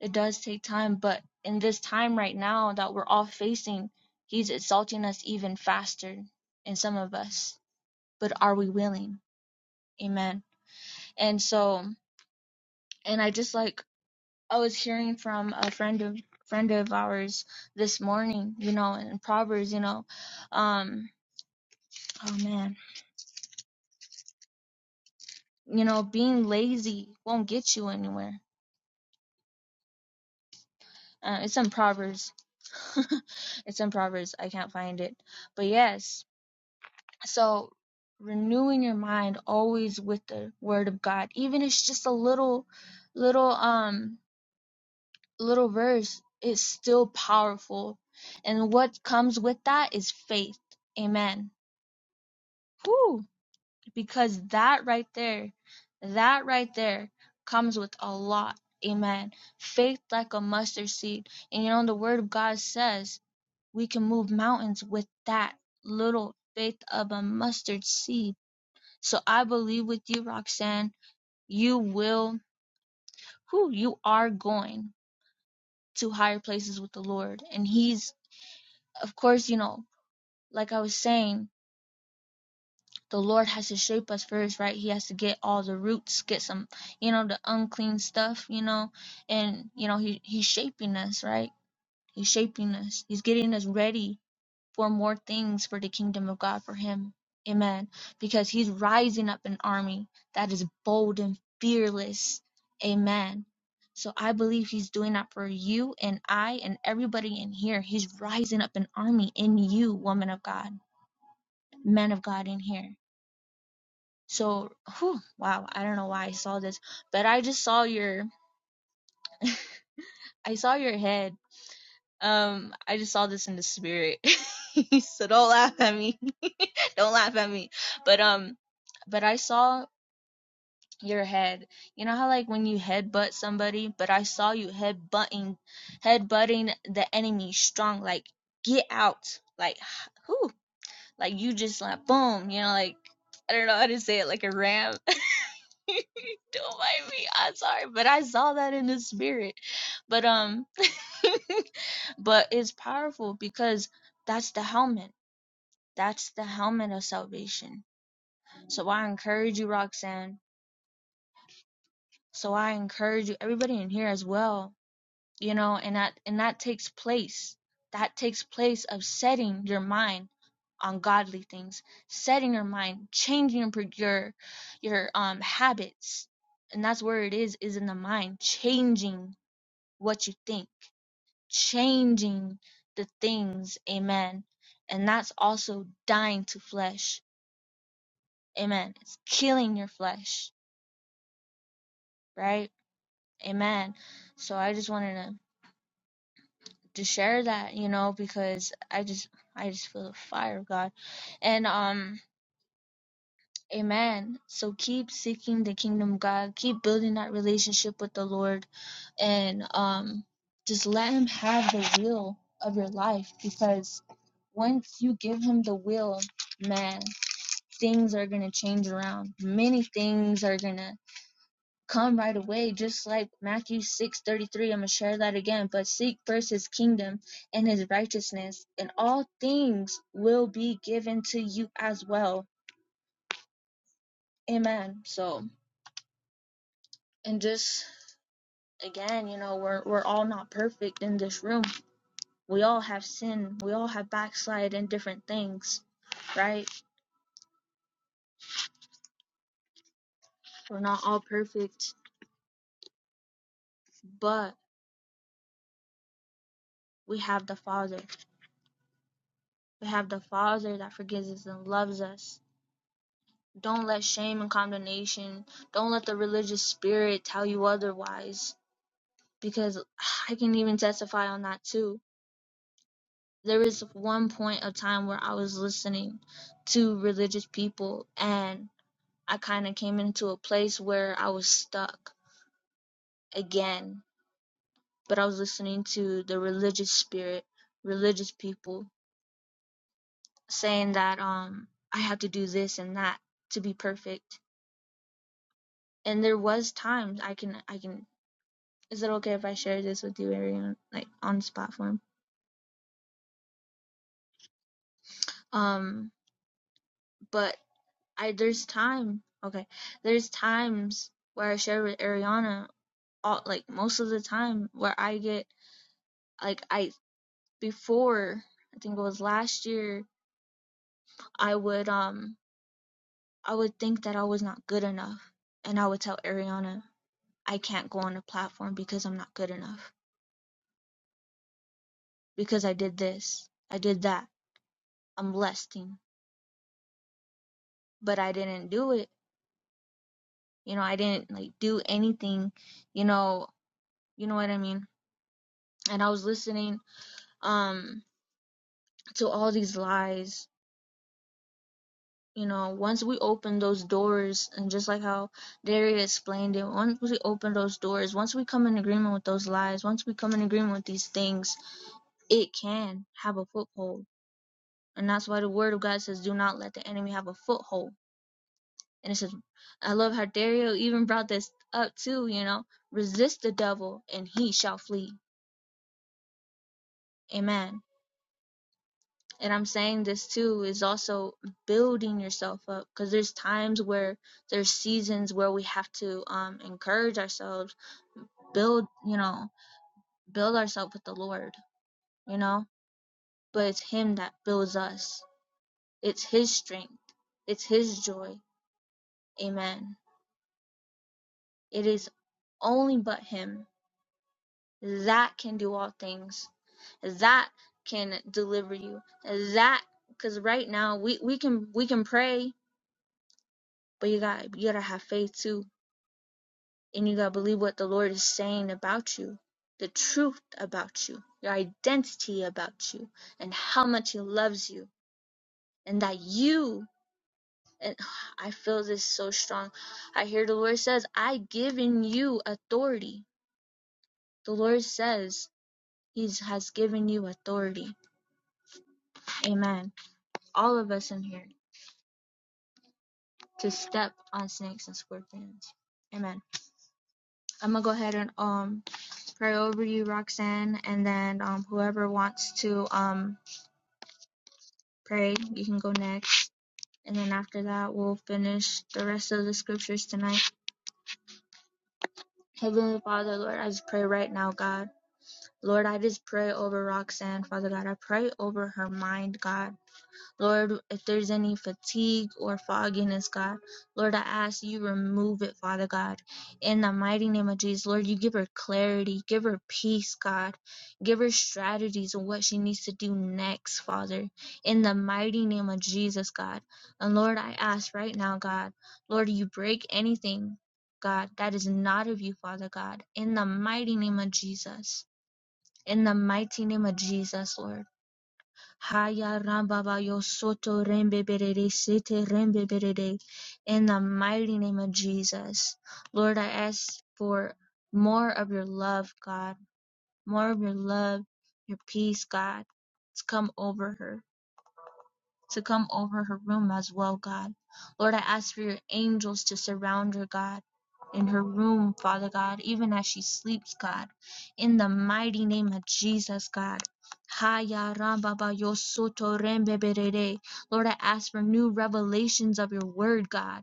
Speaker 1: It does take time. But in this time right now that we're all facing, He's exalting us even faster in some of us. But are we willing? Amen. And so, and I just like, I was hearing from a friend of, friend of ours this morning, you know, in Proverbs, you know, um, oh man, you know, being lazy won't get you anywhere Uh, it's in Proverbs. it's in Proverbs. I can't find it. But yes, so renewing your mind always with the word of God, even if it's just a little, little, um, little verse, is still powerful. And what comes with that is faith. Amen. Whew. Because that right there, that right there comes with a lot. Amen. Faith like a mustard seed. And you know, the word of God says, We can move mountains with that little faith of a mustard seed. So I believe with you, Roxanne, you will, Who you are going to higher places with the Lord. And He's, of course, you know, like I was saying, the Lord has to shape us first, right? He has to get all the roots, get some, you know, the unclean stuff, you know, and, you know, he, He's shaping us, right? He's shaping us. He's getting us ready for more things for the kingdom of God for him. Amen. Because he's rising up an army that is bold and fearless. Amen. So I believe he's doing that for you and I and everybody in here. He's rising up an army in you, woman of God, man of God in here. So, whew, wow, I don't know why I saw this, but I just saw your I saw your head. Um, I just saw this in the spirit. so don't laugh at me. don't laugh at me. But um but I saw your head. You know how like when you headbutt somebody, but I saw you headbutting headbutting the enemy strong, like get out. Like who? Like you just like boom, you know, like I don't know how to say it, like a ram. Don't mind me. I'm sorry, but I saw that in the spirit. But um but it's powerful because that's the helmet. That's the helmet of salvation. So I encourage you, Roxanne So I encourage you, everybody in here as well, you know, and that and that takes place. That takes place of setting your mind on godly things, setting your mind, changing your your your um habits. And that's where it is, is in the mind, changing what you think, changing the things, amen. And that's also dying to flesh. Amen. It's killing your flesh, right? Amen. So I just wanted to to share that, you know, because I just I just feel the fire of God. And um amen. So keep seeking the kingdom of God, keep building that relationship with the Lord and um just let him have the will of your life because once you give him the will, man, things are going to change around. Many things are going to come right away, just like Matthew 6:33. I'm going to share that again, but seek first his kingdom and his righteousness, and all things will be given to you as well. Amen. So, and just again, you know, we're we're all not perfect in this room. We all have sin. We all have backslide in different things, right? We're not all perfect, but we have the Father. We have the Father that forgives us and loves us Don't let shame and condemnation, don't let the religious spirit tell you otherwise, because I can even testify on that too. There is one point of time where I was listening to religious people, and I kind of came into a place where I was stuck again, but I was listening to the religious spirit, religious people saying that um I have to do this and that to be perfect. And there was times I can I can is it okay if I share this with you, Arian, like on this platform? Um, but I there's time. Okay, there's times where I share with Ariana, all like most of the time, where I get like I before I think it was last year, I would um I would think that I was not good enough, and I would tell Ariana I can't go on the platform because I'm not good enough because I did this, I did that, I'm blessing, but I didn't do it You know, I didn't like do anything, you know, you know what I mean? And I was listening um to all these lies. You know, once we open those doors and just like how Daria explained it, once we open those doors, once we come in agreement with those lies, once we come in agreement with these things, it can have a foothold. And that's why the word of God says, do not let the enemy have a foothold. And it says, I love how Dario even brought this up too, you know, resist the devil and he shall flee. Amen. and I'm saying this too is also building yourself up because there's times where there's seasons where we have to um encourage ourselves, build, you know, build ourselves with the Lord, you know? But it's him that builds us. It's his strength. It's his joy. Amen. It is only but him that can do all things. That can deliver you. That cuz right now we we can we can pray, but you got you got to have faith too and you gotta believe what the Lord is saying about you, the truth about you, your identity about you, and how much He loves you, and that you. And I feel this so strong. I hear the Lord says, "I given you authority." The Lord says He has given you authority. Amen. All of us in here to step on snakes and scorpions. Amen. I'm gonna go ahead and um pray over you, Roxanne, and then um whoever wants to um pray. You can go next. And then after that, we'll finish the rest of the scriptures tonight. Heavenly Father, Lord, I just pray right now, God. Lord, I just pray over Roxanne, Father God. I pray over her mind, God. Lord, if there's any fatigue or fogginess, God, Lord, I ask you remove it, Father God. In the mighty name of Jesus, Lord, you give her clarity, give her peace, God. Give her strategies on what she needs to do next, Father. In the mighty name of Jesus, God. And Lord, I ask right now, God, Lord, you break anything, God, that is not of you, Father God. In the mighty name of Jesus. In the mighty name of Jesus, Lord. Haya Rambabayo Soto Rembe Berede Sete Rembe Berede in the mighty name of Jesus. Lord, I ask for more of your love, God, more of your love, your peace, God. It's come over her to come over her room as well, God. Lord, I ask for your angels to surround her, God, in her room, Father God, even as she sleeps, God. In the mighty name of Jesus, God. Haya ramba ba yo soto rembe Lord, I ask for new revelations of your word, God.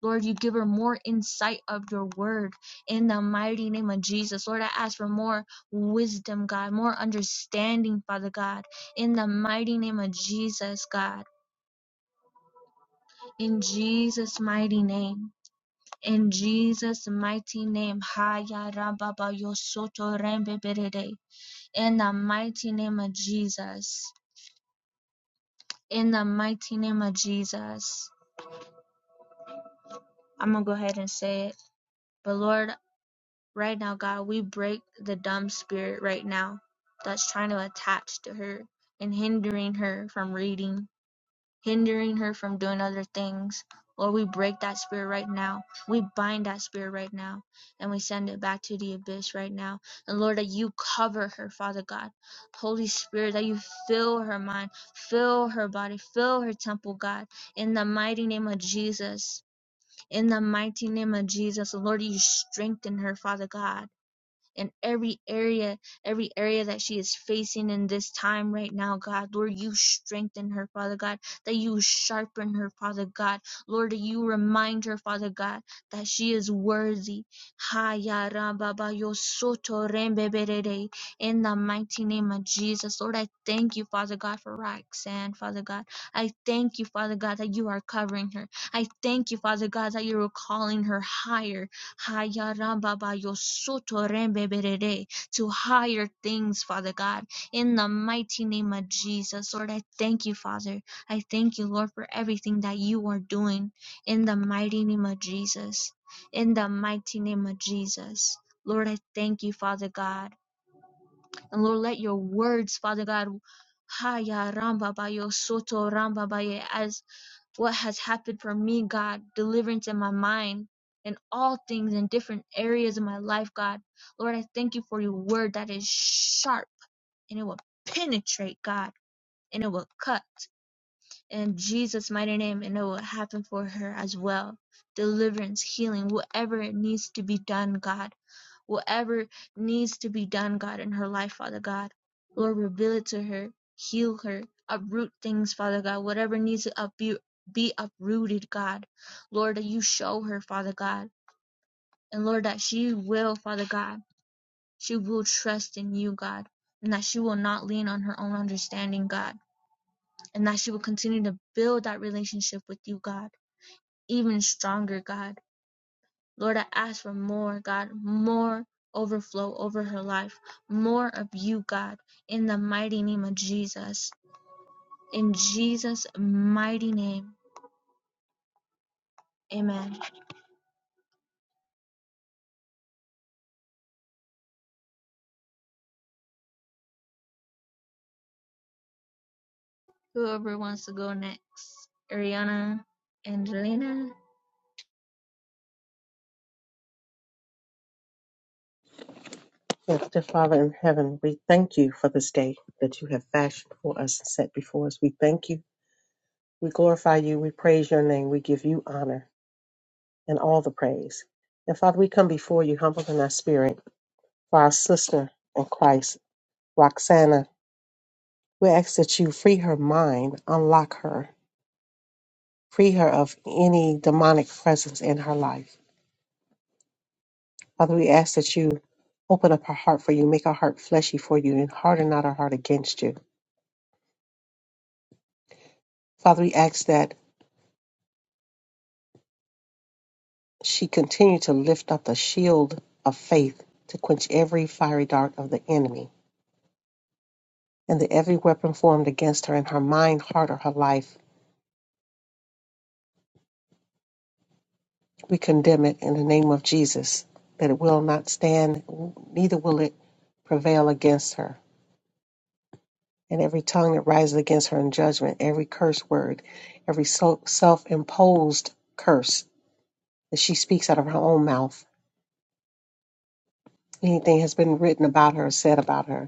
Speaker 1: Lord, you give her more insight of your word in the mighty name of Jesus. Lord, I ask for more wisdom, God, more understanding, Father God, in the mighty name of Jesus, God. In Jesus' mighty name. In Jesus' mighty name. Haya rababa yosoto rembe berede. In the mighty name of Jesus. In the mighty name of Jesus. I'm going to go ahead and say it. But Lord, right now, God, we break the dumb spirit right now that's trying to attach to her and hindering her from reading hindering her from doing other things. Lord, we break that spirit right now. We bind that spirit right now and we send it back to the abyss right now. And Lord, that you cover her, Father God. Holy Spirit, that you fill her mind, fill her body, fill her temple, God. In the mighty name of Jesus. In the mighty name of Jesus. Lord, you strengthen her, Father God in every area, every area that she is facing in this time right now, God. Lord, you strengthen her, Father God, that you sharpen her, Father God. Lord, you remind her, Father God, that she is worthy. Ha ya ra ba ba yo so to ren be be re re. In the mighty name of Jesus, Lord, I thank you, Father God, for Roxanne, Father God. I thank you, Father God, that you are covering her. I thank you, Father God, that you are calling her higher. Hayarambabayosotorembeberere, to higher things, Father God, in the mighty name of Jesus. Lord, I thank you, Father. I thank you, Lord, for everything that you are doing in the mighty name of Jesus. In the mighty name of Jesus. Lord, I thank you, Father God. And Lord, let your words, Father God, Haya Ramba Bayo Soto Ramba Baye as what has happened for me, God, deliverance in my mind, in all things, in different areas of my life, God. Lord, I thank you for your word that is sharp and it will penetrate, God, and it will cut in Jesus' mighty name, and it will happen for her as well. Deliverance, healing, whatever it needs to be done, God. Whatever needs to be done, God, in her life, Father God, Lord, reveal it to her, heal her, uproot things, Father God, whatever needs to upu- be uprooted, God, Lord, that you show her, Father God, and Lord, that she will, Father God, she will trust in you, God, and that she will not lean on her own understanding, God, and that she will continue to build that relationship with you, God, even stronger, God. Lord, I ask for more, God, more overflow over her life, more of you, God, in the mighty name of Jesus. In Jesus' mighty name, amen. Whoever wants to go next, Ariana, Angelina.
Speaker 4: Dear Father in heaven, we thank you for this day that you have fashioned for us and set before us. We thank you. We glorify you. We praise your name. We give you honor and all the praise. And Father, we come before you humbled in our spirit for our sister in Christ, Roxana. We ask that you free her mind, unlock her, free her of any demonic presence in her life. Father, we ask that you open up her heart for you, make her heart fleshy for you, and harden not her heart against you. Father, we ask that She continued to lift up the shield of faith to quench every fiery dart of the enemy and that every weapon formed against her in her mind, heart, or her life. We condemn it in the name of Jesus, that it will not stand, neither will it prevail against her. And every tongue that rises against her in judgment, every curse word, every self imposed curse that she speaks out of her own mouth, anything has been written about her, said about her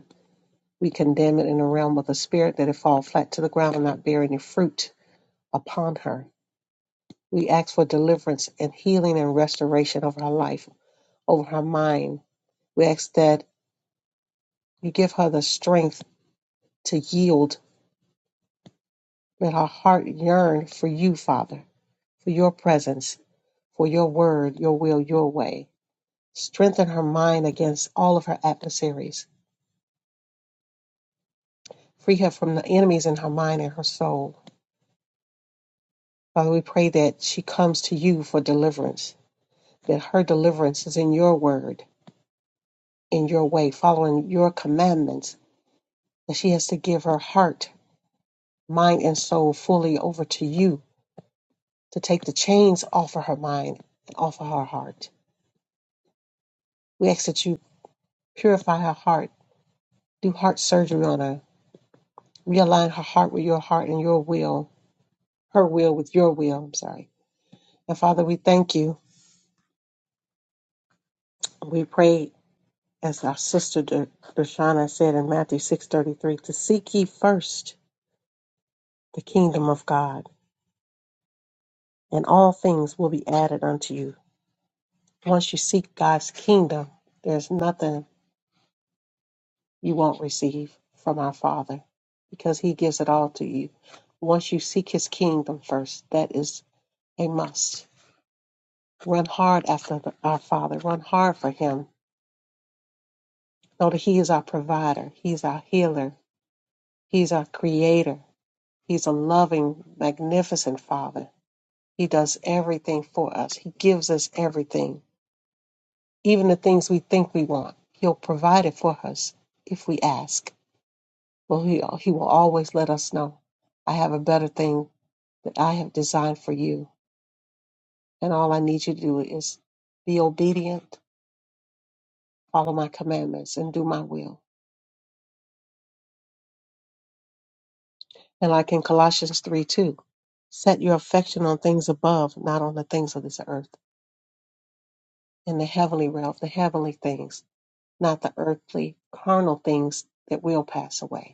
Speaker 4: We condemn it in the realm of the spirit that it fall flat to the ground and not bear any fruit upon her. We ask for deliverance and healing and restoration over her life, over her mind. We ask that you give her the strength to yield. Let her heart yearn for you, Father, for your presence, for your word, your will, your way. Strengthen her mind against all of her adversaries. Free her from the enemies in her mind and her soul. Father, we pray that she comes to you for deliverance that her deliverance is in your word, in your way, following your commandments, that she has to give her heart, mind, and soul fully over to you to take the chains off of her mind and off of her heart. We ask that you purify her heart, do heart surgery on her, realign her heart with your heart and your will, her will with your will, I'm sorry. And Father, we thank you. We pray, as our sister Da- Darshana said in Matthew 6.33, to seek ye first the kingdom of God and all things will be added unto you. Once you seek God's kingdom, there's nothing you won't receive from our Father because He gives it all to you. Once you seek His kingdom first, that is a must. Run hard after the- our Father, run hard for Him. Know that He is our provider, He's our healer, He's our creator, He's a loving, magnificent Father. He does everything for us, He gives us everything even the things we think we want. He'll provide it for us if we ask. Well, he, he will always let us know. I have a better thing that I have designed for you. And all I need you to do is be obedient, follow my commandments, and do my will. And like in Colossians 3 2, set your affection on things above, not on the things of this earth, in the heavenly realm, the heavenly things, not the earthly, carnal things that will pass away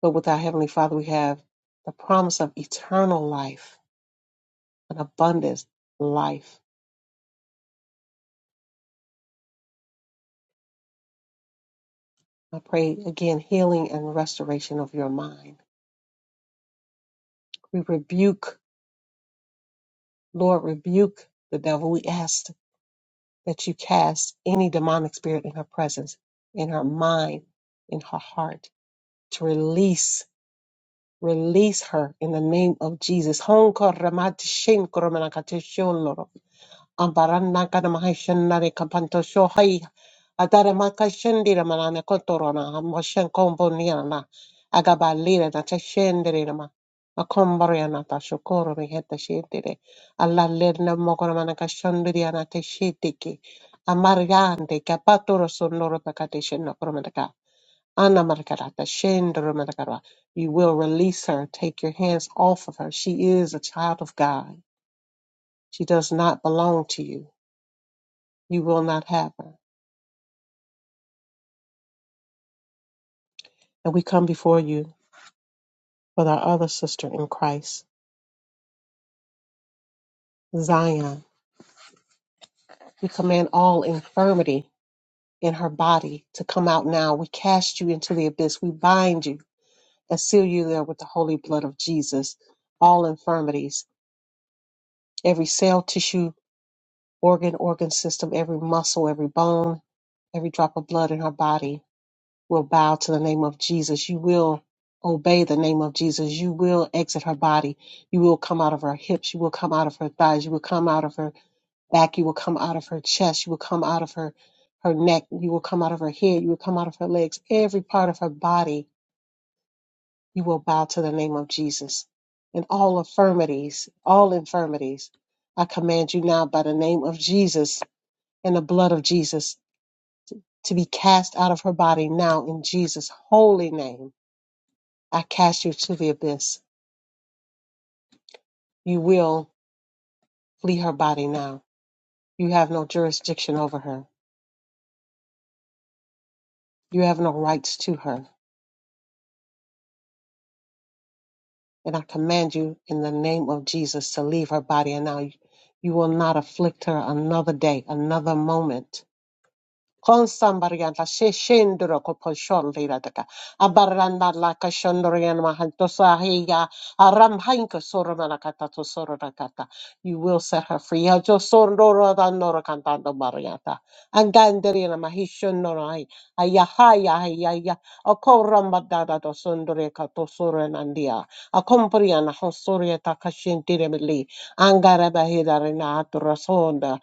Speaker 4: But with our Heavenly Father, we have the promise of eternal life, an abundant life. I pray again, healing and restoration of your mind. We rebuke, Lord, rebuke the devil. We ask that you cast any demonic spirit in her presence, in her mind, in her heart, to release, release her in the name of Jesus. Hon koramat shin koramanakate shon loro. Ambaranaka Namahishanare Kapanto Shohai Adaramaka Shendira Manana Kotorona Moshen Kombo Nirana Agabalira Nata Shendirama Makombariana Tashokoro Miheta Shindire Allah Lerna Mokoramanaka Shandiriana Teshitiki Amariante Kapaturo Sonoro Pakatishina Promataka Anna Markarata Shendramatakara You will release her, take your hands off of her. She is a child of God. She does not belong to you you will not have her. And we come before you with our other sister in Christ, Zion. We command all infirmity in her body to come out now. We cast you into the abyss. We bind you and seal you there with the holy blood of Jesus. All infirmities, every cell, tissue, organ, organ system, every muscle, every bone, every drop of blood in her body will bow to the name of Jesus. You will obey the name of Jesus. You will exit her body. You will come out of her hips. You will come out of her thighs. You will come out of her back. You will come out of her chest. You will come out of her, her neck. You will come out of her head. You will come out of her legs. Every part of her body, you will bow to the name of Jesus. And all infirmities, all infirmities, I command you now by the name of Jesus and the blood of Jesus to be cast out of her body now in Jesus' holy name I cast you to the abyss. You will flee her body now. You have no jurisdiction over her. You have no rights to her. And I command you in the name of Jesus to leave her body. And now you will not afflict her another day, another moment. Con sambarianta se scendere con shondira daga abaranda la kashondrian mahanto sahiya aram hanka sorana to sorana kata you will set her free ya jo sondoro da nora cantando mariata anganderina mahishon norai ayahaya ayaya akoram badada to sondore kato soranandia akompriana hosorieta kashentire mili angara bahida rena atrasonda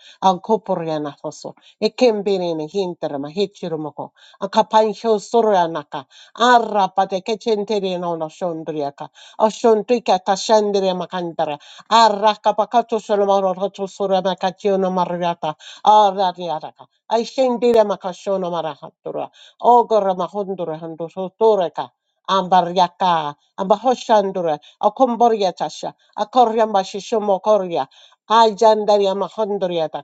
Speaker 4: ekembere ne hintere ma hechiro moko akapan hyo sorra naka arra pate kechentere no no shondriaka ashontrika tashandere makantara arra kapakato solomoro roto sorra makachio no marriata arra riataka ai shendire makashono marahatura ogorra mahondura hando sotoreka ambariaka ambahoshandura akomboria tasha akorya mashishomo korya Ay, yandaria mahondriata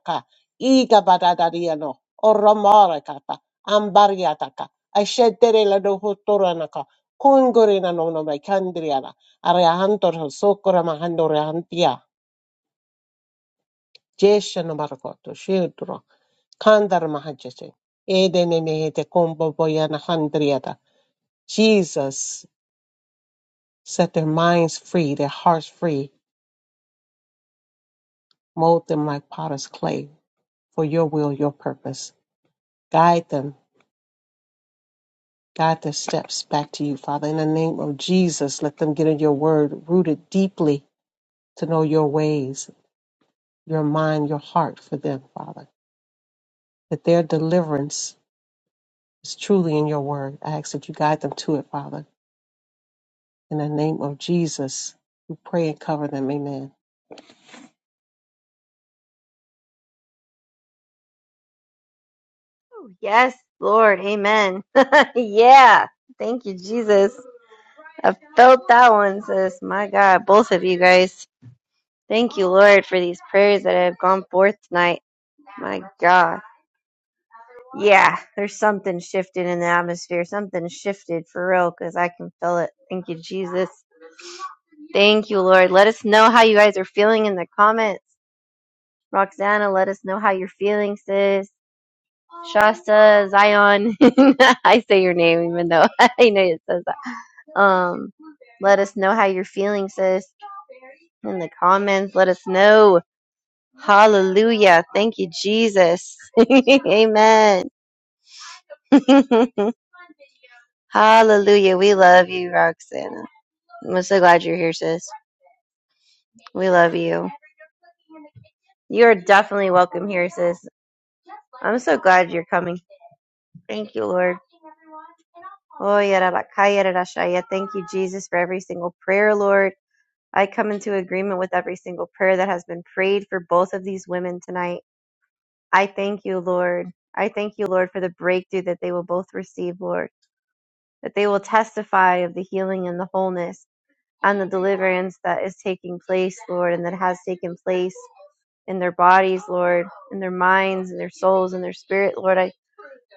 Speaker 4: Iga badadariano, oromarekata, ambariataka, asheterela no hutoranaka, kungurina no no mekandriana, areahantor sokora mahandoreantia, jesha no margoto, shildro, kandar mahajete, edenene de combo boyana handriata. Jesus, set their minds free, their hearts free, mold them like potter's clay, for your will, your purpose. Guide them Guide their steps back to you, Father. In the name of Jesus, let them get in your word, rooted deeply to know your ways, your mind, your heart for them, Father. That their deliverance is truly in your word. I ask that you guide them to it, Father. In the name of Jesus, we pray and cover them. Amen.
Speaker 2: Yes, Lord. Amen. yeah. Thank you, Jesus. I felt that one, sis. My God, both of you guys. Thank you, Lord, for these prayers that have gone forth tonight. My God. Yeah, there's something shifted in the atmosphere. Something shifted for real because I can feel it. Thank you, Jesus. Thank you, Lord. Let us know how you guys are feeling in the comments. Roxana, let us know how you're feeling, sis. Shasta, Zion. I say your name even though I know it says that. Um, let us know how you're feeling, sis, in the comments. Let us know. Hallelujah. Thank you, Jesus. Amen. Hallelujah. We love you, Roxana. I'm so glad you're here, sis. We love you. You are definitely welcome here, sis. I'm so glad you're coming. Thank you, Lord. Oh, yarabakayarashaya. Thank you, Jesus, for every single prayer, Lord. I come into agreement with every single prayer that has been prayed for both of these women tonight. I thank you, Lord. I thank you, Lord, for the breakthrough that they will both receive, Lord, that they will testify of the healing and the wholeness and the deliverance that is taking place, Lord, and that has taken place in their bodies, Lord, in their minds, in their souls, in their spirit, Lord. I.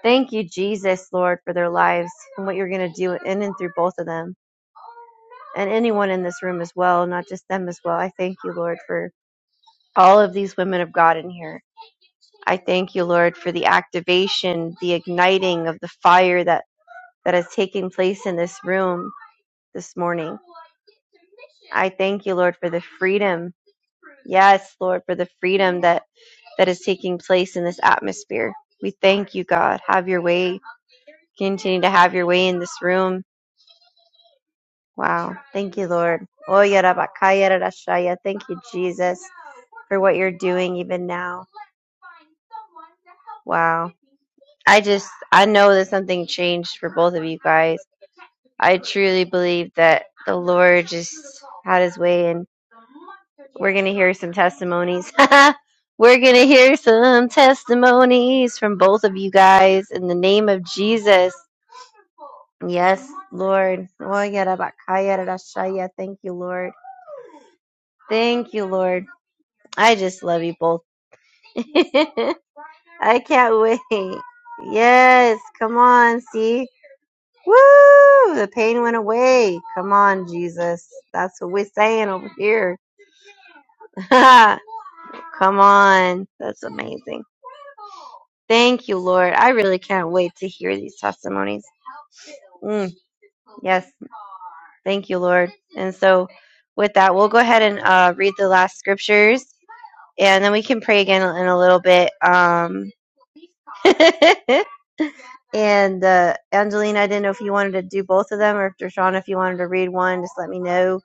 Speaker 2: Thank you, Jesus, Lord, for their lives and what you're going to do in and through both of them and anyone in this room as well, not just them as well. I thank you, Lord, for all of these women of God in here. I thank you, Lord, for the activation, the igniting of the fire that, that has taken place in this room this morning. I thank you, Lord, for the freedom. Yes, Lord, for the freedom that, that is taking place in this atmosphere. We thank you, God. Have your way. Continue to have your way in this room Wow. Thank you, Lord. Oyarabakayarashaya. Thank you, Jesus, for what you're doing even now. Wow. I just, I know that something changed for both of you guys. I truly believe that the Lord just had his way, and we're going to hear some testimonies. we're going to hear some testimonies from both of you guys in the name of Jesus. Yes, Lord. Oh, yada ba ka yada da sha yeah. Thank you, Lord. Thank you, Lord. I just love you both. I can't wait. Yes, come on, see? Woo! The pain went away. Come on, Jesus. That's what we're saying over here. come on. That's amazing. Thank you, Lord. I really can't wait to hear these testimonies. Mm, yes. Thank you, Lord. And so, with that, we'll go ahead and uh, read the last scriptures, and then we can pray again in a little bit. Um, and uh, Angelina, I didn't know if you wanted to do both of them, or if Dershana, if you wanted to read one, just let me know,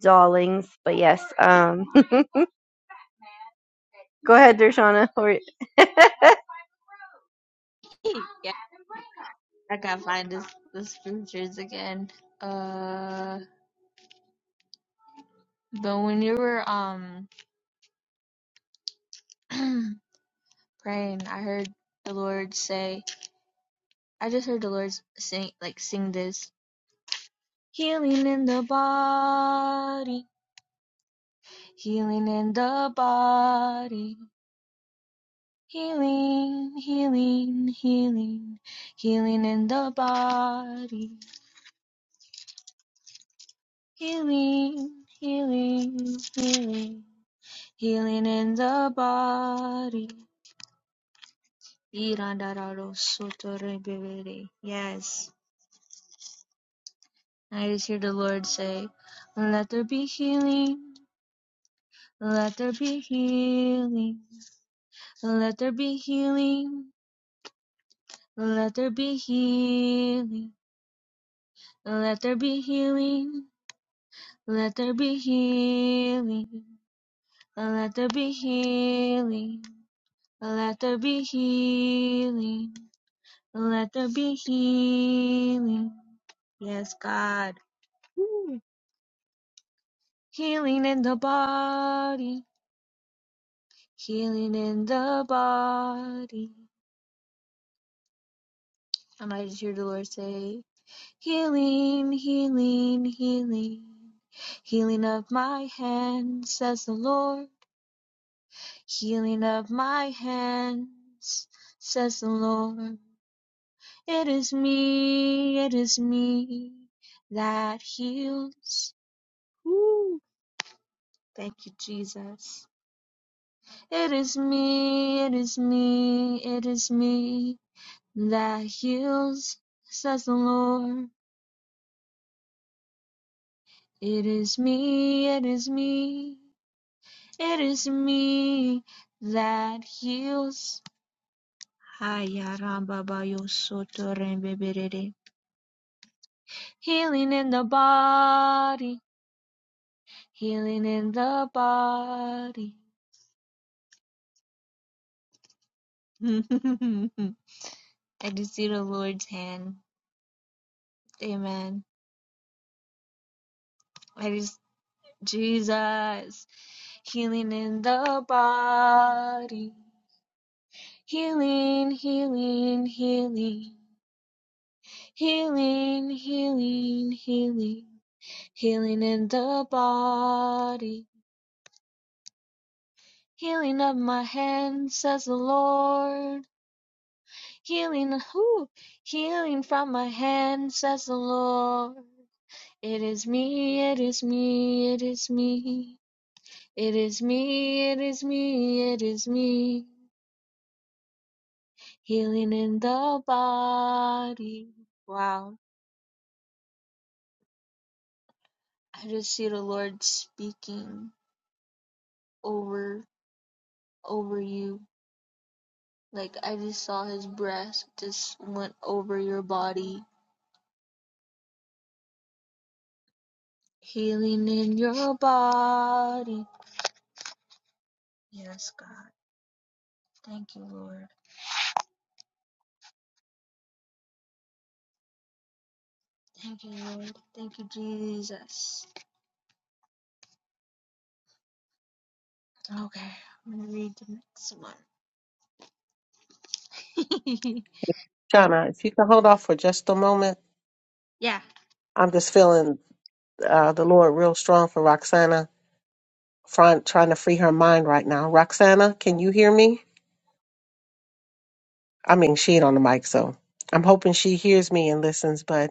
Speaker 2: darlings. But yes, um, go ahead, Dershana. Wow,
Speaker 1: yeah, I gotta find this, this scriptures again. Uh, but when you were um praying, I heard the Lord say, I just heard the Lord sing like sing this. Healing in the body, healing in the body, healing, healing, healing, healing in the body, healing, healing, healing, healing in the body. Irandarosotorebebere. Yes, I just hear the Lord say, Let there be healing, let there be healing, let there be healing. Let there be healing. Let there be healing. Let there be healing. Let there be healing. Let there be healing. Let there be healing. Yeah. God. Healing in the body. Healing in the body. And I might just hear the Lord say, Healing, healing, healing. Healing of my hands, says the Lord. Healing of my hands, says the Lord. It is me, it is me that heals. Thank you, Jesus. It is me, it is me, it is me that heals, says the Lord. It is me, it is me, it is me that heals. healing in the body, Healing in the body. I just see the Lord's hand. Amen. I just, Jesus. Healing in the body. Healing, healing, healing. Healing, healing, healing. Healing in the body. Healing of my hand, says the Lord. Healing, whoo, healing from my hand, says the Lord. It is me, it is me, it is me. It is me, it is me, it is me. Healing in the body. Wow. I just see the Lord speaking over over you. Like I just saw his breath just went over your body. Healing in your body. Yes, God. Thank you, Lord. Thank you, Lord. Thank you, Jesus. Okay, I'm gonna read the next one. I
Speaker 4: Shauna, if you can hold off for just a moment,
Speaker 1: yeah.
Speaker 4: I'm just feeling uh, the Lord real strong for Roxana, trying, trying to free her mind right now. Roxana, can you hear me? I mean, she ain't on the mic, so I'm hoping she hears me and listens. But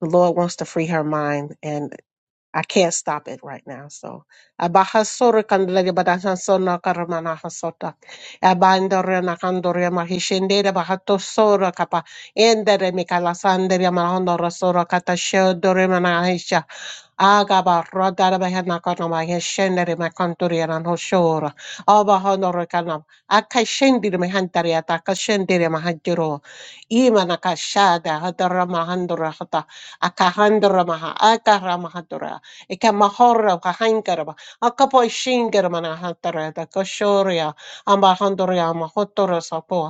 Speaker 4: the Lord wants to free her mind, and I can't stop it right now. So, Abahasoro kandelele badahasona karamana hasota. Abandore nakandore mahishende de bahato sora kapa. Endere mikalasandere malahondoro sora katashodore Agaba radara behena kanama yeshendere makantoria nan hoshora. Aba honoro kanam. Akai shendire mehantari ataka shendire mahantiro. Ima nakashada hadara mahandora hata. Akahandora maha. Akara mahandora. Eka mahora kahankaraba. Akapo shingarama nahantara da koshoria. Amba hondoria sapo.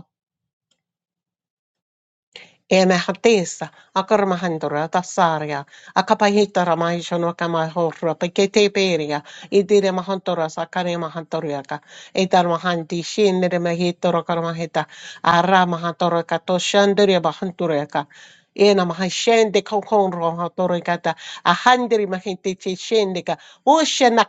Speaker 4: Emehatesa, Akarmahandra, Tasaria, Akapahitara Mahishono Kamahora, Pekete Peria, Idire Mahantora, Sakare Mahantoriaka, Etar Mahanti, Shinere Mahitora Karmaheta, Ara Mahantora Kato Shandere Mahantureka, Ena Mahashende Kokon Rohatorikata, Ahandri Mahinte Shendika, Ushena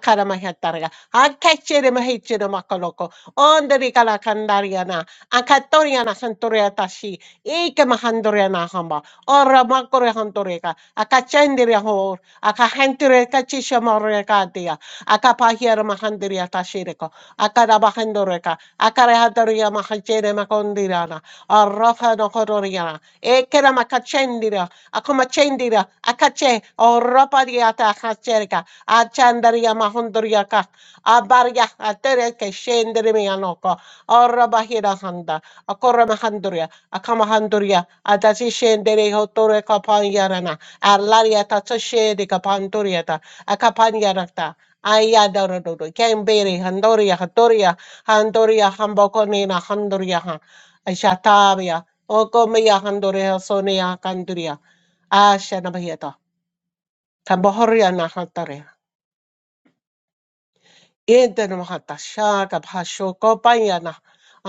Speaker 4: Akechere mahechere makoloko. Onderi kala kandariana. Akatoriana kantoria tashi. Ike mahandoriana hamba. Ora makore handoreka. Akachendere hor. Akahentere kachisha morekatia. Akapahiera mahandiria tashireko. Akarabahandoreka. Akarehadoria mahachere makondirana. Arafa no hororiana. Ekera makachendira. Akomachendira. Akache. Ora pariata hachereka. Achandaria mahondoriaka. Abarya atere ke shendere me anoko orra bahira handa akorra mahanduria akamahanduria atati shendere hotore kapanyarana arlaria tatso shede kapanduria ta akapanyarakta ayadoro dodo kembere handoria hatoria handoria hambokonina handoria ha ashatavia okomia handoria sonia kanduria ashana bahita tambohoria na Yente namaha tasha tapasho kopayana.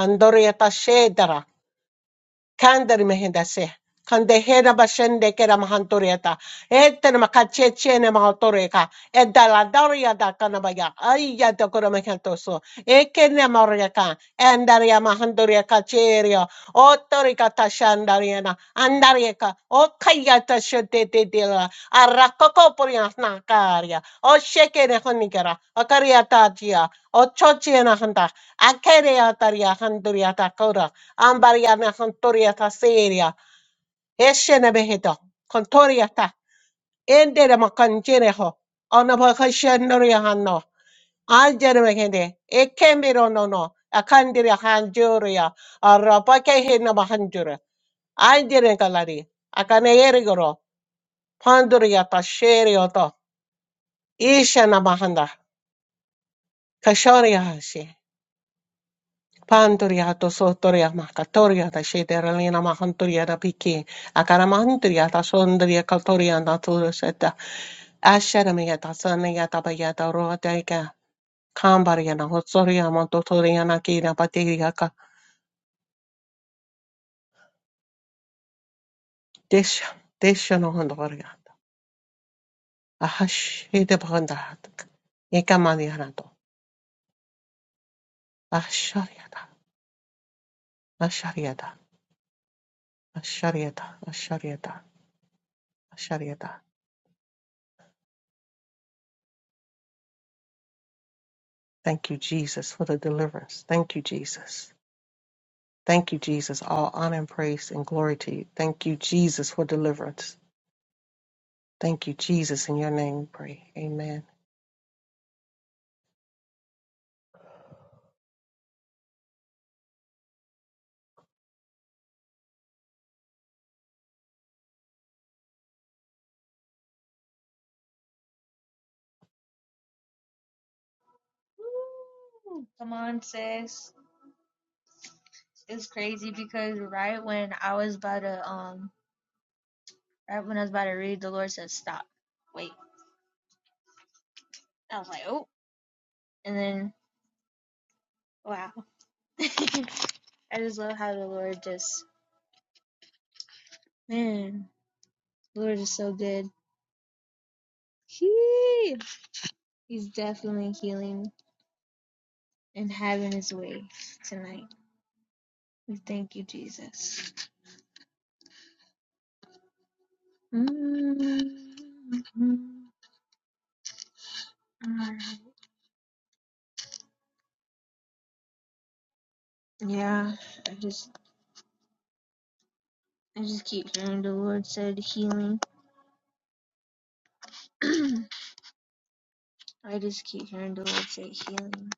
Speaker 4: Andoria tashedara. Kandari mehendase. Kande hera bashende kera mahantorieta. Ete nama kacheche ne mahantoreka. Eda la daria da kanabaya. Aya da kora mehentoso. Eke ne moriaka. Andaria mahandoriaka cheria. Otorika tashandariana. Andarieka. Okaya tashete de dela. Arakoko porias nakaria. O sheke ne honigera. Akaria tajia. O chochi na handa. Akeria taria handoriata Ambariana Contoriata Seria, Eshene Behedo, Contoriata, Ende de Macanjereho, Onabakashendoria Hano, Anjeremehede, Ekemiro no no, Akandria Hanjuria, Arabakehina Mahanjura, Anjeregalari, Akaneerigoro, Panduria Tasherioto, Ishana Mahanda, Kashoria Pantoria to sotoria makatoria da shederalina mahantoria da piki akaramanturia da sondaria kaltoria da turuseta asharamia da sania da bayada rodaika kambaria na hotsoria montotoria kina patiria ka desha desha no hondoria ahash ede banda ekamania na to asharia da asharia da asharia da asharia da asharia da Thank you, Jesus, for the deliverance. Thank you, Jesus. Thank you, Jesus. All honor and praise and glory to you. Thank you, Jesus, for deliverance. Thank you, Jesus. In your name we pray. Amen.
Speaker 1: Woo! Come on, sis. It's crazy because right when I was about to um right when I was about to read, the Lord said stop. Wait. I was like, oh and then wow. I just love how the Lord just man, the Lord is so good. He He's definitely healing and having his way tonight. We thank you, Jesus. mm mm, mm. Yeah. I just I just keep hearing the Lord said healing. I just keep hearing the Lord say healing.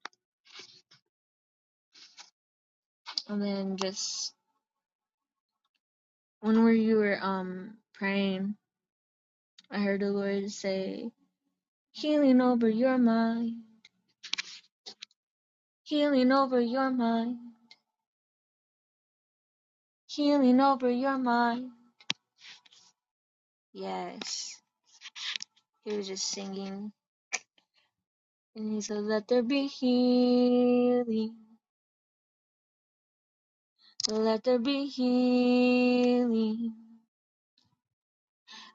Speaker 1: And then just when we- were um praying, I heard the Lord say, Healing over your mind, healing over your mind, healing over your mind. Yes. He was just singing. And he said, Let there be healing. Let there be healing.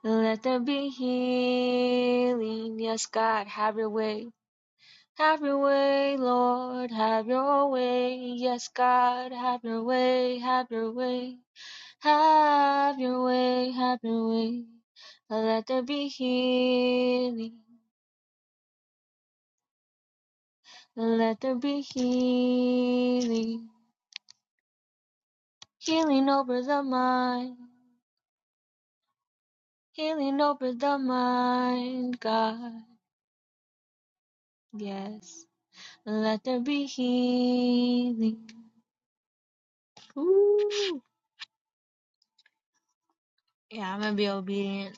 Speaker 1: Let there be healing. Yes, God, have your way. Have your way, Lord, have your way. Yes, God, have your way, have your way. Have your way, have your way. Let there be healing, let there be healing. Healing over the mind, healing over the mind, God. Yes, let there be healing. Yeah, I'm gonna be obedient.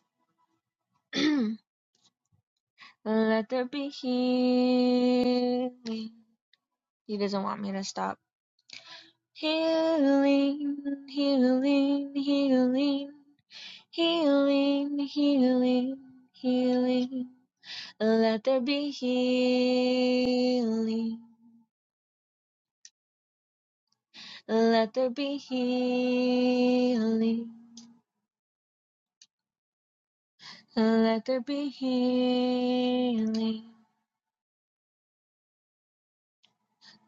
Speaker 1: Let there be healing. He doesn't want me to stop. Healing, healing, healing, healing, healing, healing. Let there be healing, healing.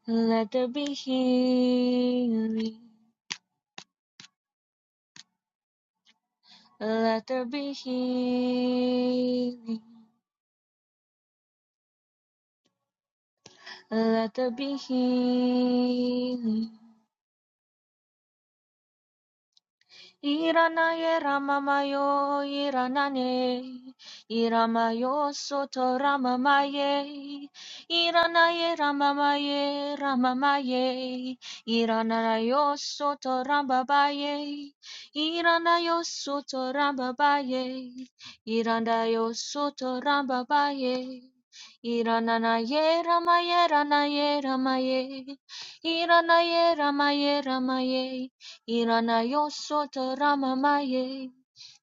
Speaker 1: Let there be healing. Let there be healing. Let there be healing. Let there be healing. Iranaye Ramamayo Iranane Iramayo Soto Ramamaye Iranaye Ramamaye Ramamaye Iranayo Soto Rambabaye Iranayo Soto Rambabaye Iranayo Soto Rambabaye Iranaye Ramaye Ranaye Ramaye Iranaye Ramaye Ramaye Iranayo Soto Ramamaye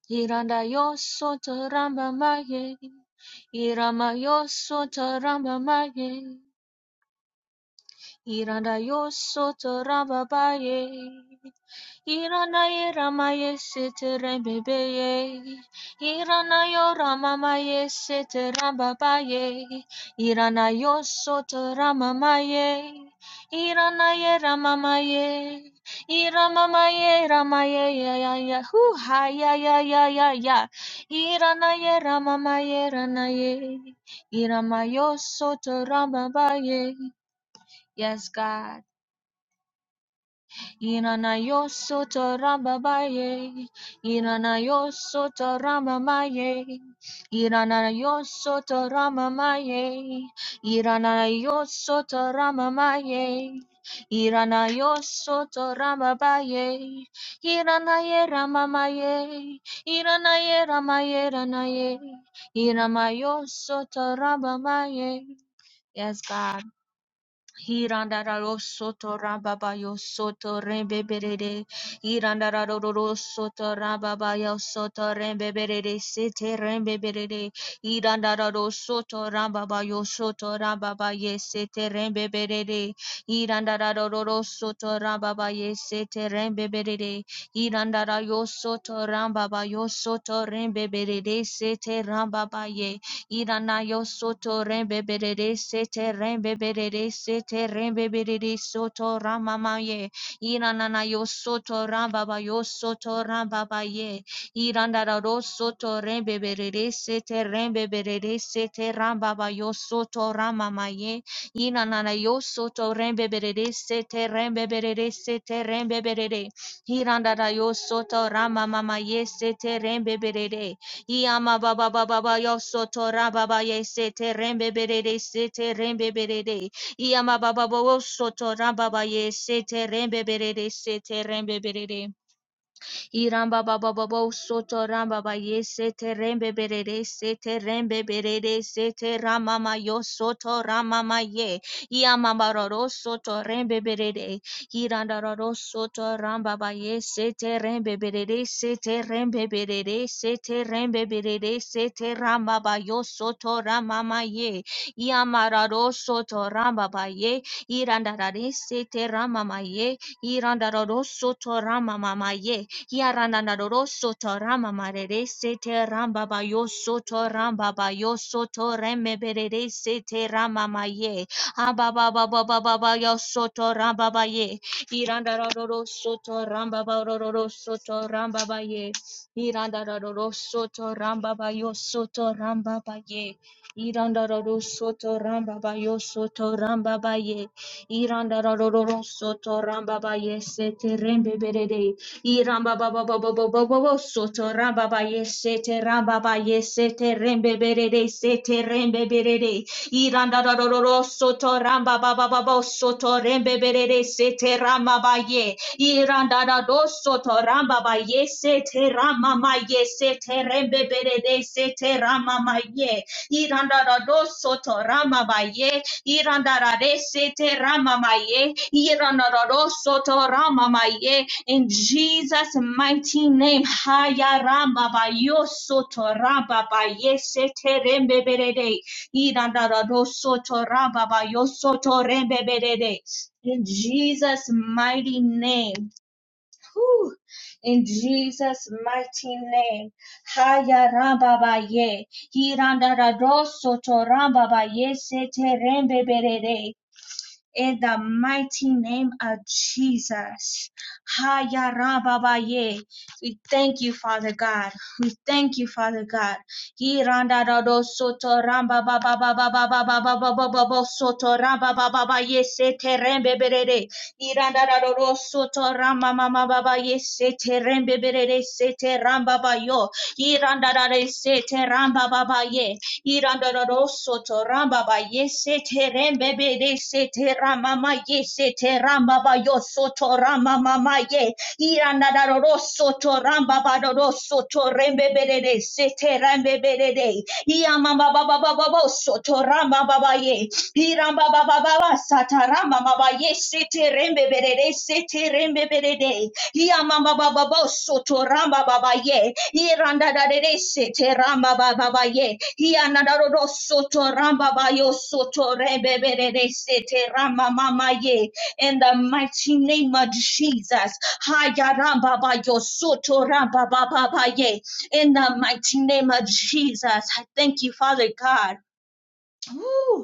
Speaker 1: Iranayo Soto Ramamaye Iramayo Soto Ramamaye Iranayo Soto Ramabaye Iran ay Iran ma ma yes it's a rainbow baby. Iran ay Iran ma ma yes it's a rainbow baby. Iran ay so it's a ma ma yes. Iran ay Iran ma ma yes. Iran ma ma yes Iran ay. Iran ma yes so it's a rainbow baby. Yes God. Iranayoso Torambabaye, Iranayoso Toramamaye, Iranayoso Toramamaye, Iranayoso Toramamaye, Iranayoso Torambabaye, Iranaye Ramamaye, Iranaye Ramaye Ranaye, Iramayoso Torambamaye. Yes, God. Hirandararo soto rababayo soto rembeberere. Hirandararo soto rababayo soto rembeberere sete rembeberere. Hirandararo soto rababayo soto rababaye sete rembeberere. Hirandararo soto rababaye sete rembeberere. Hirandarayo soto rababayo soto rembeberere sete rababa ye. Irana yo soto rembebere sete rembebere sete rembebere soto ramamaye. Iranana yo soto rambaba yo soto rambabaye. Irandara ro soto rembebere sete rembebere sete rambaba yo soto ramamaye. Iranana yo soto rembebere sete rembebere sete rembebere. Irandara yo soto ramamamaye sete rembebere. Yama baba baba ba yosoto rababa yesete rembe berede sete rembe berede. Yama baba ba yosoto rababa yesete rembe berede sete rembe berede. Iramba baba baba soto ramba ba ye sete rembe berere sete rembe berere sete ramama yo soto ramama ye iamambaroro soto rembe berere irandaroro soto ramba ba ye sete rembe berere sete rembe berere sete rembe berere sete ramba ba yo soto ramama ye Yamararo soto ramba baye. Irandarare sete rama maye. Irandararo soto rama mamaye. Yarandararo soto rama marere sete ramba bayo soto ramba bayo soto reme berere sete rama maye. Ababa baba baba bayo soto ramba baye. Irandararo soto ramba baroro soto ramba baye. Irandararo soto ramba bayo soto ramba baye. Iranda roro soto ramba ba yo soto ramba ba ye. Iranda roro roro soto ramba ba ye sete rembe berede. Iramba ba ba ba ba ba ba ba ba soto ramba ba ye sete ramba ba ye sete rembe berede sete rembe berede. Iranda roro soto ramba ba ba ba ba soto rembe berede sete ramba ba ye. Iranda roro soto ramba ba ye sete ramba ma ye sete rembe berede sete ramba ma ye. Irandarado soto ramamaye. Irandarade sete ramamaye. Irandarado soto ramamaye. In Jesus' mighty name. Haya ramabayo soto rababaye sete rembeberede. Irandarado soto rababayo soto rembeberede. In Jesus' mighty name. Whew. In Jesus' mighty name. Haya ramba ba Hiranda rado soto ramba ba ye sete rembe berere. In the mighty name of Jesus. Haya ramba ba We thank you, Father God. We thank you, Father God. Hiranda do soto ramba ba ba ba ba ba ba ba ba ba ba ba ba soto ramba ba ba ba yese terembe berere. Hiranda da do do soto ramba ma ma ba ba yese terembe berere sete ramba ba yo. Hiranda da sete ramba ba ba ye. Hiranda do soto ramba ba yese terembe berere sete ramba ma yese teramba ba yo soto ramba ma ma ye. Iranadoroso to rambabadoroso to rembebede sete rembebede. Iamamababababos to rambabaye. Irambabababa sataramabaye sete rembebede sete rembebede. Iamamabababos to rambabaye. Irandadade sete rambabaye. Ianadoroso to rambabayo soto rembebede sete ramamamaye. In the mighty name of Jesus. Hayaramba ba yosoto ramba ba ba ba ye. In the mighty name of Jesus, I thank you, Father God. Woo.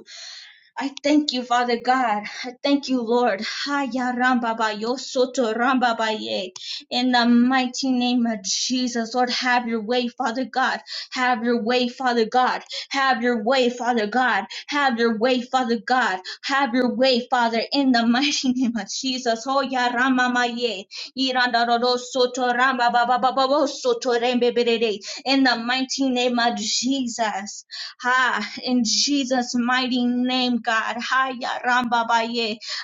Speaker 1: I thank you, Father God. I thank you, Lord. Haya ramba ba yo soto ramba ba ye. In the mighty name of Jesus, Lord, have your way, Father God. Have your way, Father God. Have your way, Father God. Have your way, Father God. Have your way, Father, in the mighty name of Jesus. Oh, ya rama ma ye. Iranda ro ro soto ramba ba ba ba ba bo soto rembe be In the mighty name of Jesus. Ha, in Jesus' mighty name, God. Ha, ya ramba ba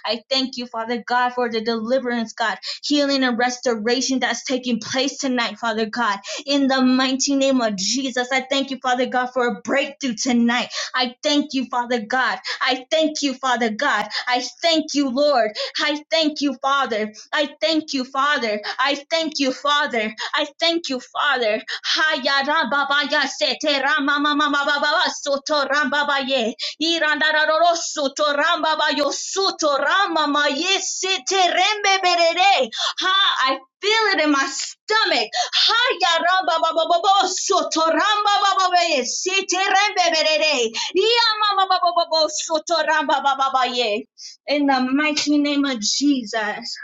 Speaker 1: I thank you, Father God, for the deliverance, God, healing and restoration that's taking place tonight, Father God. In the mighty name of Jesus, I thank you, Father God, for a breakthrough tonight. I thank you, Father God. I thank you, Father God. I thank you, Lord. I thank you, Father. I thank you, Father. I thank you, Father. I thank you, Father. Haya ramba ya sete mama mama baba soto ramba ba iranda roro soto ramba ba soto rama ma ye berere. Ha, I feel it in my stomach. Haya ramba ba ba soto ramba ba ba ba berere. Iya mama ba ba soto ramba ba ba in the mighty name of Jesus.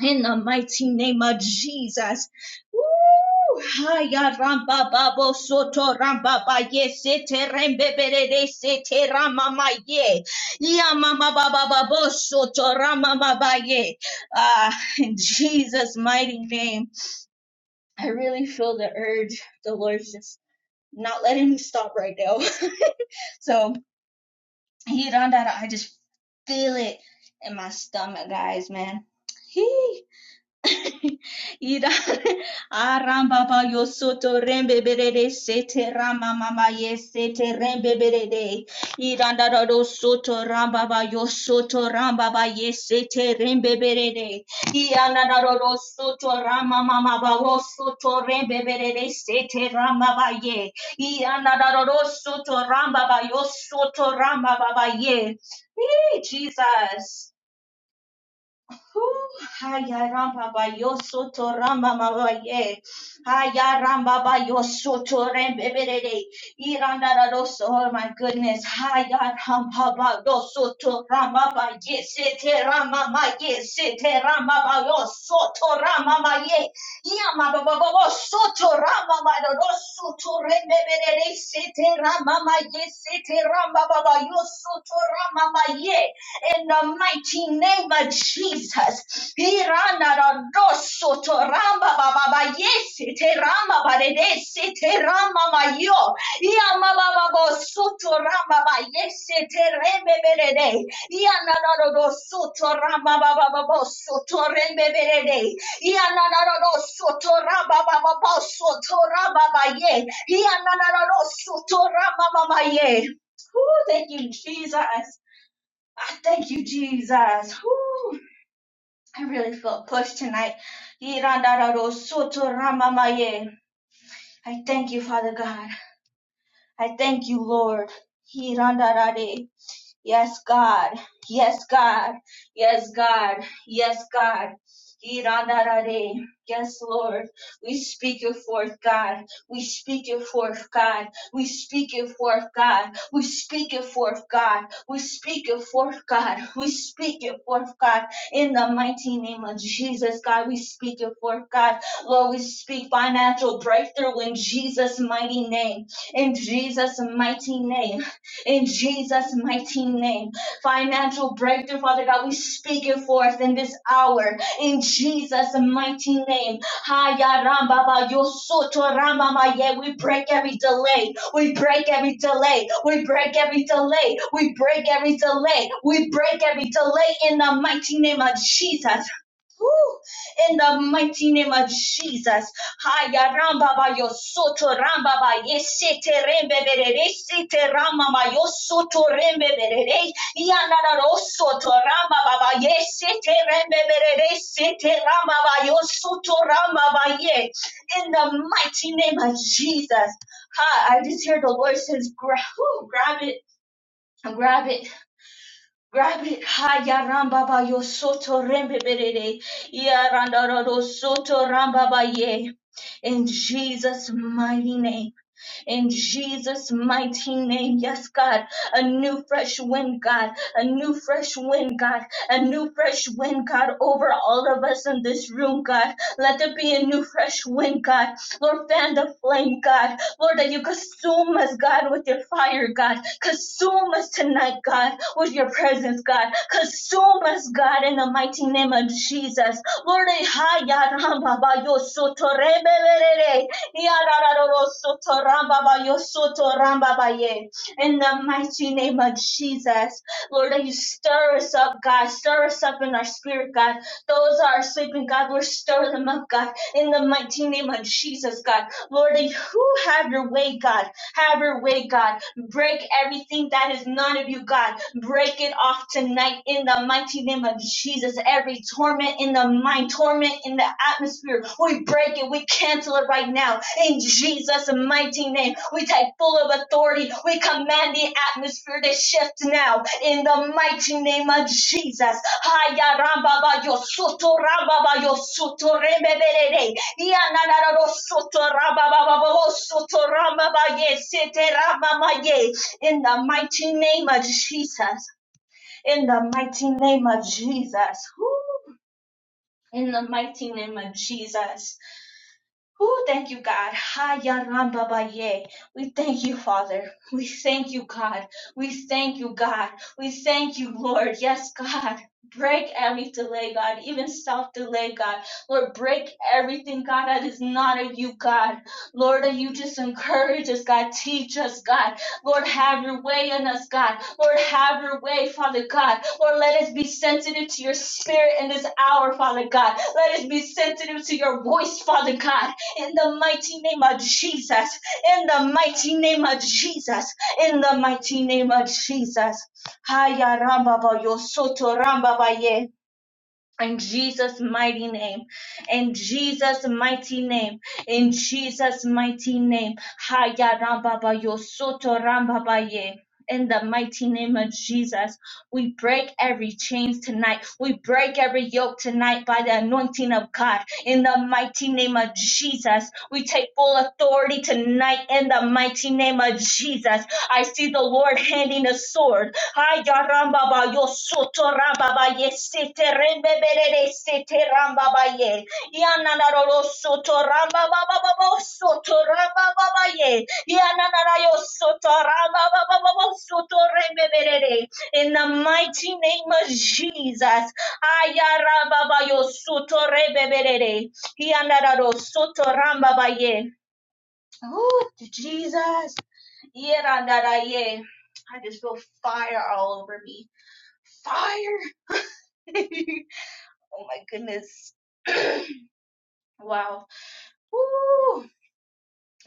Speaker 1: In the mighty name of Jesus. Woo! Haya ramba babo soto ramba ba ye sete rembe berede sete rama ma ye. Ya mama baba babo soto rama ma ba ye. Ah, in Jesus' mighty name. I really feel the urge. The Lord's just not letting me stop right now. So He done that. I just feel it in my stomach, guys, man. He. Ida aramba ba yo soto rembe berede sete rama mama Yesete sete rembe berede ida da da do soto ramba ba yo soto ramba ba ye sete rembe berede ida da da do do soto rama mama ba wo soto rembe berede sete rama ba ye ida da da do do soto ramba ba yo ramba ba ye Jesus Hayaramba ba yosoto ramba mama ye. Hayaramba ba yosoto rembebere. Iranda da doso. Oh my goodness. Hayaramba ba yosoto ramba ba ye. Sete ramba ma ye. Sete ramba ba yosoto ramba ma ye. Yama ba ba ba ba soto ramba ma da doso to rembebere. Sete ramba ma ye. Sete ramba ba ba yosoto ramba ma ye in the mighty name of Jesus. Irana da doso to ramba ba ba ba yesi te ramba ba de desi te ramba ma yo. Yama ba ba bo soto ramba ba yesi te rembe be de de. Yana da do soto ramba Baba ba ba bo soto rembe be de de. Yana da do soto ramba Baba ba bo soto ramba ba ye. Yana da do soto ramba ba ye. Ooh, thank you, Jesus. I thank you, Jesus. Whew. I really felt pushed tonight. I thank you, Father God. I thank you, Lord. Hirandarare. Yes, God. Yes, God. Yes, God. Yes, God. Irandarare. Yes, Lord. We speak you forth, God. We speak you forth, God. We speak you forth, God. We speak you forth, God. We speak you forth, God. We speak you forth, God. In the mighty name of Jesus, God, we speak you forth, God. Lord, we speak financial breakthrough in Jesus' mighty name. In Jesus' mighty name in Jesus' mighty name. Financial breakthrough, Father God, we speak it forth in this hour in Jesus' mighty name. Haya ramba ba yo soto ramba ma ye. We break every delay. We break every delay. We break every delay. We break every delay. We break every delay in the mighty name of Jesus. Whew. In the mighty name of Jesus. Haya ramba ba yo soto ramba ba ye rembe berere sete ramba ba yo soto rembe berere yana da ro soto ramba ba ba ye rembe berere sete ramba ba yo soto ramba ba ye. In the mighty name of Jesus. Ha, I just hear the Lord says, grab, grab it, grab it. Rabbi Kaya Ramba ba yo soto rembe berere. Ya randa rado soto ramba ba ye. In Jesus' mighty name in Jesus' mighty name. Yes, God, a new fresh wind, God, a new fresh wind, God, a new fresh wind, God, over all of us in this room, God. Let there be a new fresh wind, God. Lord, fan the flame, God. Lord, that you consume us, God, with your fire, God. Consume us tonight, God, with your presence, God. Consume us, God, in the mighty name of Jesus. Lord, eh, hi, ya, ram, ba, ba, yo, so, to, re, be, be, re, re. In the mighty name of Jesus, Lord, that you stir us up, God. Stir us up in our spirit, God. Those that are sleeping, God, Lord, stir them up, God. In the mighty name of Jesus, God. Lord, that you have your way, God. Have your way, God. Break everything that is none of you, God break it off tonight in the mighty name of Jesus. Every torment in the mind, torment in the atmosphere, we break it, we cancel it right now in Jesus' mighty name. We take full of authority, we command the atmosphere to shift now in the mighty name of Jesus. Haya ramba ba yo soto ramba ba yo soto rembe Ya na na ro soto ramba ba ba soto ramba ba ye sete ramba ma ye. In the mighty name of Jesus. In the mighty name of Jesus. Woo. In the mighty name of Jesus. Who thank you, God. Ha ya ram Baba. ba ye. We thank you, Father. We thank you, God. We thank you, God. We thank you, Lord. Yes, God. Break every delay, God, even self delay, God. Lord, break everything, God, that is not of you, God. Lord, that you just encourage us, God. Teach us, God. Lord, have your way in us, God. Lord, have your way, Father God. Lord, let us be sensitive to your spirit in this hour, Father God. Let us be sensitive to your voice, Father God in the mighty name of Jesus, in the mighty name of Jesus, in the mighty name of Jesus. Haya ramba ba yo soto ramba ba ye. In Jesus' mighty name, in Jesus' mighty name, in Jesus' mighty name, Haya Rambaba Yosoto Rambabaye. In the mighty name of Jesus, we break every chains tonight. We break every yoke tonight by the anointing of God. In the mighty name of Jesus, we take full authority tonight. In the mighty name of Jesus, I see the Lord handing a sword. Ay, yo, soto, ye, sete, rembe, ye. Ya, na, na, ro, ye. Ya, na, na, ra, In the mighty name of Jesus. Ay, yo, soto, rembe, be, ye. Oh, Jesus. Yerandaraye. I just feel fire all over me. Fire! oh my goodness. wow. Woo!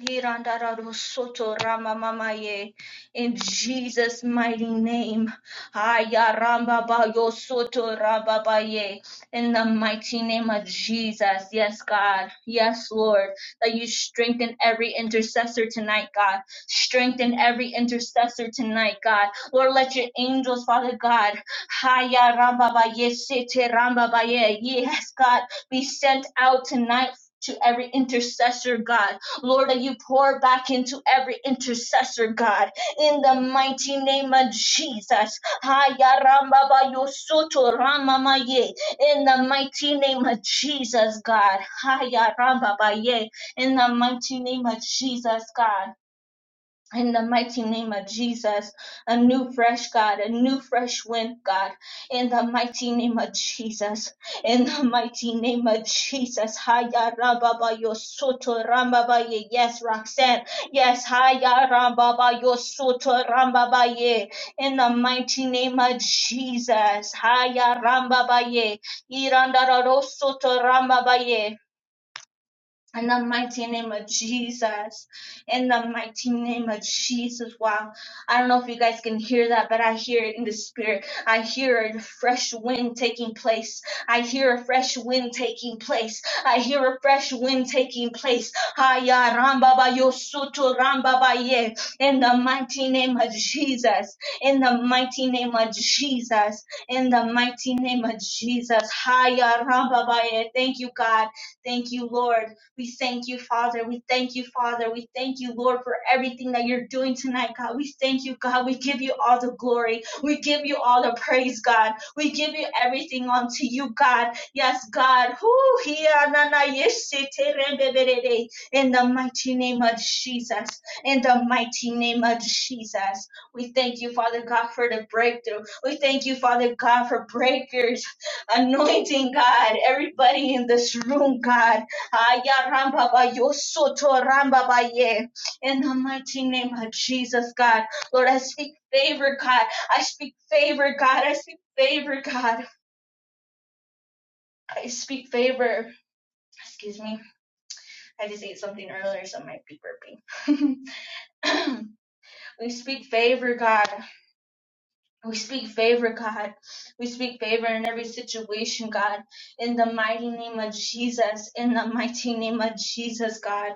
Speaker 1: Irandararusoto ramamamaye. In Jesus' mighty name. Ayarambabayosoto rababaye. In the mighty name of Jesus. Yes, God. Yes, Lord. That you strengthen every intercessor tonight, God. Strengthen every intercessor tonight, God. Lord, let your angels, Father God. Ayarambabaye, sete rambabaye. Yes, God. Be sent out tonight to every intercessor, God. Lord, that you pour back into every intercessor, God, in the mighty name of Jesus. Haya ramba ba yo soto rama ma ye. In the mighty name of Jesus, God. Haya ramba ba ye. In the mighty name of Jesus, God. In the mighty name of Jesus, a new fresh God, a new fresh wind, God. In the mighty name of Jesus, in the mighty name of Jesus, Haya Rababa Yosoto Rambaba Ye. Yes, Roxanne. Yes, Haya Rababa Yosoto Rambaba Ye. In the mighty name of Jesus, Haya Rambaba Ye. Irandara Rosoto Rambaba Ye. In the mighty name of Jesus. In the mighty name of Jesus. Wow. I don't know if you guys can hear that, but I hear it in the spirit. I hear a fresh wind taking place. I hear a fresh wind taking place. I hear a fresh wind taking place. Haya ramba ba yo soto ramba ba ye. In the mighty name of Jesus. In the mighty name of Jesus. In the mighty name of Jesus. Haya ramba ba ye. Thank you, God. Thank you, Lord. We thank you, Father. We thank you, Father. We thank you, Lord, for everything that you're doing tonight, God. We thank you, God. We give you all the glory. We give you all the praise, God. We give you everything unto you, God. Yes, God. Whoo, hia, na, na, yes, se, te, re, be, be, de, de. In the mighty name of Jesus. In the mighty name of Jesus. We thank you, Father God, for the breakthrough. We thank you, Father God, for breakers anointing, God. Everybody in this room, God. Aya ramba ba yo soto ramba ba ye. In the mighty name of Jesus, God. Lord, I speak favor, God. I speak favor, God. I speak favor, God. I speak favor. Excuse me. I just ate something earlier, so I might be burping. we speak favor, God. We speak favor, God. We speak favor in every situation, God. In the mighty name of Jesus. In the mighty name of Jesus, God.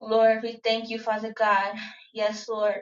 Speaker 1: Lord, we thank you, Father God. Yes, Lord.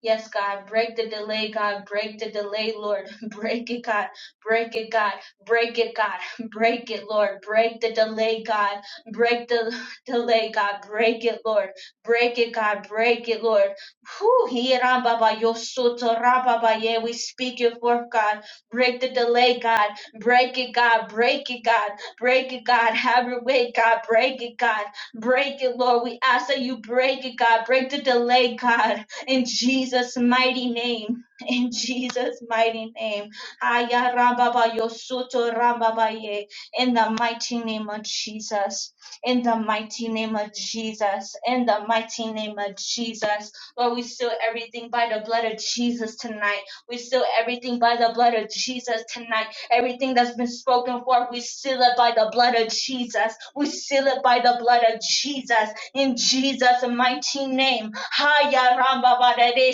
Speaker 1: Yes, God, break the delay, God, break the delay, Lord. Break it, God, break it, God, break it, God, break it, Lord. Break the delay, God, break the delay, God, break it, Lord. Break it, God, break it, Lord. Whew, hira baba yo soto ra baba ye. we speak your forth, God. Break the delay, God, break it, God, break it, God, break it, God. Have your way, God, break it, God, break it, Lord. We ask that you break it, God, break the delay, God in Jesus' mighty name. In Jesus' mighty name. Aya rababa yosoto rababaye. In the mighty name of Jesus. In the mighty name of Jesus. In the mighty name of Jesus. Lord, we seal everything by the blood of Jesus tonight. We seal everything by the blood of Jesus tonight. Everything that's been spoken for, we seal it by the blood of Jesus. We seal it by the blood of Jesus. In Jesus' mighty name Haya ramba ba de Sete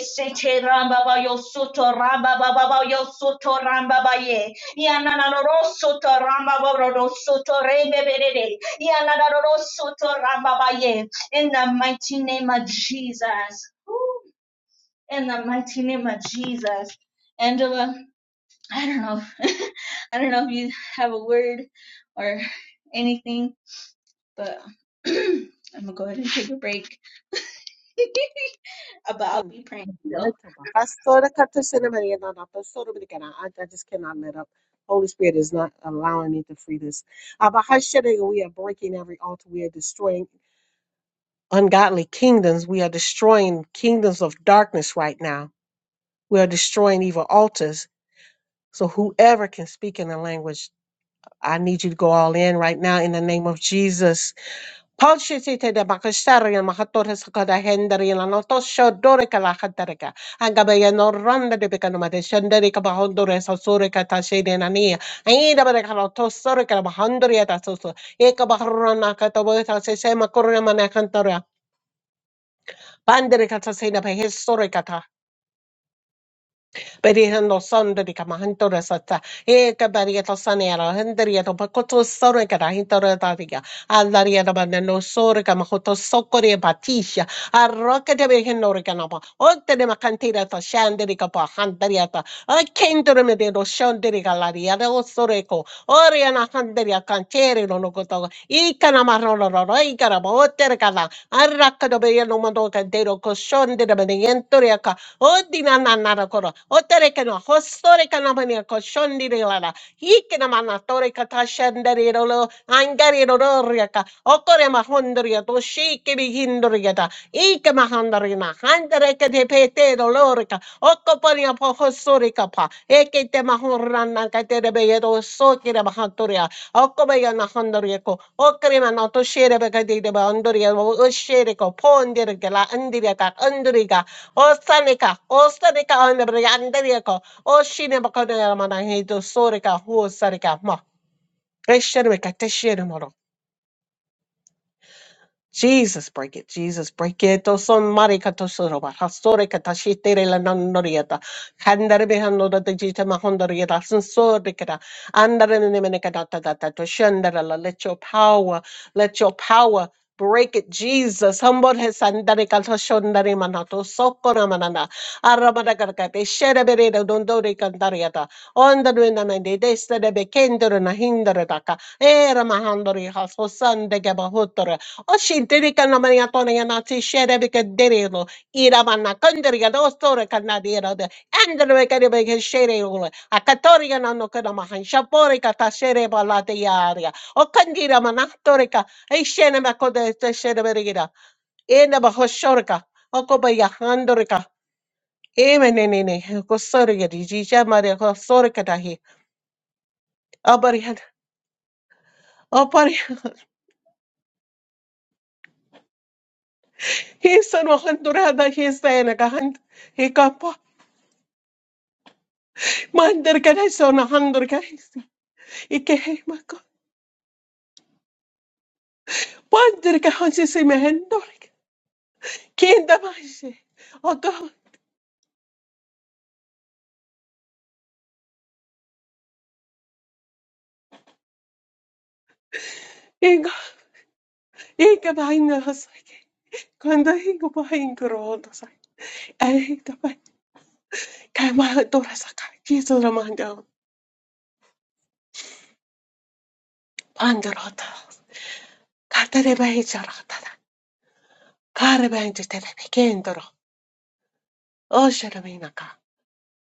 Speaker 1: ramba ba yo soto ramba ba ba ba yo soto ramba ba ye. Yana na no ro soto ramba ba ro ro soto rembe be de de. Yana na no ro soto ramba ba ye. In the mighty name of Jesus. Woo. In the mighty name of Jesus. Angela, I don't know. If, I don't know if you have a word or anything, but I'm gonna go ahead and take a break. but I'll be praying still.
Speaker 4: I sort of cut to cinnamon and not the sort of it again. I I just cannot let up. Holy Spirit is not allowing me to free this. Uh, but how should I- we are breaking every altar. We are destroying Ungodly kingdoms, we are destroying kingdoms of darkness right now. We are destroying evil altars. So whoever can speak in the language I need you to go all in right now in the name of Jesus. Paul Shitite de Bakasarian Mahatoris Kadahendarian Anotosho Dorica La Hatarika, Angabaya no Ronda de Becanoma de Shanderica Bahondores, Osurica Tashade and Ania, Aida Berecanoto Sorica Bahondria Tasso, Eka Baharona Cataboeta Sesema Corona Cantoria, Banderica Tasena by Historicata, Berihando Sonda de Camahantoresata, Eka Barrieta Sanera, Hendriato Pacoto Sorica, Hintoretaria. Alariana banano sorga mahoto sokore batisha. Arroka de behenoreganaba. Ote de macantira ta shanderica pa handariata. A kendere medero shanderica lariada o soreco. Oriana handeria cantere no nogoto. Icana marrolo roigaraba otergada. Arraca de beheno mandocantero coshon de benegentoriaca. Odina nanara coro. Oterecano hostoreca namania coshon de lana. Icana manatore catashandero lo angari ro riaka okore ma hondria to shike bi hindriata ike ma handrina handre ke te pete ro lorika okoporia po hosorika pa eke te ma horrana ka te rebe ye to sokira ma hantoria okobe ya na handria ko okore ma na to shere be ka te te ba andoria o shere ko pondira ke la andiria ka andriga osanika osanika andria andria ko o shine ba ka te ma na he to sorika ho Reshere bekateshere moro. Jesus, break it. Jesus, break it. To son mari katosoro ba hasore katashite re la nonorieta. Kandare be hanorata jita mahondorieta sensori kata. Andare ne mene ta ta ta to shandara la. Let your power, let your power break it, Jesus. Humble his andare katoshondare manato sokora manana. Arabada karkate shere bere da dondore kandarieta. Onda nuena mende desta de be kendere na daka. Era mahandori haso sande gaba Oshintirika na mania tona ya na si shere bika derelo. Ira mana kandriga dos tora kanadira de. Andra bika de bika A katoria na no kana mahan. kata shere balate yaria. O kandira mana torika. Ei shene mako de te shere berira. Ena baho shorika. Oko ba yahandorika. Eme ne ne ne. Ko sorika di jija mare ko sorika dahi. Abari han. Abari. Hisan wahan durada hisan ka han. Mandarka dai sona handorka isa. Ike hei mako. Pandarka hansi se me hendorka. Kinda maise. Oto. Inga. Inga vaina hasake. Kanda hingo pa hingo rodo sa. Ei tapa. Kai maha dora sa ka. Kiso ra manda. Pandarota. Katare bai charata da. Kare bai jite da. Kendoro. O shara mina ka.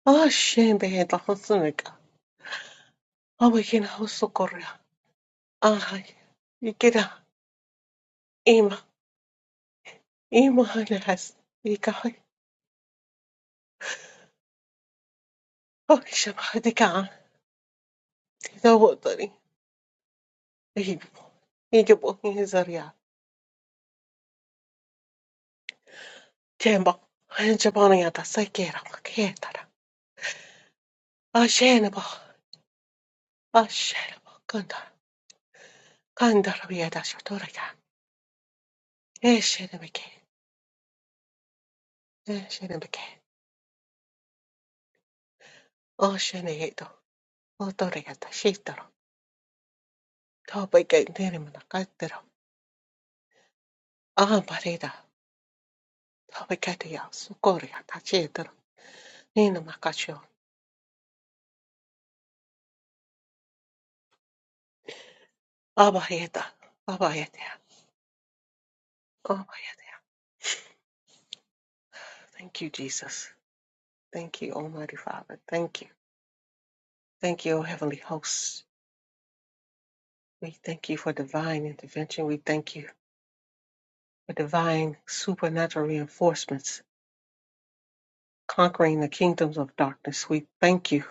Speaker 4: O shen bai da hosume ka. Awa kina hosu korea. Ahai. Ikeda. Ima. ایمان هستی که کاش بعد دیگه دیده داری ای بابا اینکه با این زریا که با اینجا بانو یاد سای گیرم که دارم آشین با آشین با کندار کندار بیاده شد تو بگه ایشین بگه آشین یه دو او تو تا بگه نیری من قد دارم آم بریده تا بگه دیا سکور یاد تشید دارم اینو مکاشیون آبا یه آبا یه Thank you, Jesus. Thank you, Almighty Father. Thank you. Thank you, O Heavenly Host. We thank you for divine intervention. We thank you for divine supernatural reinforcements, conquering the kingdoms of darkness. We thank you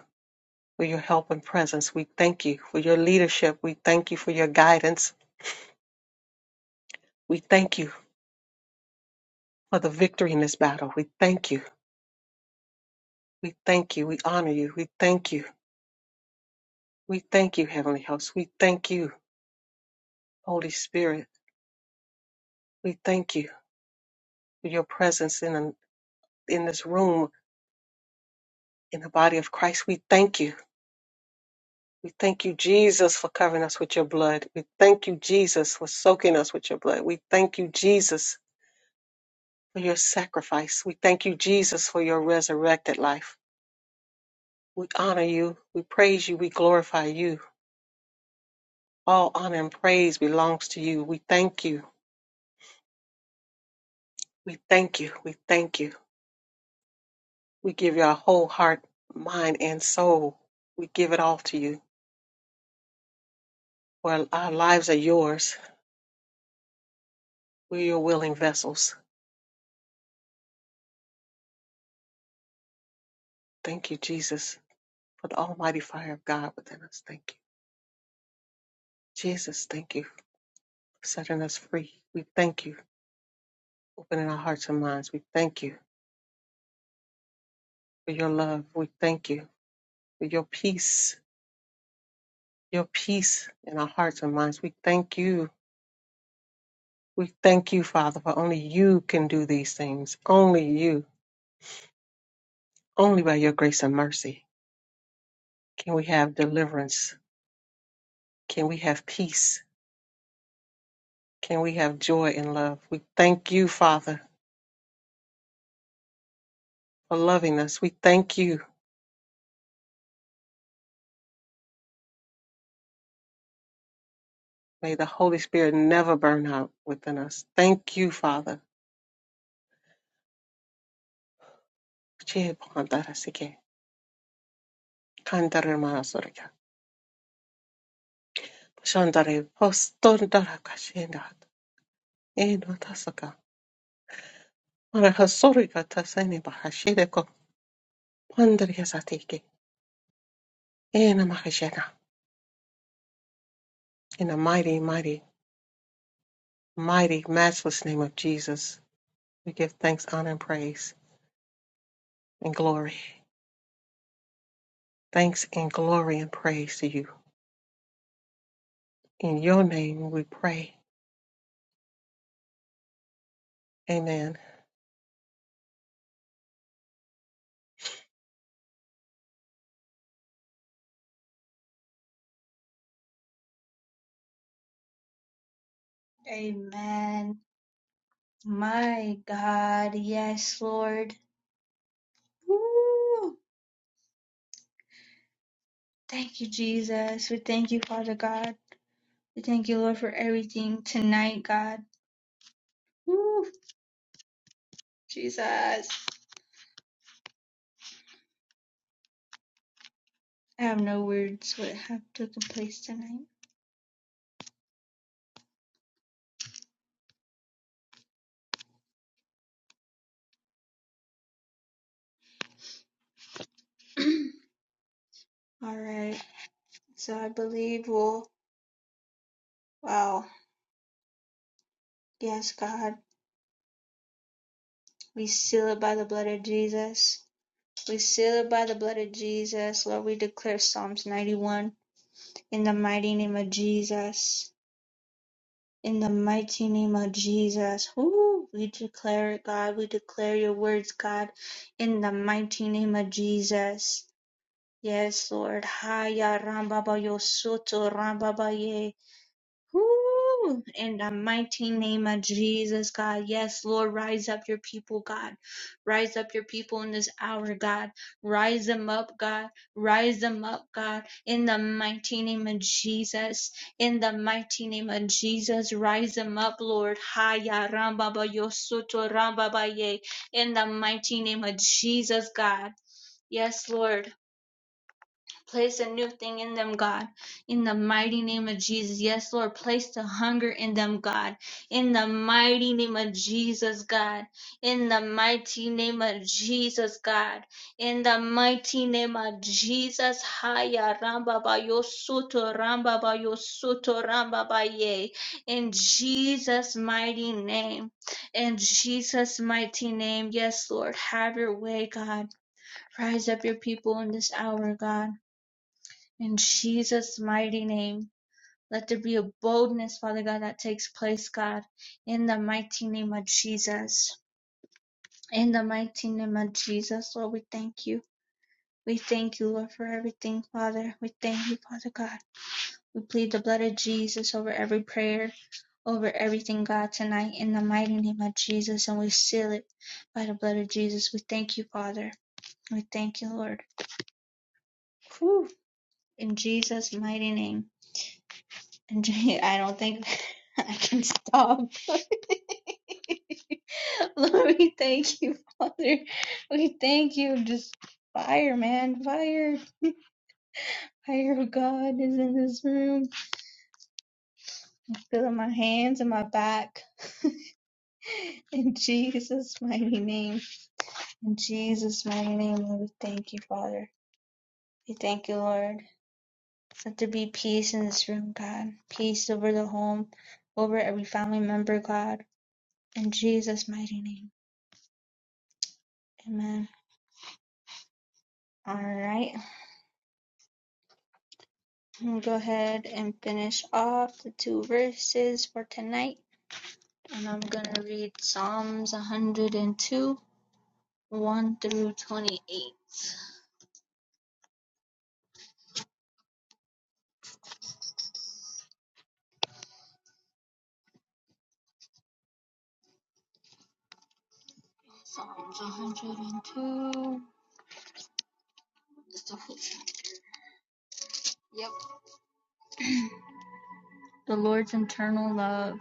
Speaker 4: for your help and presence. We thank you for your leadership. We thank you for your guidance. We thank you for the victory in this battle. We thank you. We thank you. We honor you. We thank you. We thank you, Heavenly Host. We thank you, Holy Spirit. We thank you for your presence in us in this room in the body of Christ. We thank you. We thank you, Jesus, for covering us with your blood. We thank you, Jesus, for soaking us with your blood. We thank you, Jesus, for your sacrifice. We thank you, Jesus, for your resurrected life. We honor you. We praise you. We glorify you. All honor and praise belongs to you. We thank you. We thank you. We thank you. We give you our whole heart, mind, and soul. We give it all to you. For our lives are yours. We're your willing vessels. Thank you, Jesus, for the almighty fire of God within us. Thank you. Jesus, thank you for setting us free. We thank you for opening our hearts and minds. We thank you for your love. We thank you for your peace, your peace in our hearts and minds. We thank you. We thank you, Father, for only you can do these things. Only you. Only by your grace and mercy can we have deliverance. Can we have peace? Can we have joy and love? We thank you, Father, for loving us. We thank you May the Holy Spirit never burn out within us. Thank you, Father. 지혜 복한다라 시게. 간다를 션다를 벗돈다라 가시엔다. 에노 타서가. 말을 헛소리가 타서니 바하시데고. 환들이 에나 마하시에나. In the mighty, mighty, mighty, matchless name of Jesus, we give thanks, honor, and praise, and glory. Thanks and glory and praise to you. In your name we pray. Amen.
Speaker 1: Amen. My God. Yes, Lord. Woo. Thank you, Jesus. We thank you, Father God. We thank you, Lord, for everything tonight, God. Woo. Jesus. I have no words what have taken place tonight. All right. So I believe we'll, wow. Yes, God. We seal it by the blood of Jesus. We seal it by the blood of Jesus. Lord, we declare Psalms 91 in the mighty name of Jesus. In the mighty name of Jesus, whoo, we declare it, God. We declare your words, God. In the mighty name of Jesus. Yes, Lord. Haya rambaba yo soto rambaba ye. Woo! In the mighty name of Jesus, God. Yes, Lord, rise up your people, God. Rise up your people in this hour, God. Rise them up, God. Rise them up, God. In the mighty name of Jesus. In the mighty name of Jesus, rise them up, Lord. Haya rambaba yosoto rambaba ye. In the mighty name of Jesus, God. Yes, Lord. Place a new thing in them, God. In the mighty name of Jesus. Yes, Lord. Place the hunger in them, God. In the mighty name of Jesus, God. In the mighty name of Jesus, God. In the mighty name of Jesus. Haya ramba ba yo soto ramba ba yo soto ramba ba ye. In Jesus' mighty name. In Jesus' mighty name. Yes, Lord. Have your way, God. Rise up your people in this hour, God. In Jesus' mighty name, let there be a boldness, Father God, that takes place, God, in the mighty name of Jesus. In the mighty name of Jesus, Lord, we thank you. We thank you, Lord, for everything, Father. We thank you, Father God. We plead the blood of Jesus over every prayer, over everything, God, tonight, in the mighty name of Jesus, and we seal it by the blood of Jesus. We thank you, Father. We thank you, Lord. Whew. In Jesus' mighty name. And Jay, I don't think I can stop. Lord, we thank you, Father. We thank you. Just fire, man. Fire. Fire of God is in this room. Feeling my hands and my back. In Jesus' mighty name. In Jesus' mighty name, Lord, we thank you, Father. We thank you, Lord. Let there be peace in this room, God. Peace over the home, over every family member, God. In Jesus' mighty name. Amen. All right, we'll go ahead and finish off the two verses for tonight. And I'm going to read Psalms 102, 1 through 28. Psalms 102. The Lord's eternal love.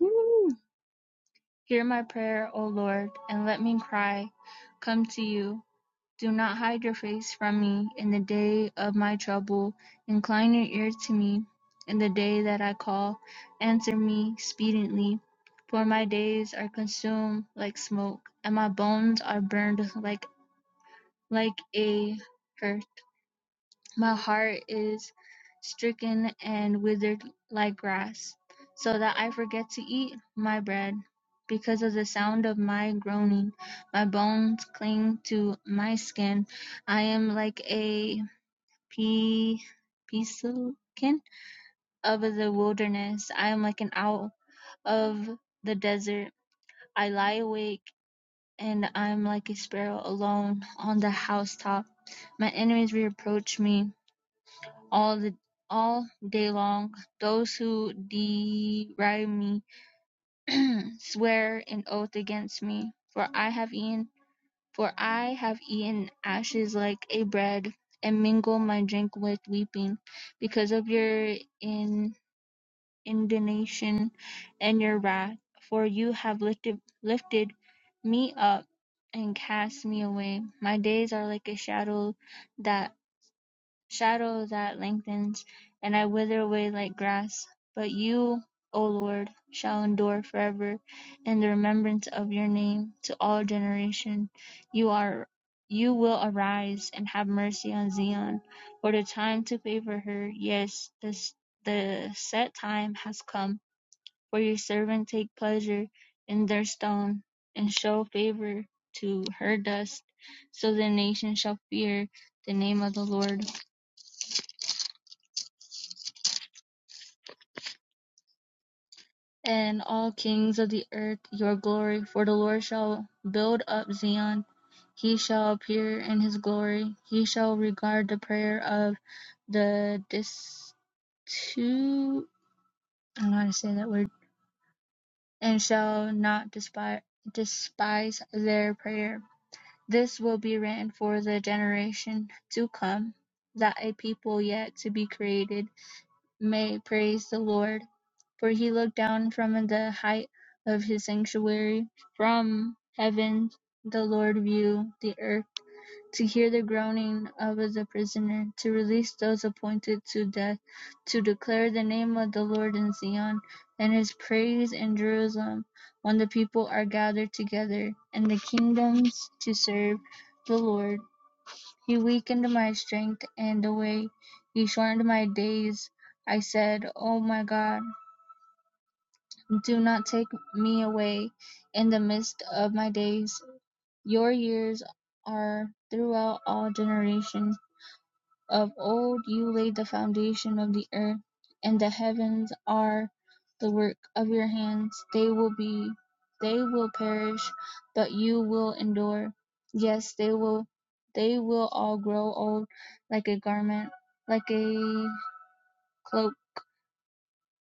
Speaker 1: Woo! Hear my prayer, O Lord, and let me cry. Come to you. Do not hide your face from me in the day of my trouble. Incline your ear to me in the day that I call. Answer me speedily, for my days are consumed like smoke, and my bones are burned like like a hearth. My heart is stricken and withered like grass, so that I forget to eat my bread. Because of the sound of my groaning, my bones cling to my skin. I am like a pea, peacekin of the wilderness. I am like an owl of the desert. I lie awake and I am like a sparrow alone on the housetop. My enemies reproach me all the all day long those who deride me swear an oath against me, for I have eaten for I have eaten ashes like a bread, and mingle my drink with weeping, because of your in, indignation and your wrath, for you have lifted lifted me up and cast me away. My days are like a shadow that shadow that lengthens, and I wither away like grass. But you, O Lord, shall endure forever in the remembrance of your name to all generation. You are you will arise and have mercy on Zion, for the time to favor her, yes, this the set time has come, for your servant take pleasure in their stone, and show favor to her dust, so the nation shall fear the name of the Lord. And all kings of the earth your glory: for the Lord shall build up Zion; he shall appear in his glory; he shall regard the prayer of the destitute. I don't know how to say that word. And shall not despise despise their prayer. This will be written for the generation to come, that a people yet to be created may praise the Lord, for he looked down from the height of his sanctuary. From heaven the Lord viewed the earth to hear the groaning of the prisoner, to release those appointed to death, to declare the name of the Lord in Zion and his praise in Jerusalem when the people are gathered together and the kingdoms to serve the Lord. He weakened my strength, and the way He shortened my days. I said, "Oh my God, do not take me away in the midst of my days. Your years are throughout all generations. Of old you laid the foundation of the earth, and the heavens are the work of your hands. They will be they will perish, but you will endure. Yes, they will they will all grow old like a garment, like a cloak.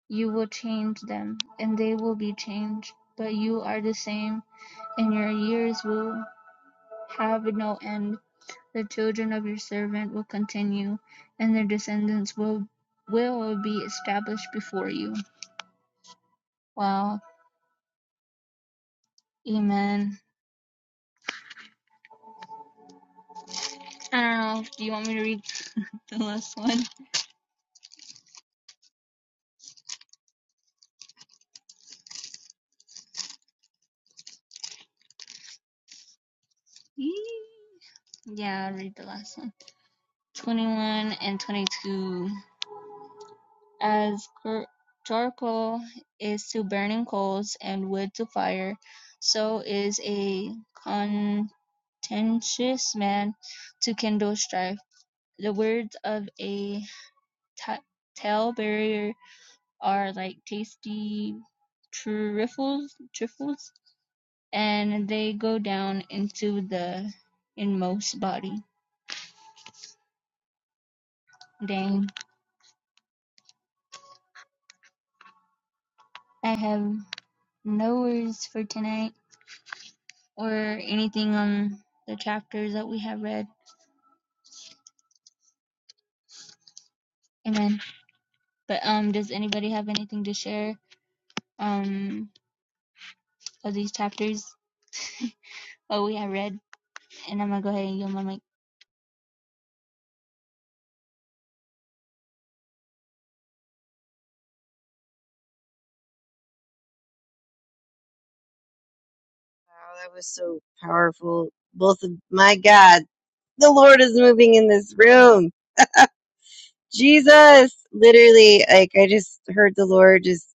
Speaker 1: You will change them, and they will be changed, but you are the same, and your years will have no end. The children of your servant will continue, and their descendants will will be established before you. Wow. Amen. I don't know. Do you want me to read the last one? Yeah, I'll read the last one. 21 and 22. As charcoal is to burning coals and wood to fire, so is a contentious man to kindle strife. The words of a t- tell there are like tasty truffles, truffles, and they go down into the inmost body. Dang, I have no words for tonight or anything on the chapters that we have read. Amen. But um, does anybody have anything to share um of these chapters? Oh, we have read, and I'm gonna go ahead and yield my mic.
Speaker 2: that was so powerful. Both of my God. the Lord is moving in this room. Jesus, literally, like I just heard the Lord just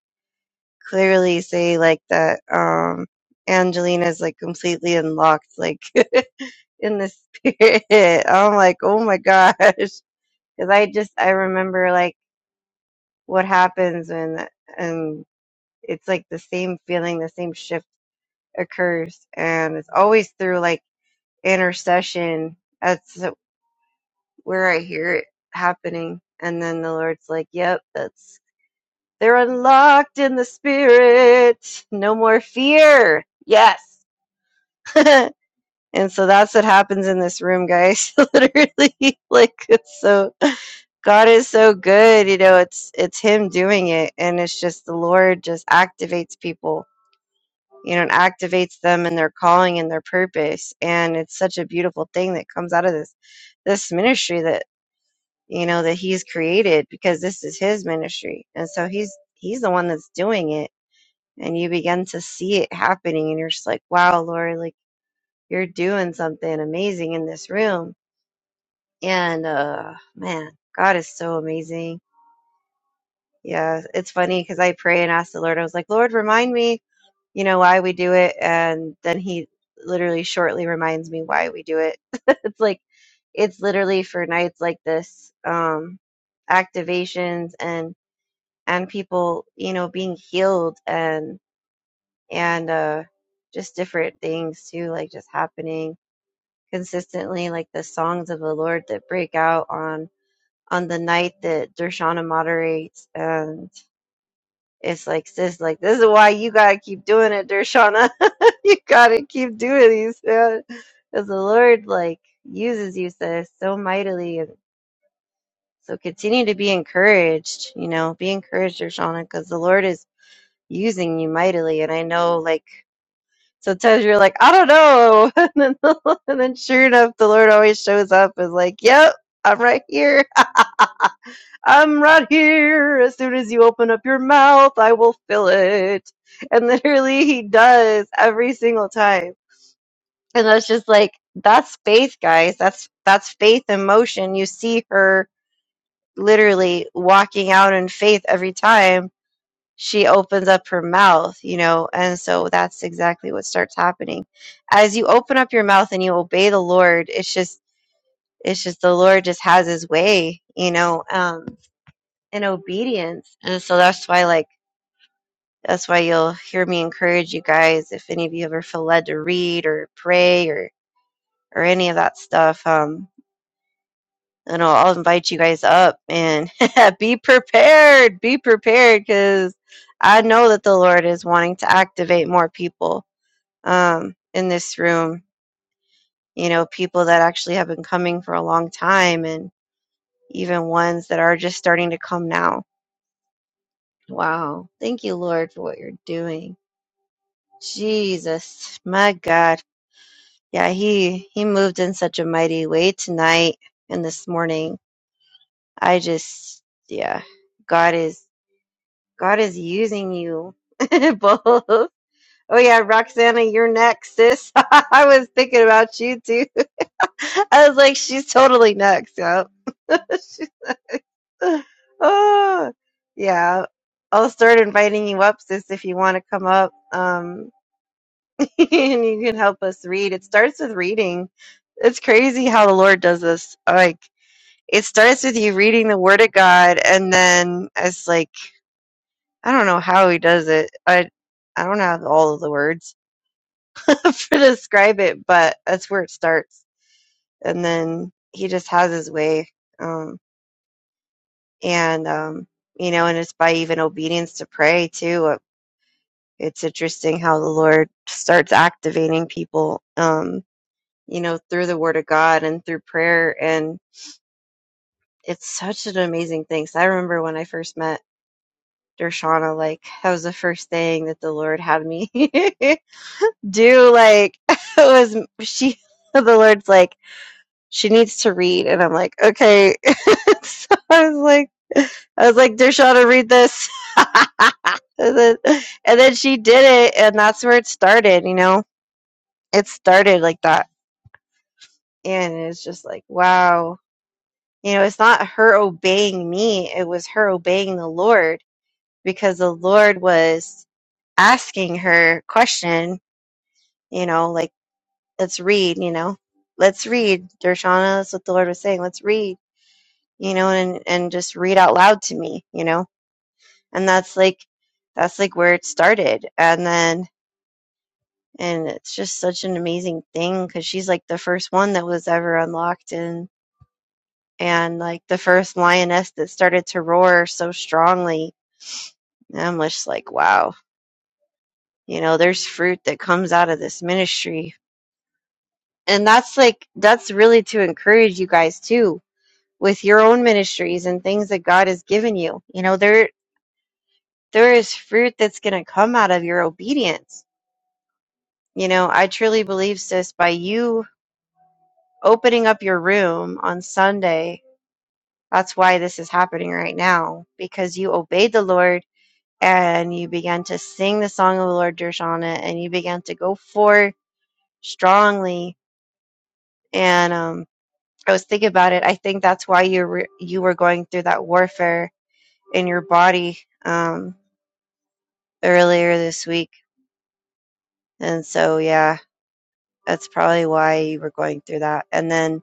Speaker 2: clearly say like that. Um, Angelina's like completely unlocked, like in the spirit. I'm like, oh my gosh, because I just I remember like what happens when and it's like the same feeling, the same shift occurs, and it's always through like intercession. That's where I hear it happening. And then the Lord's like, yep, that's, they're unlocked in the spirit. No more fear. Yes. and so that's what happens in this room, guys. Literally, like, it's so, God is so good. You know, it's, it's Him doing it. And it's just the Lord just activates people. You know, and activates them in their calling and their purpose, and it's such a beautiful thing that comes out of this this ministry that. you know, that he's created because this is his ministry. And so he's he's the one that's doing it. And you begin to see it happening and you're just like, Wow, Lord, like you're doing something amazing in this room. And uh man, God is so amazing. Yeah, it's funny because I pray and ask the Lord, I was like, Lord, remind me, you know, why we do it and then he literally shortly reminds me why we do it. it's like it's literally for nights like this, um activations and and people, you know, being healed and and uh just different things too, like just happening consistently, like the songs of the Lord that break out on on the night that Dershana moderates and it's like sis like this is why you gotta keep doing it, Dershana. you gotta keep doing these man. Because the Lord like uses you sis so mightily and so continue to be encouraged, you know, be encouraged, Dershana, because the Lord is using you mightily. And I know, like, sometimes you're like, I don't know. And then, the- and then sure enough, the Lord always shows up and, like, yep, I'm right here. I'm right here. As soon as you open up your mouth, I will fill it. And literally, he does every single time. And that's just like, that's faith, guys. That's, that's faith in motion. You see her literally walking out in faith every time she opens up her mouth, you know, and so that's exactly what starts happening. As you open up your mouth and you obey the Lord, it's just it's just the Lord just has his way, you know, um in obedience. And so that's why like that's why you'll hear me encourage you guys if any of you ever feel led to read or pray or or any of that stuff. Um and I'll, I'll invite you guys up and be prepared, be prepared because I know that the Lord is wanting to activate more people um, in this room. You know, people that actually have been coming for a long time and even ones that are just starting to come now. Wow. Thank you, Lord, for what you're doing. Jesus, my God. Yeah, he he moved in such a mighty way tonight and this morning. I just yeah, God is God is using you both. Oh yeah, Roxana, you're next, sis. I was thinking about you too. I was like, she's totally next. Yep. She's- oh, yeah. I'll start inviting you up, sis, if you want to come up. Um, and you can help us read. It starts with reading. It's crazy how the Lord does this. Like, it starts with you reading the Word of God, and then it's like, I don't know how He does it. I, I don't have all of the words to describe it, but that's where it starts. And then He just has His way. Um, and um you know and it's by even obedience to pray too Uh, it's interesting how the lord starts activating people um you know through the word of god and through prayer and it's such an amazing thing so i remember when i first met dershana like that was the first thing that the lord had me do like was she the lord's like she needs to read and i'm like okay so i was like i was like dershana read this and, then, and then she did it and that's where it started you know it started like that and it's just like wow you know it's not her obeying me it was her obeying the lord because the lord was asking her question you know like let's read you know let's read dershana that's what the lord was saying let's read you know, and and just read out loud to me, you know. And that's like that's like where it started. And then and it's just such an amazing thing cuz she's like the first one that was ever unlocked and and like the first lioness that started to roar so strongly. And I'm just like, wow. You know, there's fruit that comes out of this ministry. And that's like that's really to encourage you guys too with your own ministries and things that God has given you. You know, there there is fruit that's going to come out of your obedience. You know, I truly believe, sis, by you opening up your room on Sunday, that's why this is happening right now because you obeyed the Lord and you began to sing the song of the Lord, Dershana, and you began to go forth strongly. And um, I was thinking about it. I think that's why you were, you were going through that warfare in your body um, earlier this week. And so, yeah, That's probably why you were going through that. And then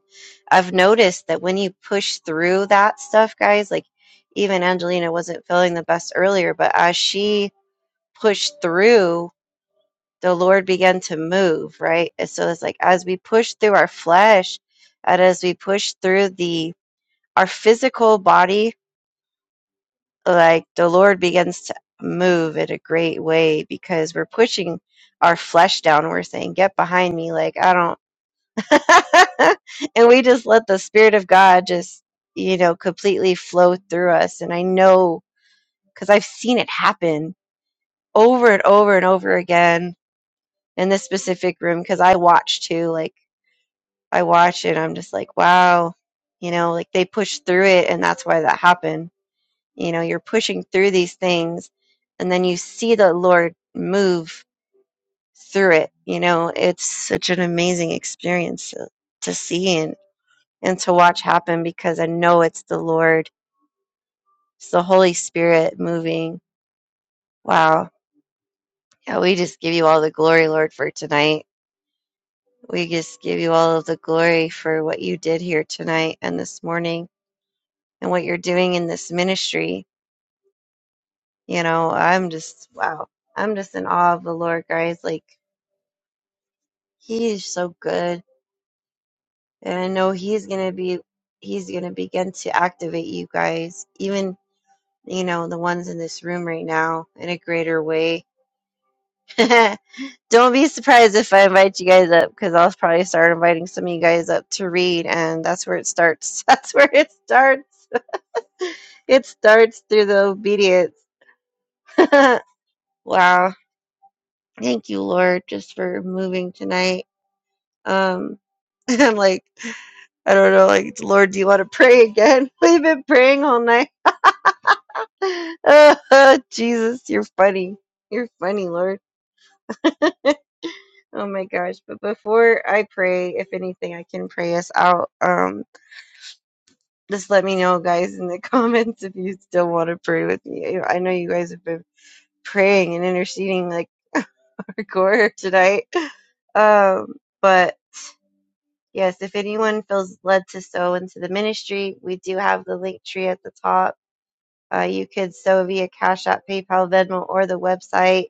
Speaker 2: I've noticed that when you push through that stuff, guys, like even Angelina wasn't feeling the best earlier, but as she pushed through, the Lord began to move, right? And so it's like as we push through our flesh and as we push through the our physical body, like the Lord begins to move in a great way because we're pushing our flesh down. We're saying, Get behind me, like I don't and we just let the spirit of God just, you know, completely flow through us. And I know because I've seen it happen over and over and over again in this specific room because I watch too. Like I watch it, I'm just like, wow, you know, like they push through it, and that's why that happened. You know, you're pushing through these things, and then you see the Lord move through it. You know, it's such an amazing experience to, to see and and to watch happen because I know it's the Lord, it's the Holy Spirit moving. Wow. Yeah, we just give you all the glory, Lord, for tonight. We just give you all of the glory for what you did here tonight and this morning and what you're doing in this ministry. You know, I'm just, wow. I'm just in awe of the Lord, guys. Like, He is so good. And I know He's going to be, He's going to begin to activate you guys, even, you know, the ones in this room right now in a greater way. Don't be surprised if I invite you guys up because I'll probably start inviting some of you guys up to read, and that's where it starts. That's where it starts. It starts through the obedience. wow. Thank you, Lord, just for moving tonight. Um, I'm like, I don't know, like, Lord, do you want to pray again? We've been praying all night. Oh, Jesus, you're funny. You're funny, Lord. Oh my gosh. But before I pray, if anything, I can pray us out. Um, just let me know, guys, in the comments if you still want to pray with me. I know you guys have been praying and interceding like hardcore tonight. Um, but yes, if anyone feels led to sow into the ministry, we do have the link tree at the top. Uh, you could sow via Cash App, PayPal, Venmo, or the website.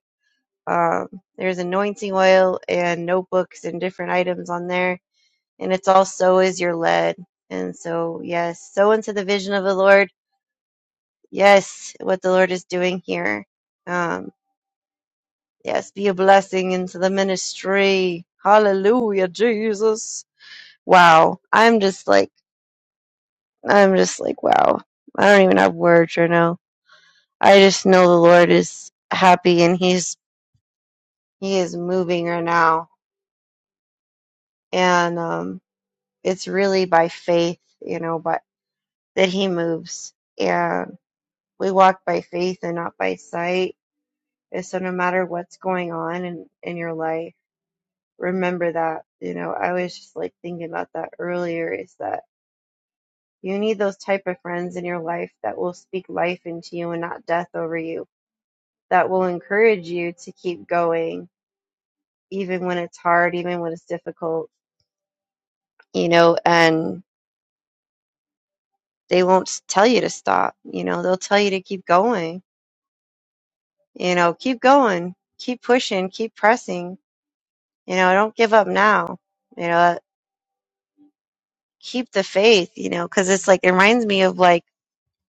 Speaker 2: Um, there's anointing oil and notebooks and different items on there. And it's all sow as you're led. And so, yes, sow into the vision of the Lord yes, what the Lord is doing here. Um, yes, be a blessing into the ministry. Hallelujah, Jesus. Wow. I'm just like, I'm just like, wow. I don't even have words right now. I just know the Lord is happy and he's, he is moving right now. And, um, it's really by faith, you know, but that he moves and we walk by faith and not by sight. And so no matter what's going on in, in your life, remember that you know i was just like thinking about that earlier is that you need those type of friends in your life that will speak life into you and not death over you that will encourage you to keep going even when it's hard even when it's difficult you know and they won't s- tell you to stop you know they'll tell you to keep going you know keep going keep pushing keep pressing you know don't give up now you know keep the faith you know because it's like it reminds me of like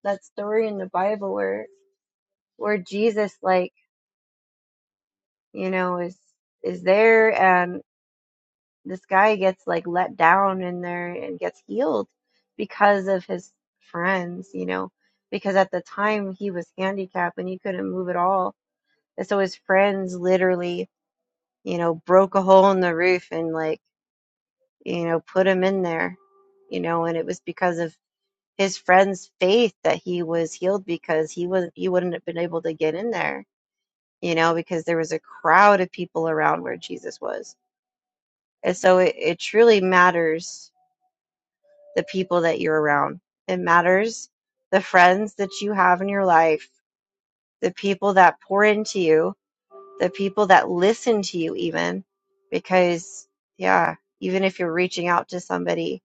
Speaker 2: that story in the Bible where where Jesus like, you know, is is there and this guy gets like let down in there and gets healed because of his friends, you know, because at the time he was handicapped and he couldn't move at all. And so his friends literally, you know, broke a hole in the roof and like, you know, put him in there, you know, and it was because of his friend's faith that he was healed because he wasn't he wouldn't have been able to get in there you know, because there was a crowd of people around where Jesus was. And so it, it truly matters the people that you're around. It matters the friends that you have in your life, the people that pour into you, the people that listen to you, even because, yeah, even if you're reaching out to somebody,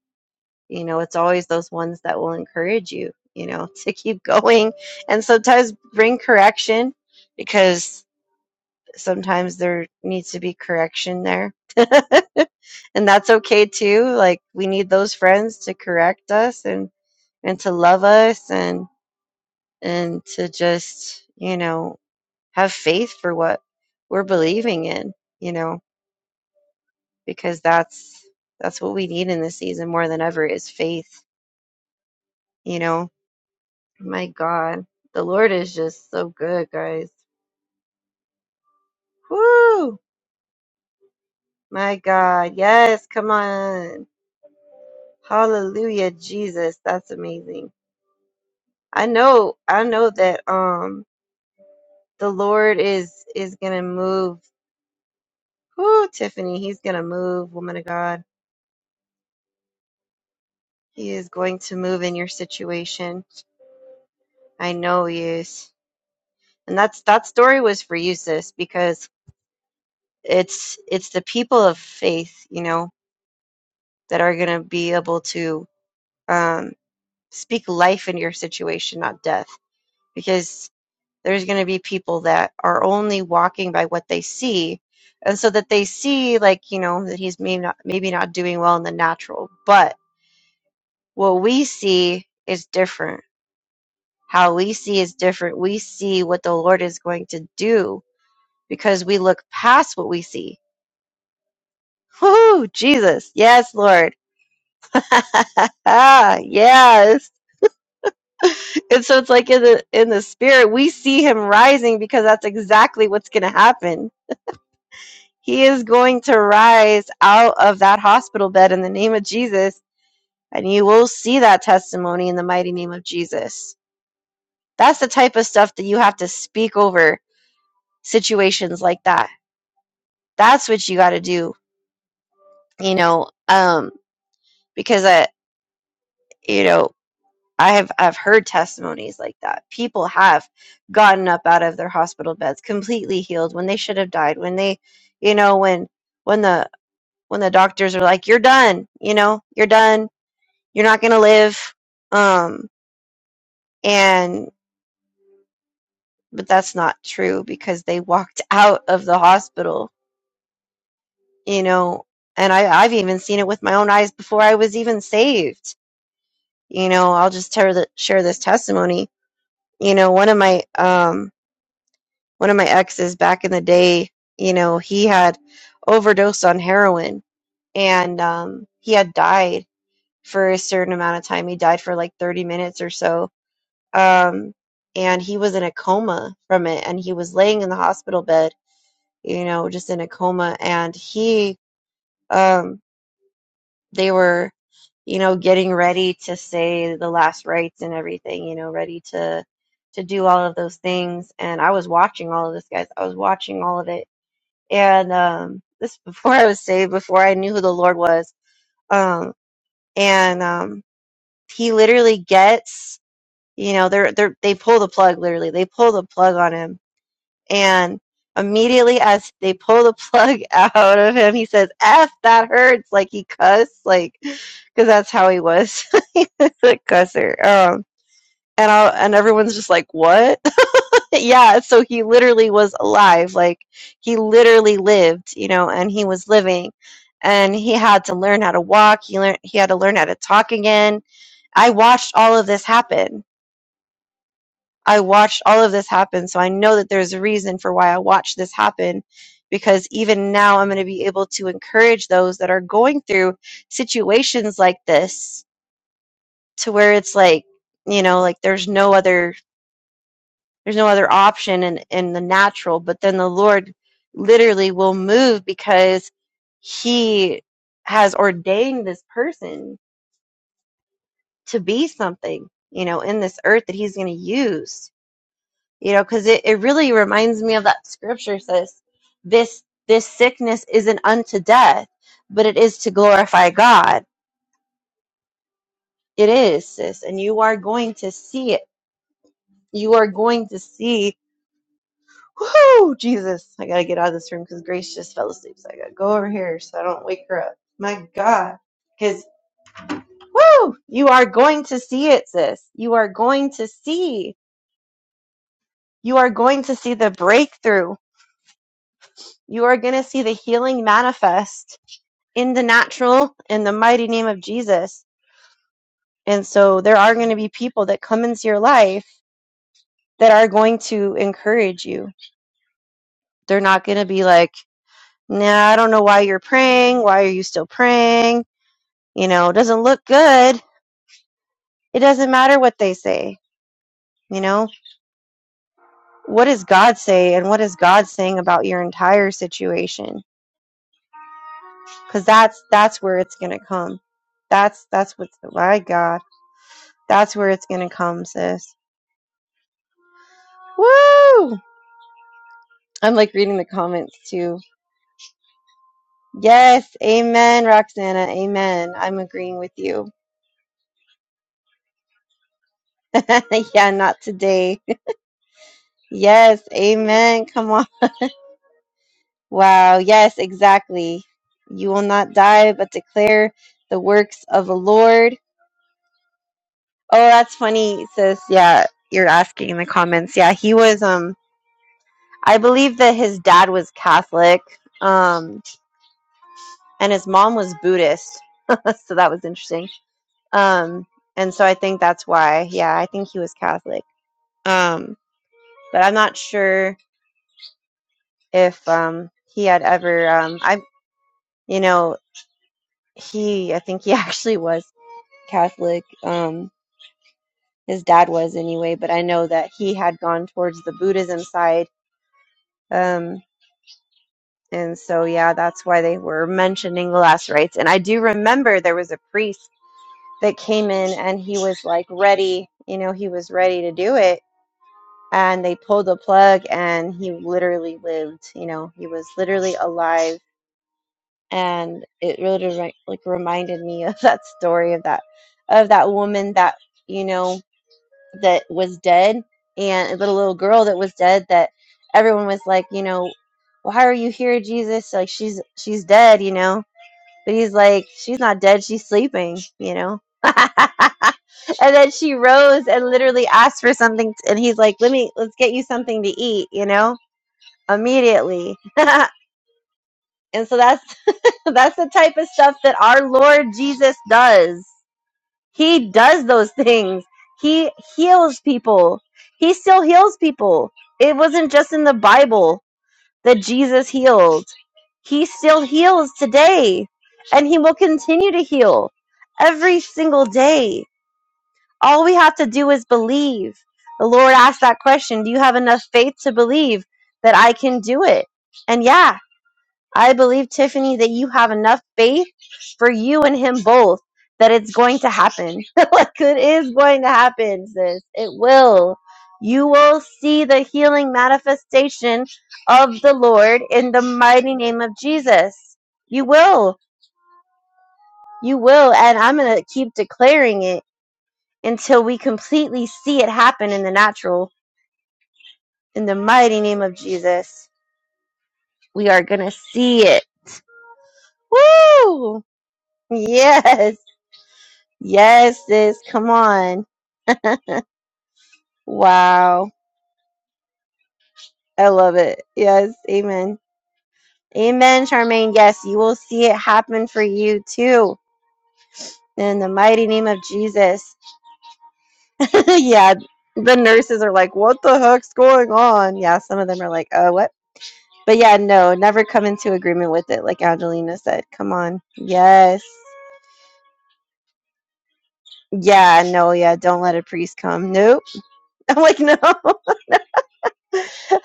Speaker 2: you know, it's always those ones that will encourage you, you know, to keep going and sometimes bring correction because. sometimes there needs to be correction there. and that's okay too. Like we need those friends to correct us and and to love us and and to just, you know, have faith for what we're believing in, you know, because that's that's what we need in this season more than ever is faith, you know. My God, the Lord is just so good, guys. Woo! My God. Yes, come on. Hallelujah, Jesus. That's amazing. I know, I know that um the Lord is is gonna move. Whoo, Tiffany, he's gonna move, woman of God. He is going to move in your situation. I know he is. And that's that story was for you, sis, because it's it's the people of faith, you know, that are gonna be able to um speak life into your situation, not death. Because There's going to be people that are only walking by what they see. And so that they see, like, you know, that he's maybe not, maybe not doing well in the natural, but what we see is different. How we see is different. We see what the Lord is going to do because we look past what we see. Whoo, Jesus. Yes, Lord. yes. And so it's like in the in the spirit, we see him rising because that's exactly what's gonna happen He is going to rise out of that hospital bed in the name of Jesus, and you will see that testimony in the mighty name of Jesus. That's the type of stuff that you have to speak over situations like that. That's what you got to do, you know, um, because I, you know, I have I've heard testimonies like that. People have gotten up out of their hospital beds completely healed when they should have died. When they, you know, when when the when the doctors are like, "You're done," you know, "You're done you're not going to live um and but that's not true because they walked out of the hospital you know and I, i've even seen it with my own eyes before i was even saved you know i'll just tell the, share this testimony you know one of my um one of my exes back in the day you know he had overdosed on heroin and um he had died for a certain amount of time he died for like 30 minutes or so um, and he was in a coma from it, and he was laying in the hospital bed, you know, just in a coma, and he, um, they were, you know, getting ready to say the last rites and everything, you know, ready to to do all of those things, and I was watching all of this, guys. I was watching all of it, and um, this before I was saved, before I knew who the Lord was, um, and um, he literally gets. You know, they're they're they pull the plug literally. They pull the plug on him And immediately as they pull the plug out of him, he says, F, that hurts. Like he cussed, like, because that's how he was. he was a cusser. Um, and, I'll, and everyone's just like, what? yeah, so he literally was alive. Like he literally lived, you know, and he was living. And he had to learn how to walk. He learned. He had to learn how to talk again. I watched all of this happen I watched all of this happen. So I know that there's a reason for why I watched this happen because even now I'm going to be able to encourage those that are going through situations like this to where it's like, you know, like there's no other there's no other option in in the natural, but then the Lord literally will move because he has ordained this person to be something, you know, in this earth that he's going to use you know because it, it really reminds me of that scripture says this this sickness isn't unto death but it is to glorify god it is sis and you are going to see it you are going to see whoo jesus i gotta get out of this room because grace just fell asleep so i gotta go over here so i don't wake her up my god because whoo you are going to see it sis you are going to see you are going to see the breakthrough you are going to see the healing manifest in the natural in the mighty name of Jesus. And so there are going to be people that come into your life that are going to encourage you. They're not going to be like, nah, I don't know why you're praying. Why are you still praying? You know, it doesn't look good. It doesn't matter what they say. You know, what does God say and what is God saying about your entire situation? Cause that's, that's where it's going to come. That's, that's what's, my God, that's where it's going to come, sis. Woo! I'm like reading the comments too. Yes, amen, Roxana, amen. I'm agreeing with you. yeah, not today. Yes, amen. Come on. Wow, yes, exactly. You will not die, but declare the works of the Lord. Oh, that's funny, sis. Yeah, you're asking in the comments. Yeah, he was um I believe that his dad was Catholic, um, and his mom was Buddhist. so that was interesting Um, and so I think that's why. Yeah, I think he was Catholic. Um, but I'm not sure if um, he had ever. Um, I, you know, he. I think he actually was Catholic. Um, his dad was anyway, but I know that he had gone towards the Buddhism side. Um, and so yeah, that's why they were mentioning the last rites. And I do remember there was a priest that came in and he was like ready. You know, he was ready to do it and they pulled the plug and he literally lived you know he was literally alive and it really remi- like reminded me of that story of that of that woman that you know that was dead and the little girl that was dead that everyone was like you know why are you here jesus like she's she's dead you know but he's like, she's not dead, she's sleeping, you know? and then she rose and literally asked for something. t- and he's like, let me, let's get you something to eat, you know? Immediately. and so that's, that's the type of stuff that our Lord Jesus does. He does those things. He heals people. He still heals people. It wasn't just in the Bible that Jesus healed. He still heals today, and He will continue to heal every single day. All we have to do is believe. The Lord asked that question Do you have enough faith to believe that I can do it? And yeah, I believe, Tiffany, that you have enough faith for you and him both that it's going to happen. like, it is going to happen, sis. It will. You will see the healing manifestation of the Lord in the mighty name of Jesus. You will. You will. And I'm going to keep declaring it until we completely see it happen in the natural. In the mighty name of Jesus, we are going to see it. Woo! Yes. Yes, sis. Come on. Wow. I love it. Yes. Amen. Amen, Charmaine. Yes, you will see it happen for you too. In the mighty name of Jesus. yeah. The nurses are like, what the heck's going on? Yeah. Some of them are like, oh, what? But yeah, no, never come into agreement with it, like Angelina said. Come on. Yes. Yeah, no, yeah, don't let a priest come. Nope. I'm like, no.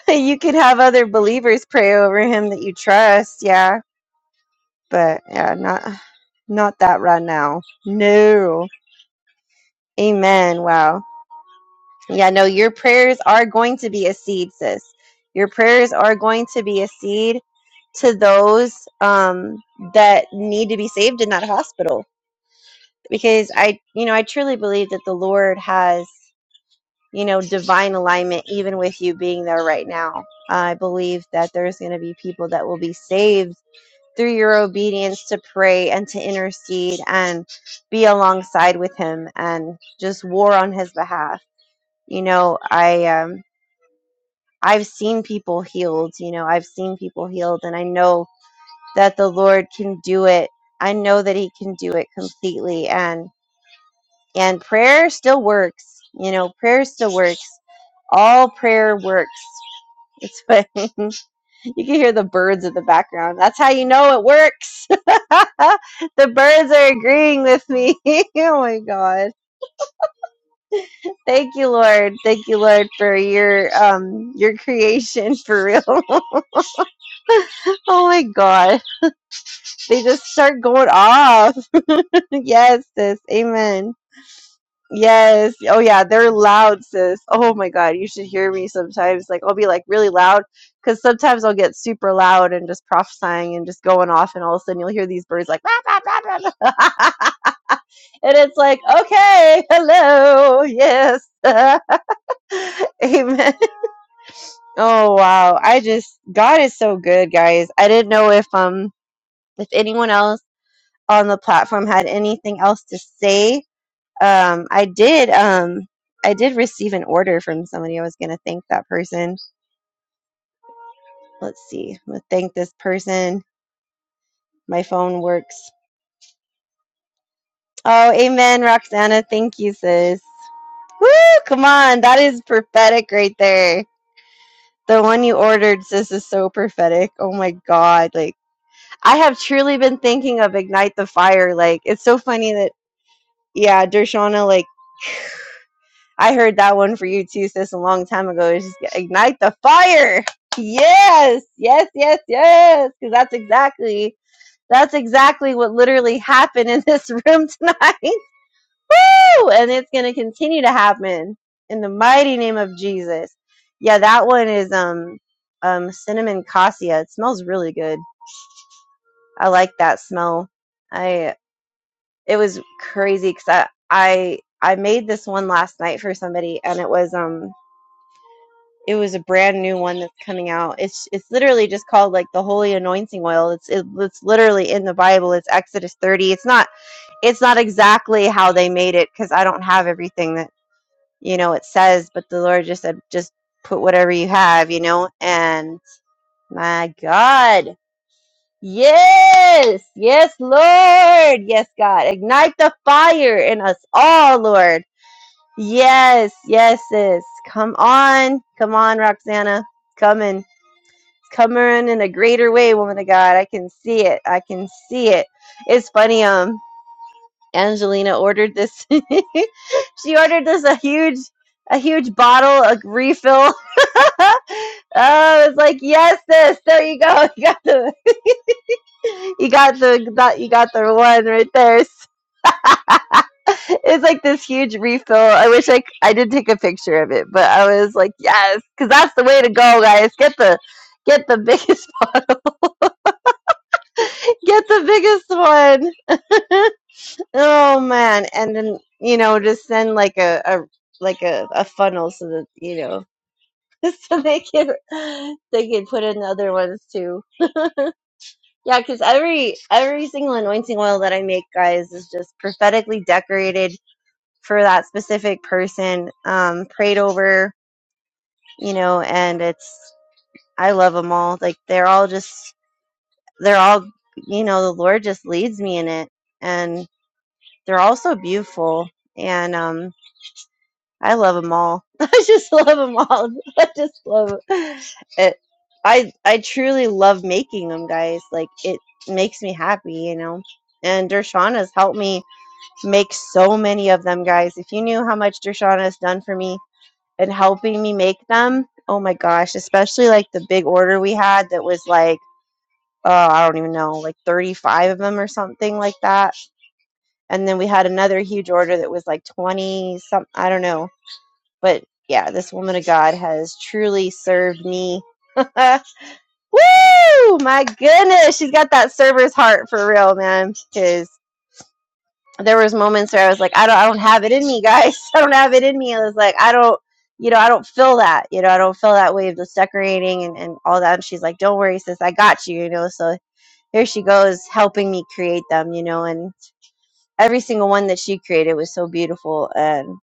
Speaker 2: you could have other believers pray over him that you trust. Yeah but yeah, not not that right now. No. Amen. Wow. Yeah, no, your prayers are going to be a seed, sis. Your prayers are going to be a seed to those um, that need to be saved in that hospital. Because I, you know, I truly believe that the Lord has, you know, divine alignment even with you being there right now. I believe that there's going to be people that will be saved through your obedience to pray and to intercede and be alongside with him and just war on his behalf. You know, I um I've seen people healed, you know, I've seen people healed and I know that the Lord can do it. I know that he can do it completely and and prayer still works. You know, prayer still works. All prayer works. It's what You can hear the birds in the background. That's how you know it works. the birds are agreeing with me. oh my god. Thank you, Lord. Thank you, Lord, for your um your creation for real. oh my god. They just start going off. yes, sis. Amen. Yes. Oh yeah, they're loud, sis. Oh my God, you should hear me sometimes. Like I'll be like really loud because sometimes I'll get super loud and just prophesying and just going off, and all of a sudden you'll hear these birds like, "Rah, rah, rah, rah, rah." and it's like, okay, hello, yes, amen. Oh wow, I just God is so good, guys. I didn't know if um if anyone else on the platform had anything else to say Um, I did. Um, I did receive an order from somebody. I was going to thank that person. Let's see. I'm going to thank this person. My phone works. Oh, amen, Roxana. Thank you, sis. Woo! Come on. That is prophetic right there. The one you ordered, sis, is so prophetic. Oh my God. Like, I have truly been thinking of Ignite the Fire. Like, it's so funny that, yeah, Dershana, like, I heard that one for you too, sis, a long time ago. It's just ignite the fire. Yes, yes, yes, yes. Because that's exactly that's exactly what literally happened in this room tonight. Woo! And it's gonna continue to happen in the mighty name of Jesus. Yeah, that one is um um cinnamon cassia. It smells really good. I like that smell. I it was crazy because I I I made this one last night for somebody and it was um It was a brand new one that's coming out. It's it's literally just called like the holy anointing oil. It's it, it's literally in the Bible. It's Exodus 30. It's not it's not exactly how they made it cuz I don't have everything that you know it says, but the Lord just said just put whatever you have, you know. And my God. Yes. Yes, Lord. Yes, God. Ignite the fire in us all, Lord. Yes, yes, sis. Come on. Come on, Roxana. Coming. Come on in a greater way, woman of God. I can see it. I can see it. It's funny. Um, Angelina ordered this. she ordered this a huge, a huge bottle, a refill. oh, it's like yes, this. There you go. You got the, you got the, that you got the one right there. It's like this huge refill. I wish I c- I did take a picture of it, but I was like, yes, because that's the way to go, guys. Get the, get the biggest, get the biggest one. oh man. And then, you know, just send like a, a like a, a funnel so that, you know, so they can they can put in other ones too. Yeah, because every every single anointing oil that I make, guys, is just prophetically decorated for that specific person, um, prayed over, you know, and it's I love them all. Like they're all just they're all you know the Lord just leads me in it, and they're all so beautiful. And um I love them all. I just love them all. I just love it. I I truly love making them, guys. Like it makes me happy, you know. And Dershana has helped me make so many of them, guys. If you knew how much Dershana has done for me and helping me make them, oh my gosh! Especially like the big order we had that was like. Oh, I don't even know, like 35 of them or something like that. And then we had another huge order that was like 20 some I don't know but yeah, this woman of God has truly served me. Woo! My goodness, she's got that server's heart for real, man. Because there was moments where I was like, I don't, I don't have it in me, guys. I don't have it in me. I was like, I don't, you know, I don't feel that. You know, I don't feel that way of just decorating and and all that. And she's like, Don't worry, sis, I got you. You know, so here she goes helping me create them. You know, and every single one that she created was so beautiful. and.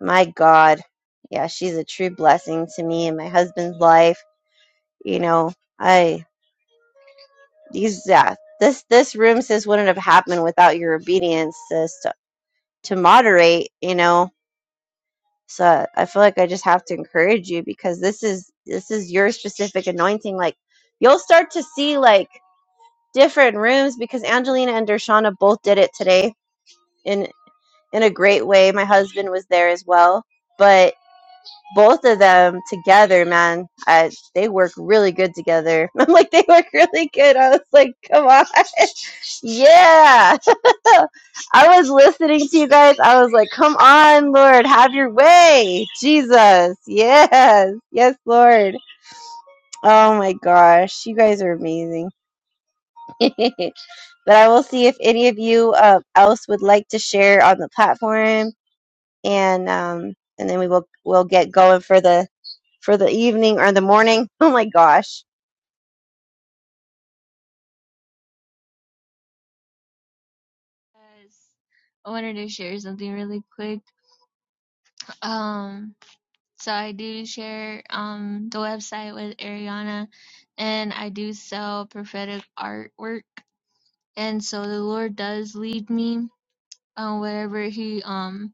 Speaker 2: My God. Yeah, she's a true blessing to me and my husband's life. You know, I these yeah, this this room sis wouldn't have happened without your obedience sis to, to moderate, you know. So I feel like I just have to encourage you because this is this is your specific anointing. Like you'll start to see like different rooms because Angelina and Dershana both did it today in in a great way. My husband was there as well. but. both of them together, man, I, they work really good together. I'm like, they work really good. I was like, come on. yeah. I was listening to you guys. I was like, come on, Lord, have your way. Jesus. Yes. Yes, Lord. Oh my gosh. You guys are amazing. but I will see if any of you uh, else would like to share on the platform and um, and then we will we'll get going for the for the evening or the morning. Oh my gosh,
Speaker 1: Yes, I wanted to share something really quick. Um, So I do share um the website with Ariana and I do sell prophetic artwork. And so the Lord does lead me on whatever he um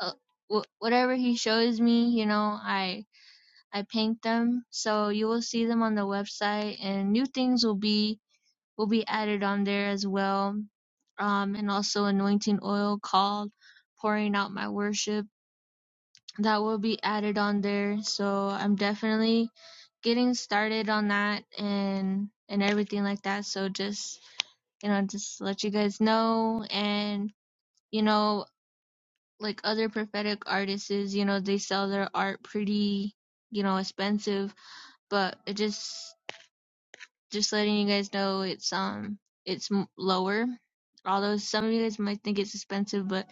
Speaker 1: uh, wh- whatever he shows me, you know, I I paint them. So you will see them on the website and new things will be will be added on there as well. Um and also anointing oil called pouring out my worship that will be added on there. So I'm definitely getting started on that and and everything like that. So just you know, just let you guys know and you know, like other prophetic artists, you know, they sell their art pretty, you know, expensive, but it just just letting you guys know it's um it's m- lower. Although some of you guys might think it's expensive, but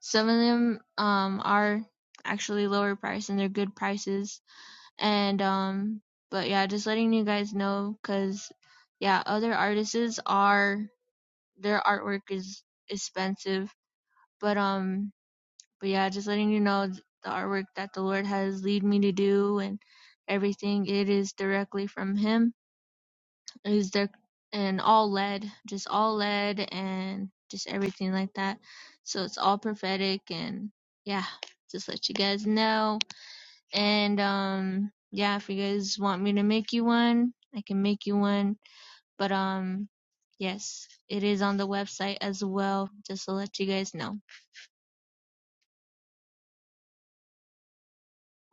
Speaker 1: some of them um are actually lower price and they're good prices and um but yeah just letting you guys know because yeah other artists are their artwork is expensive but um but yeah just letting you know the artwork that the lord has lead me to do and everything it is directly from him it is there and all led just all led and just everything like that so it's all prophetic and yeah just let you guys know and um yeah, if you guys want me to make you one, I can make you one. But um yes, it is on the website as well, just to let you guys know.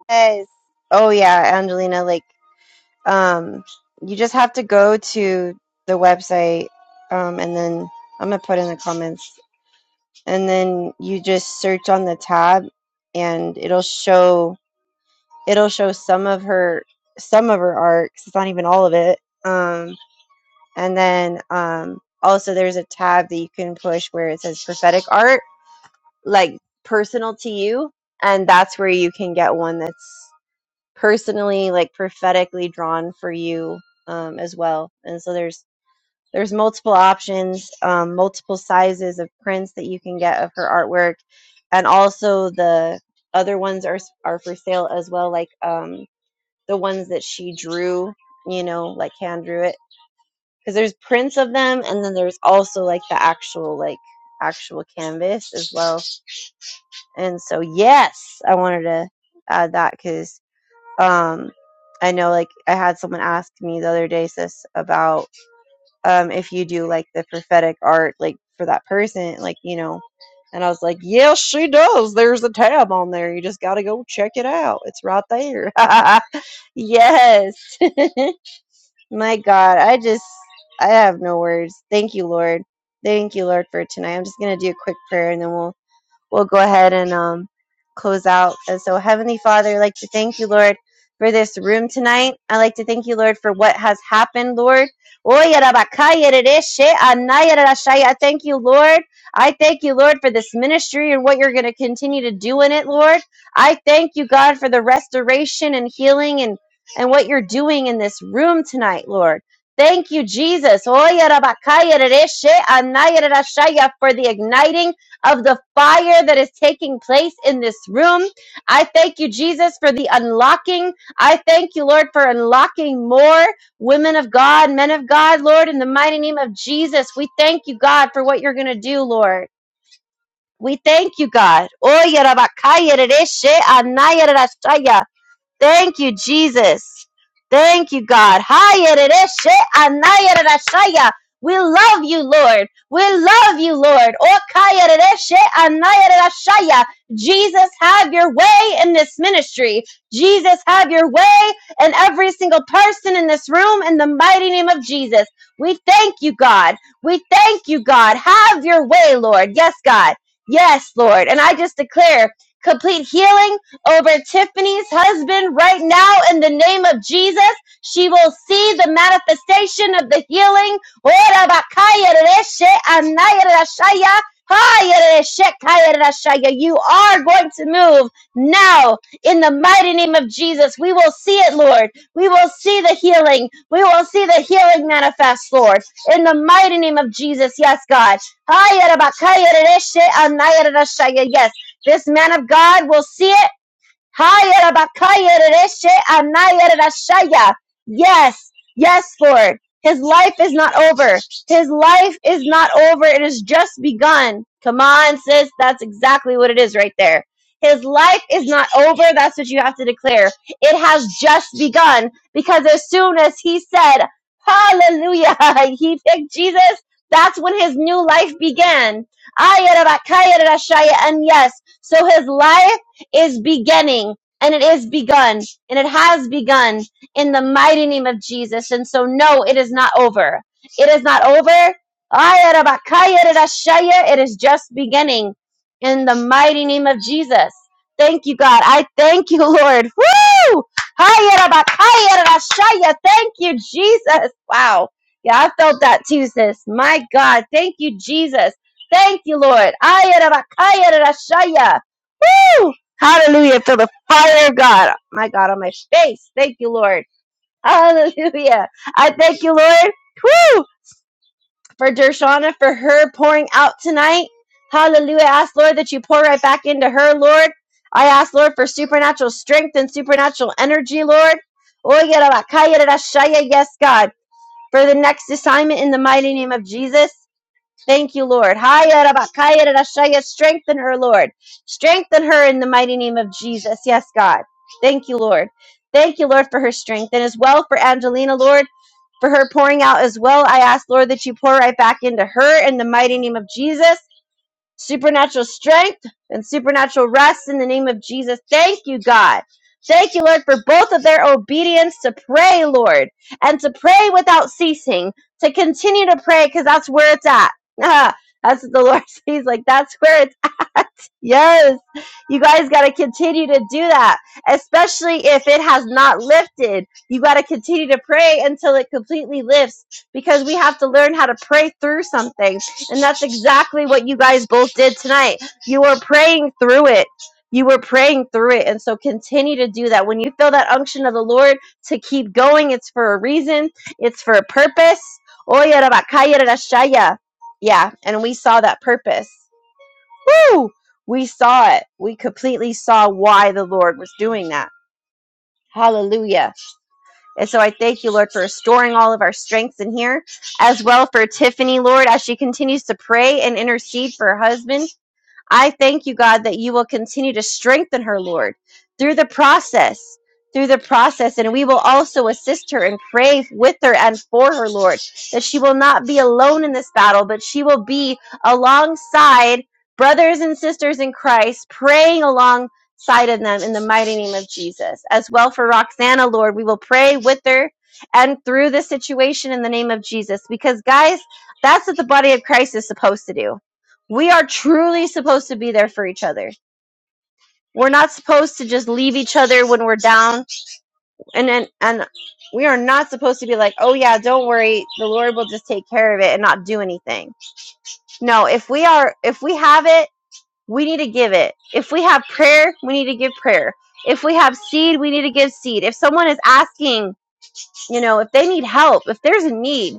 Speaker 2: guys! Oh yeah, Angelina, like um, you just have to go to the website, um, and then I'm gonna put in the comments, and then you just search on the tab, and it'll show it'll show some of her some of her art. 'cause it's not even all of it. Um, and then um, also there's a tab that you can push where it says prophetic art like personal to you and that's where you can get one that's personally like prophetically drawn for you um, as well and so there's there's multiple options um, multiple sizes of prints that you can get of her artwork and also the other ones are s- are for sale as well like um, the ones that she drew you know like hand drew it because there's prints of them and then there's also like the actual like actual canvas as well and so, yes, I wanted to add that because um, I know, like, I had someone ask me the other day, sis, about um, if you do like the prophetic art, like for that person, like, you know. And I was like, yes, she does. There's a tab on there. You just got to go check it out. It's right there. yes. My God. I just, I have no words. Thank you, Lord. Thank you, Lord, for tonight. I'm just going to do a quick prayer and then we'll we'll go ahead and um, close out. And so, Heavenly Father, I'd like to thank you, Lord, for this room tonight. I'd like to thank you, Lord, for what has happened, Lord. Oy, arabakaya, rereshe, anaya, rarashaya. I thank you, Lord. I thank you, Lord, for this ministry and what you're going to continue to do in it, Lord. I thank you, God, for the restoration and healing and, and what you're doing in this room tonight, Lord. Thank you, Jesus. Oy, arabakaya, rereshe, anaya, rarashaya, For the igniting of the fire that is taking place in this room. I thank you, Jesus, for the unlocking. I thank you, Lord, for unlocking more women of God, men of God, Lord, in the mighty name of Jesus. We thank you, God, for what you're going to do, Lord. We thank you, God. Oye, rabakaya, rereshe, anaya, rerashaya. Thank you, Jesus. Thank you, God. Hayerereshe anayererashaya. We love you, Lord. We love you, Lord. Okayerereshe anayererashaya. Jesus, have your way in this ministry. Jesus, have your way in every single person in this room in the mighty name of Jesus. We thank you, God. We thank you, God. Have your way, Lord. Yes, God. Yes, Lord. And I just declare complete healing over Tiffany's husband right now in the name of Jesus. She will see the manifestation of the healing. Ora bakaya reshe anaya rashaya, You are going to move now in the mighty name of Jesus. We will see it, Lord. We will see the healing. We will see the healing manifest, Lord, in the mighty name of Jesus. Yes, God. Yes, this man of God will see it Yes, yes, Lord. His life is not over. His life is not over. It has just begun. Come on, sis. That's exactly what it is right there. His life is not over. That's what you have to declare. It has just begun because as soon as he said, Hallelujah, he picked Jesus, that's when his new life began. And yes, so his life is beginning and it is begun and it has begun in the mighty name of Jesus. And so, no, it is not over. It is not over. It is just beginning in the mighty name of Jesus. Thank you, God. I thank you, Lord. Woo! Thank you, Jesus. Wow. Yeah, I felt that too, sis. My God. Thank you, Jesus. Thank you, Lord. Woo! Hallelujah. Feel the fire of God. My God on my face. Thank you, Lord. Hallelujah. I thank you, Lord. Woo! For Dershana, for her pouring out tonight. Hallelujah. I ask, Lord, that you pour right back into her, Lord. I ask, Lord, for supernatural strength and supernatural energy, Lord. Oye, rabakaya, rashaya. Yes, God. For the next assignment in the mighty name of Jesus. Thank you, Lord. Haya rabakaya rarashaya. Strengthen her, Lord. Strengthen her in the mighty name of Jesus. Yes, God. Thank you, Lord. Thank you, Lord, for her strength. And as well for Angelina, Lord, for her pouring out as well. I ask, Lord, that you pour right back into her in the mighty name of Jesus supernatural strength and supernatural rest in the name of Jesus. Thank you, God. Thank you, Lord, for both of their obedience to pray, Lord, and to pray without ceasing, to continue to pray because that's where it's at. That's what the Lord sees. Like, that's where it's at. Yes. You guys got to continue to do that, especially if it has not lifted. You got to continue to pray until it completely lifts because we have to learn how to pray through something. And that's exactly what you guys both did tonight. You were praying through it. You were praying through it. And so continue to do that. When you feel that unction of the Lord to keep going, it's for a reason, it's for a purpose. Oya rabakaya rarashaya. Yeah, and we saw that purpose. Woo! We saw it. We completely saw why the Lord was doing that. Hallelujah. And so I thank you, Lord, for restoring all of our strengths in here, as well for Tiffany, Lord, as she continues to pray and intercede for her husband. I thank you, God, that you will continue to strengthen her, Lord, through the process, through the process. And we will also assist her and pray with her and for her, Lord, that she will not be alone in this battle, but she will be alongside brothers and sisters in Christ, praying alongside of them in the mighty name of Jesus. As well for Roxana, Lord, we will pray with her and through this situation in the name of Jesus. Because, guys, that's what the body of Christ is supposed to do we are truly supposed to be there for each other. We're not supposed to just leave each other when we're down and and, and we are not supposed to be like, "Oh yeah, don't worry, the Lord will just take care of it and not do anything." No, if we are if we have it, we need to give it. If we have prayer, we need to give prayer. If we have seed, we need to give seed. If someone is asking You know, if they need help, if there's a need,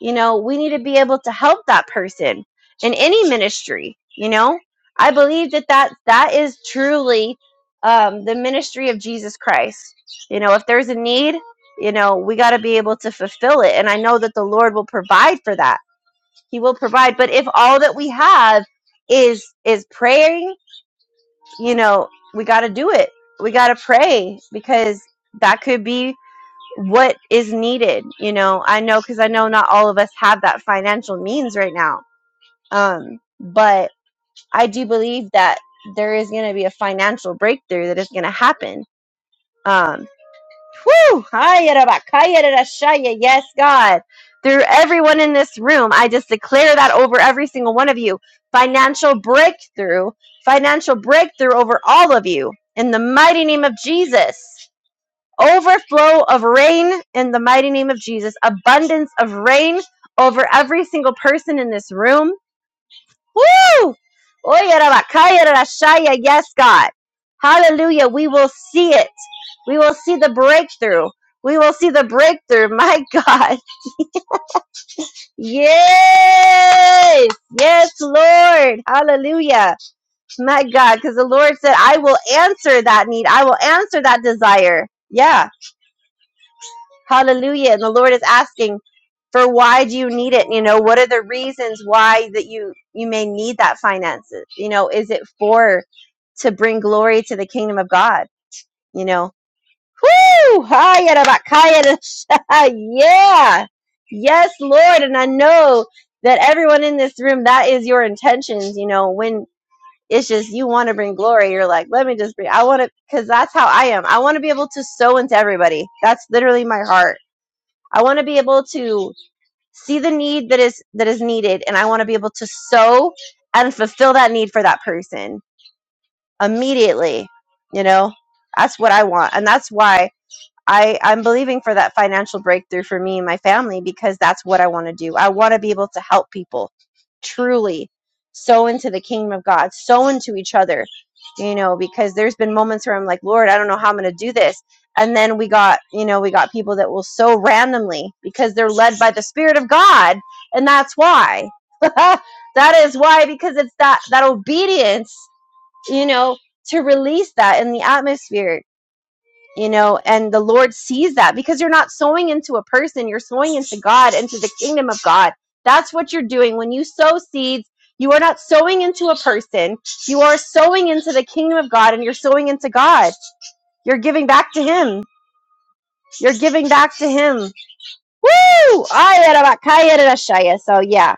Speaker 2: you know, we need to be able to help that person in any ministry, you know? I believe that that, that is truly um, the ministry of Jesus Christ. You know, if there's a need, you know, we got to be able to fulfill it. And I know that the Lord will provide for that. He will provide. But if all that we have is is praying, you know, we got to do it. We got to pray because that could be what is needed you know i know because i know not all of us have that financial means right now um but i do believe that there is going to be a financial breakthrough that is going to happen um whew, Hi, Yaraba, Kaya, Rara, Shaya, yes god through everyone in this room i just declare that over every single one of you financial breakthrough financial breakthrough over all of you in the mighty name of jesus overflow of rain in the mighty name of Jesus, abundance of rain over every single person in this room. Woo! Oya raba, kaya Yes, God. Hallelujah. We will see it. We will see the breakthrough. We will see the breakthrough. My God. Yes. Yes, Lord. Hallelujah. My God. Because the Lord said, I will answer that need. I will answer that desire. Yeah. Hallelujah. And the Lord is asking for why do you need it? You know, what are the reasons why that you you may need that finances? You know, is it for to bring glory to the kingdom of God? You know, whoo! Hiya da ba- kaya Yeah, yes, Lord, and I know that everyone in this room that is your intentions. You know, when it's just you want to bring glory, you're like, let me just bring. I want to, because that's how I am. I want to be able to sow into everybody. That's literally my heart I want to be able to see the need that is that is needed and I want to be able to sow and fulfill that need for that person immediately. You know, that's what I want. And that's why I, I'm believing for that financial breakthrough for me and my family because that's what I want to do. I want to be able to help people truly sow into the kingdom of God, sow into each other, you know, because there's been moments where I'm like, Lord, I don't know how I'm going to do this. And then we got, you know, we got people that will sow randomly because they're led by the Spirit of God. And that's why. that is why, because it's that, that obedience, you know, to release that in the atmosphere you know and the lord sees that because you're not sowing into a person you're sowing into god into the kingdom of god that's what you're doing when you sow seeds you are not sowing into a person you are sowing into the kingdom of god and you're sowing into god you're giving back to him you're giving back to him Woo! Ay, arabakaya, rashaya. So yeah,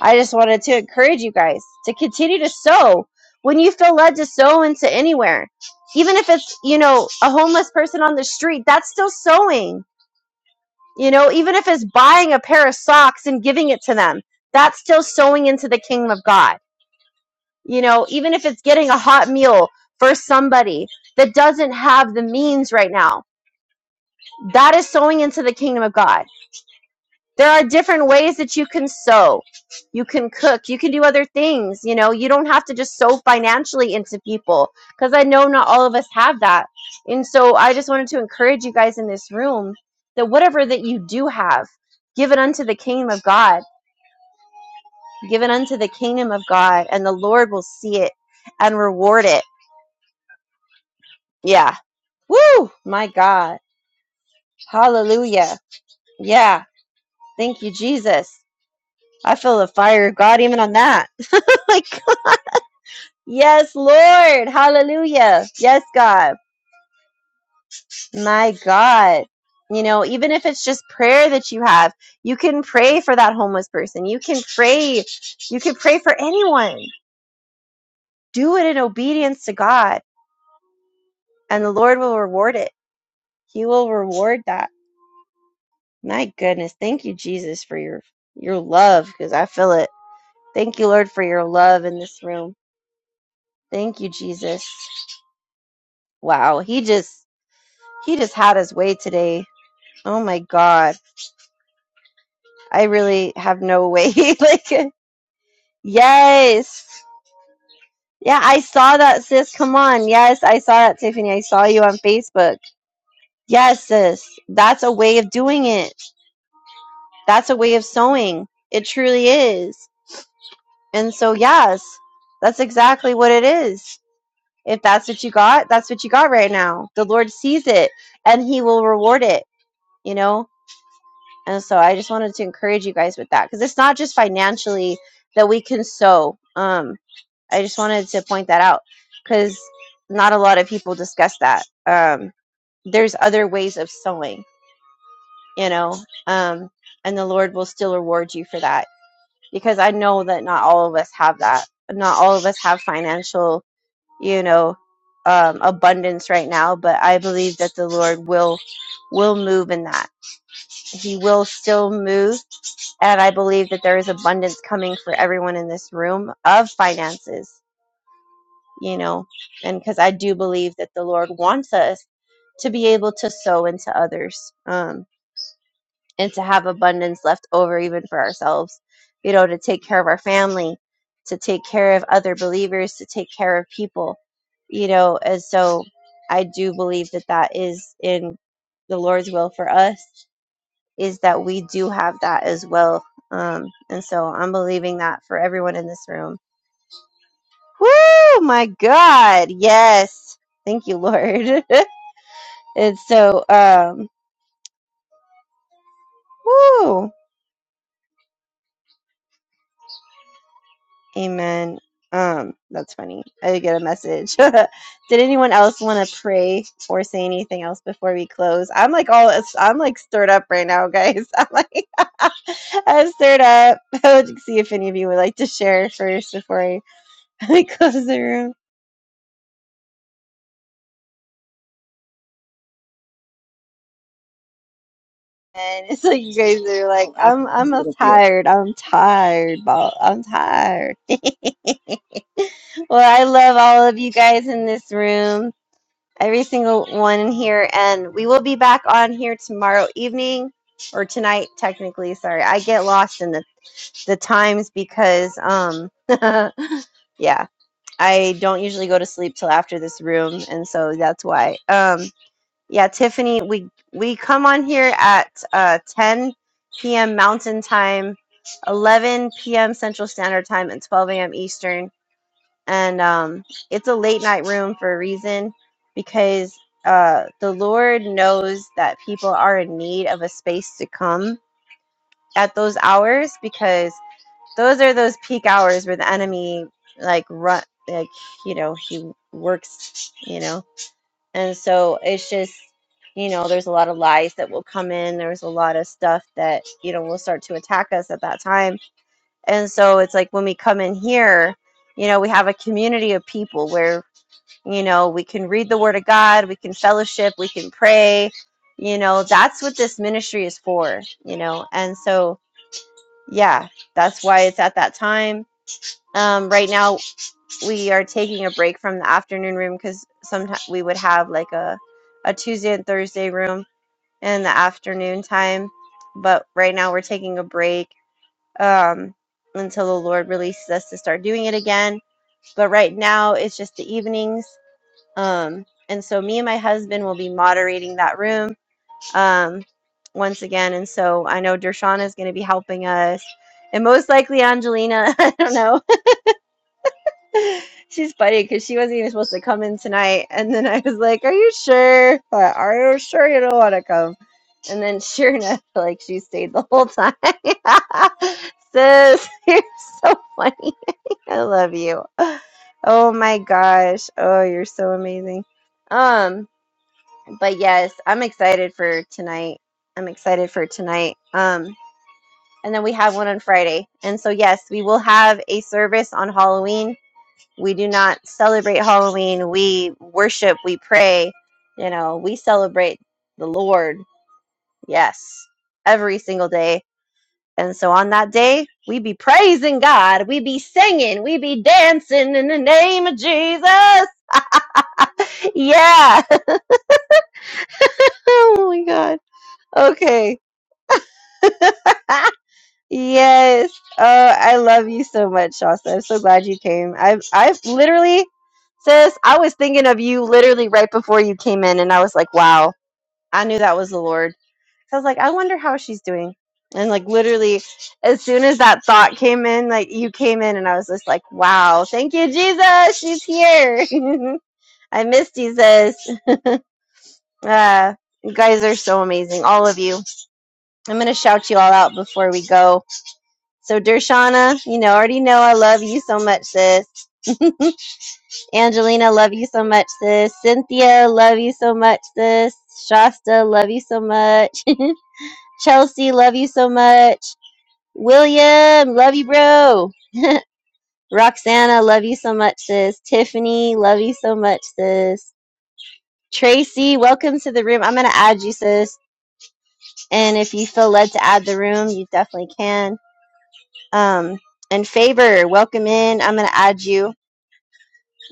Speaker 2: I just wanted to encourage you guys to continue to sow when you feel led to sow into anywhere. Even if it's, you know, a homeless person on the street, that's still sowing. You know, even if it's buying a pair of socks and giving it to them, that's still sowing into the kingdom of God. You know, even if it's getting a hot meal for somebody that doesn't have the means right now, that is sowing into the kingdom of God There are different ways that you can sew. You can cook. You can do other things. You know, you don't have to just sew financially into people because I know not all of us have that. And so I just wanted to encourage you guys in this room that whatever that you do have, give it unto the kingdom of God. Give it unto the kingdom of God, and the Lord will see it and reward it. Yeah. Woo! My God. Hallelujah. Yeah. Thank you, Jesus. I feel the fire of God even on that. Like. Yes, Lord. Hallelujah. Yes, God. My God. You know, even if it's just prayer that you have, you can pray for that homeless person. You can pray. You can pray for anyone. Do it in obedience to God, and the Lord will reward it. He will reward that. My goodness. Thank you, Jesus, for your your love because I feel it. Thank you, Lord, for your love in this room. Thank you, Jesus. Wow. He just he just had his way today. Oh my God. I really have no way. like, yes. Yeah, I saw that, sis. Come on. Yes, I saw that, Tiffany. I saw you on Facebook. Yes, sis. That's a way of doing it. That's a way of sewing. It truly is. And so, yes, that's exactly what it is. If that's what you got, that's what you got right now. The Lord sees it and He will reward it, you know? And so I just wanted to encourage you guys with that because it's not just financially that we can sow. Um, I just wanted to point that out because not a lot of people discuss that. Um, there's other ways of sowing, you know, um, and the Lord will still reward you for that because I know that not all of us have that. Not all of us have financial, you know, um, abundance right now, but I believe that the Lord will will move in that. He will still move, and I believe that there is abundance coming for everyone in this room of finances you know, and because I do believe that the Lord wants us to be able to sow into others um, and to have abundance left over even for ourselves, you know, to take care of our family, to take care of other believers, to take care of people, you know, and so I do believe that that is in the Lord's will for us is that we do have that as well. Um, and so I'm believing that for everyone in this room Woo! My God. Yes. Thank you, Lord. and so, um, woo. Amen. Um, that's funny. I did get a message. did anyone else want to pray or say anything else before we close? I'm like all I'm like stirred up right now, guys. I'm like I'm stirred up. I would see if any of you would like to share first before I, I close the room. And it's like you guys are like,
Speaker 4: I'll, I'll
Speaker 2: I'm
Speaker 4: a
Speaker 2: I'm a
Speaker 4: little bit.
Speaker 2: tired. I'm tired, ball. I'm tired. Well, I love all of you guys in this room, every single one in here, and we will be back on here tomorrow evening or tonight technically. Sorry, I get lost in the, the times because um yeah, I don't usually go to sleep till after this room, and so that's why. Um yeah, Tiffany, we we come on here at uh 10 p.m. Mountain Time, 11 p.m. Central Standard Time, and 12 a.m. Eastern and um, it's a late night room for a reason because uh, the Lord knows that people are in need of a space to come at those hours because those are those peak hours where the enemy like run like you know he works you know and so it's just you know there's a lot of lies that will come in there's a lot of stuff that you know will start to attack us at that time and so it's like when we come in here you know we have a community of people where you know, we can read the word of God, we can fellowship, we can pray. You know, that's what this ministry is for, you know. And so, yeah, that's why it's at that time. Um, right now, we are taking a break from the afternoon room because sometimes we would have like a, a Tuesday and Thursday room in the afternoon time. But right now, we're taking a break um, until the Lord releases us to start doing it again. But right now, it's just the evenings um, and so me and my husband will be moderating that room um, once again. And so I know Dershana is going to be helping us. And most likely Angelina, I don't know. She's funny because she wasn't even supposed to come in tonight. And then I was like, Are you sure? But are you sure you don't want to come? And then sure enough, like she stayed the whole time. Sis, you're so funny. I love you. Oh my gosh. Oh, you're so amazing. Um, but yes, I'm excited for tonight. I'm excited for tonight. Um, and then we have one on Friday. And so, yes, we will have a service on Halloween. We do not celebrate Halloween. We worship, we pray, you know, we celebrate the Lord. Yes, every single day. And so on that day, we be praising God. We be singing. We be dancing in the name of Jesus. Yeah. oh my God. Okay. Yes. Uh, I love you so much, Shasta. I'm so glad you came. I've I've literally, sis, I was thinking of you literally right before you came in, and I was like, wow, I knew that was the Lord. So I was like, I wonder how she's doing. And like literally, as soon as that thought came in, like you came in, and I was just like, wow, thank you, Jesus. She's here. I miss Jesus. uh, you guys are so amazing, all of you. I'm gonna shout you all out before we go. So Dershana, you know, already know I love you so much, sis. Angelina, love you so much, sis. Cynthia, love you so much, sis. Shasta, love you so much. Chelsea, love you so much. William, love you, bro. Roxana, love you so much, sis. Tiffany, love you so much, sis. Tracy, welcome to the room. I'm gonna add you, sis. And if you feel led to add the room, you definitely can. Um, and Faber, welcome in. I'm gonna add you.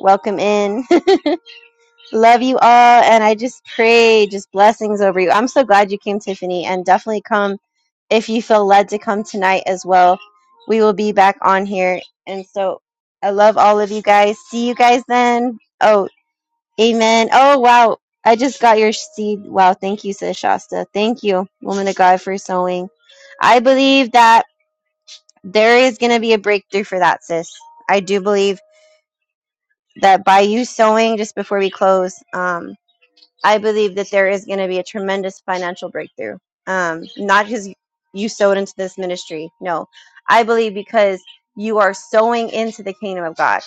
Speaker 2: Welcome in. Love you all, and I just pray just blessings over you. I'm so glad you came, Tiffany, and definitely come if you feel led to come tonight as well. We will be back on here, and so I love all of you guys. See you guys then. Oh, amen. Oh, wow. I just got your seed. Wow. Thank you, Sis Shasta. Thank you, woman of God, for sowing. I believe that there is going to be a breakthrough for that, sis. I do believe that by you sowing just before we close, um, I believe that there is going to be a tremendous financial breakthrough. Um, not because you sowed into this ministry. No, I believe because you are sowing into the kingdom of God.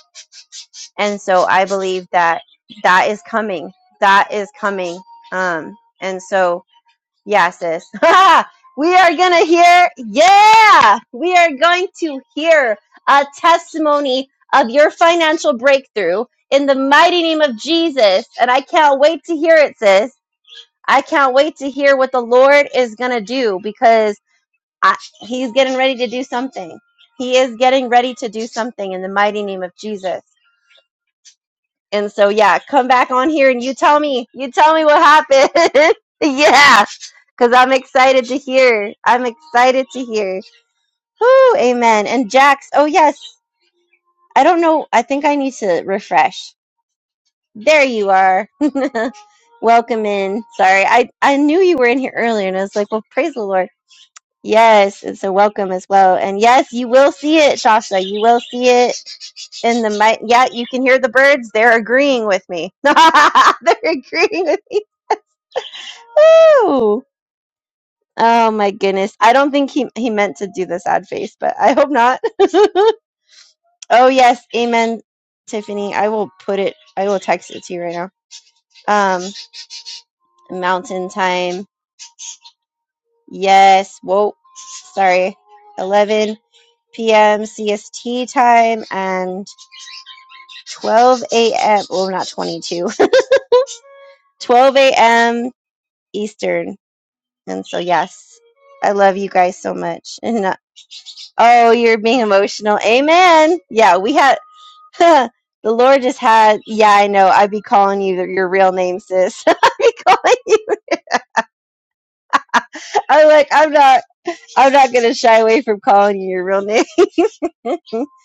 Speaker 2: And so I believe that that is coming. That is coming. Um, and so, yeah, sis, we are going to hear, yeah, we are going to hear a testimony of your financial breakthrough in the mighty name of Jesus. And I can't wait to hear it, sis. I can't wait to hear what the Lord is going to do because I, he's getting ready to do something. He is getting ready to do something in the mighty name of Jesus. And so, yeah, come back on here and you tell me, you tell me what happened. yeah, because I'm excited to hear. I'm excited to hear. Whoo, amen. And Jax, oh, yes, I don't know. I think I need to refresh. There you are. Welcome in. Sorry, I, I knew you were in here earlier and I was like, well, praise the Lord. Yes, it's a welcome as well. And yes, you will see it, Shasha. You will see it in the mic. Yeah, you can hear the birds. They're agreeing with me. They're agreeing with me. Woo! Oh my goodness. I don't think he, he meant to do the sad face, but I hope not. oh yes, amen, Tiffany. I will put it I will text it to you right now. Um mountain time. Yes. Whoa. Sorry. Eleven PM CST time and 12 a.m. Well, not 22, 12 a.m. Eastern. And so, yes, I love you guys so much. And uh, oh, you're being emotional. Amen. Yeah, we had the Lord just had. Yeah, I know. I'd be calling you your real name, sis. I'd be calling you. I'm like, I'm not. I'm not gonna shy away from calling you your real name because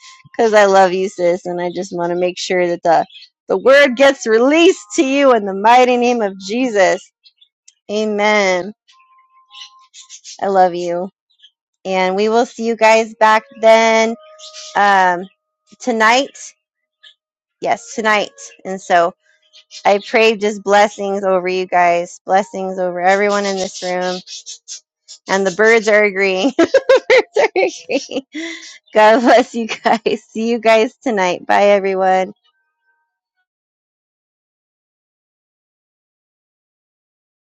Speaker 2: I love you, sis, and I just want to make sure that the the word gets released to you in the mighty name of Jesus. Amen. I love you. And we will see you guys back then um, tonight. Yes, tonight. And so I pray just blessings over you guys, blessings over everyone in this room. And the birds are agreeing. birds are agreeing. God bless you guys. See you guys tonight. Bye, everyone.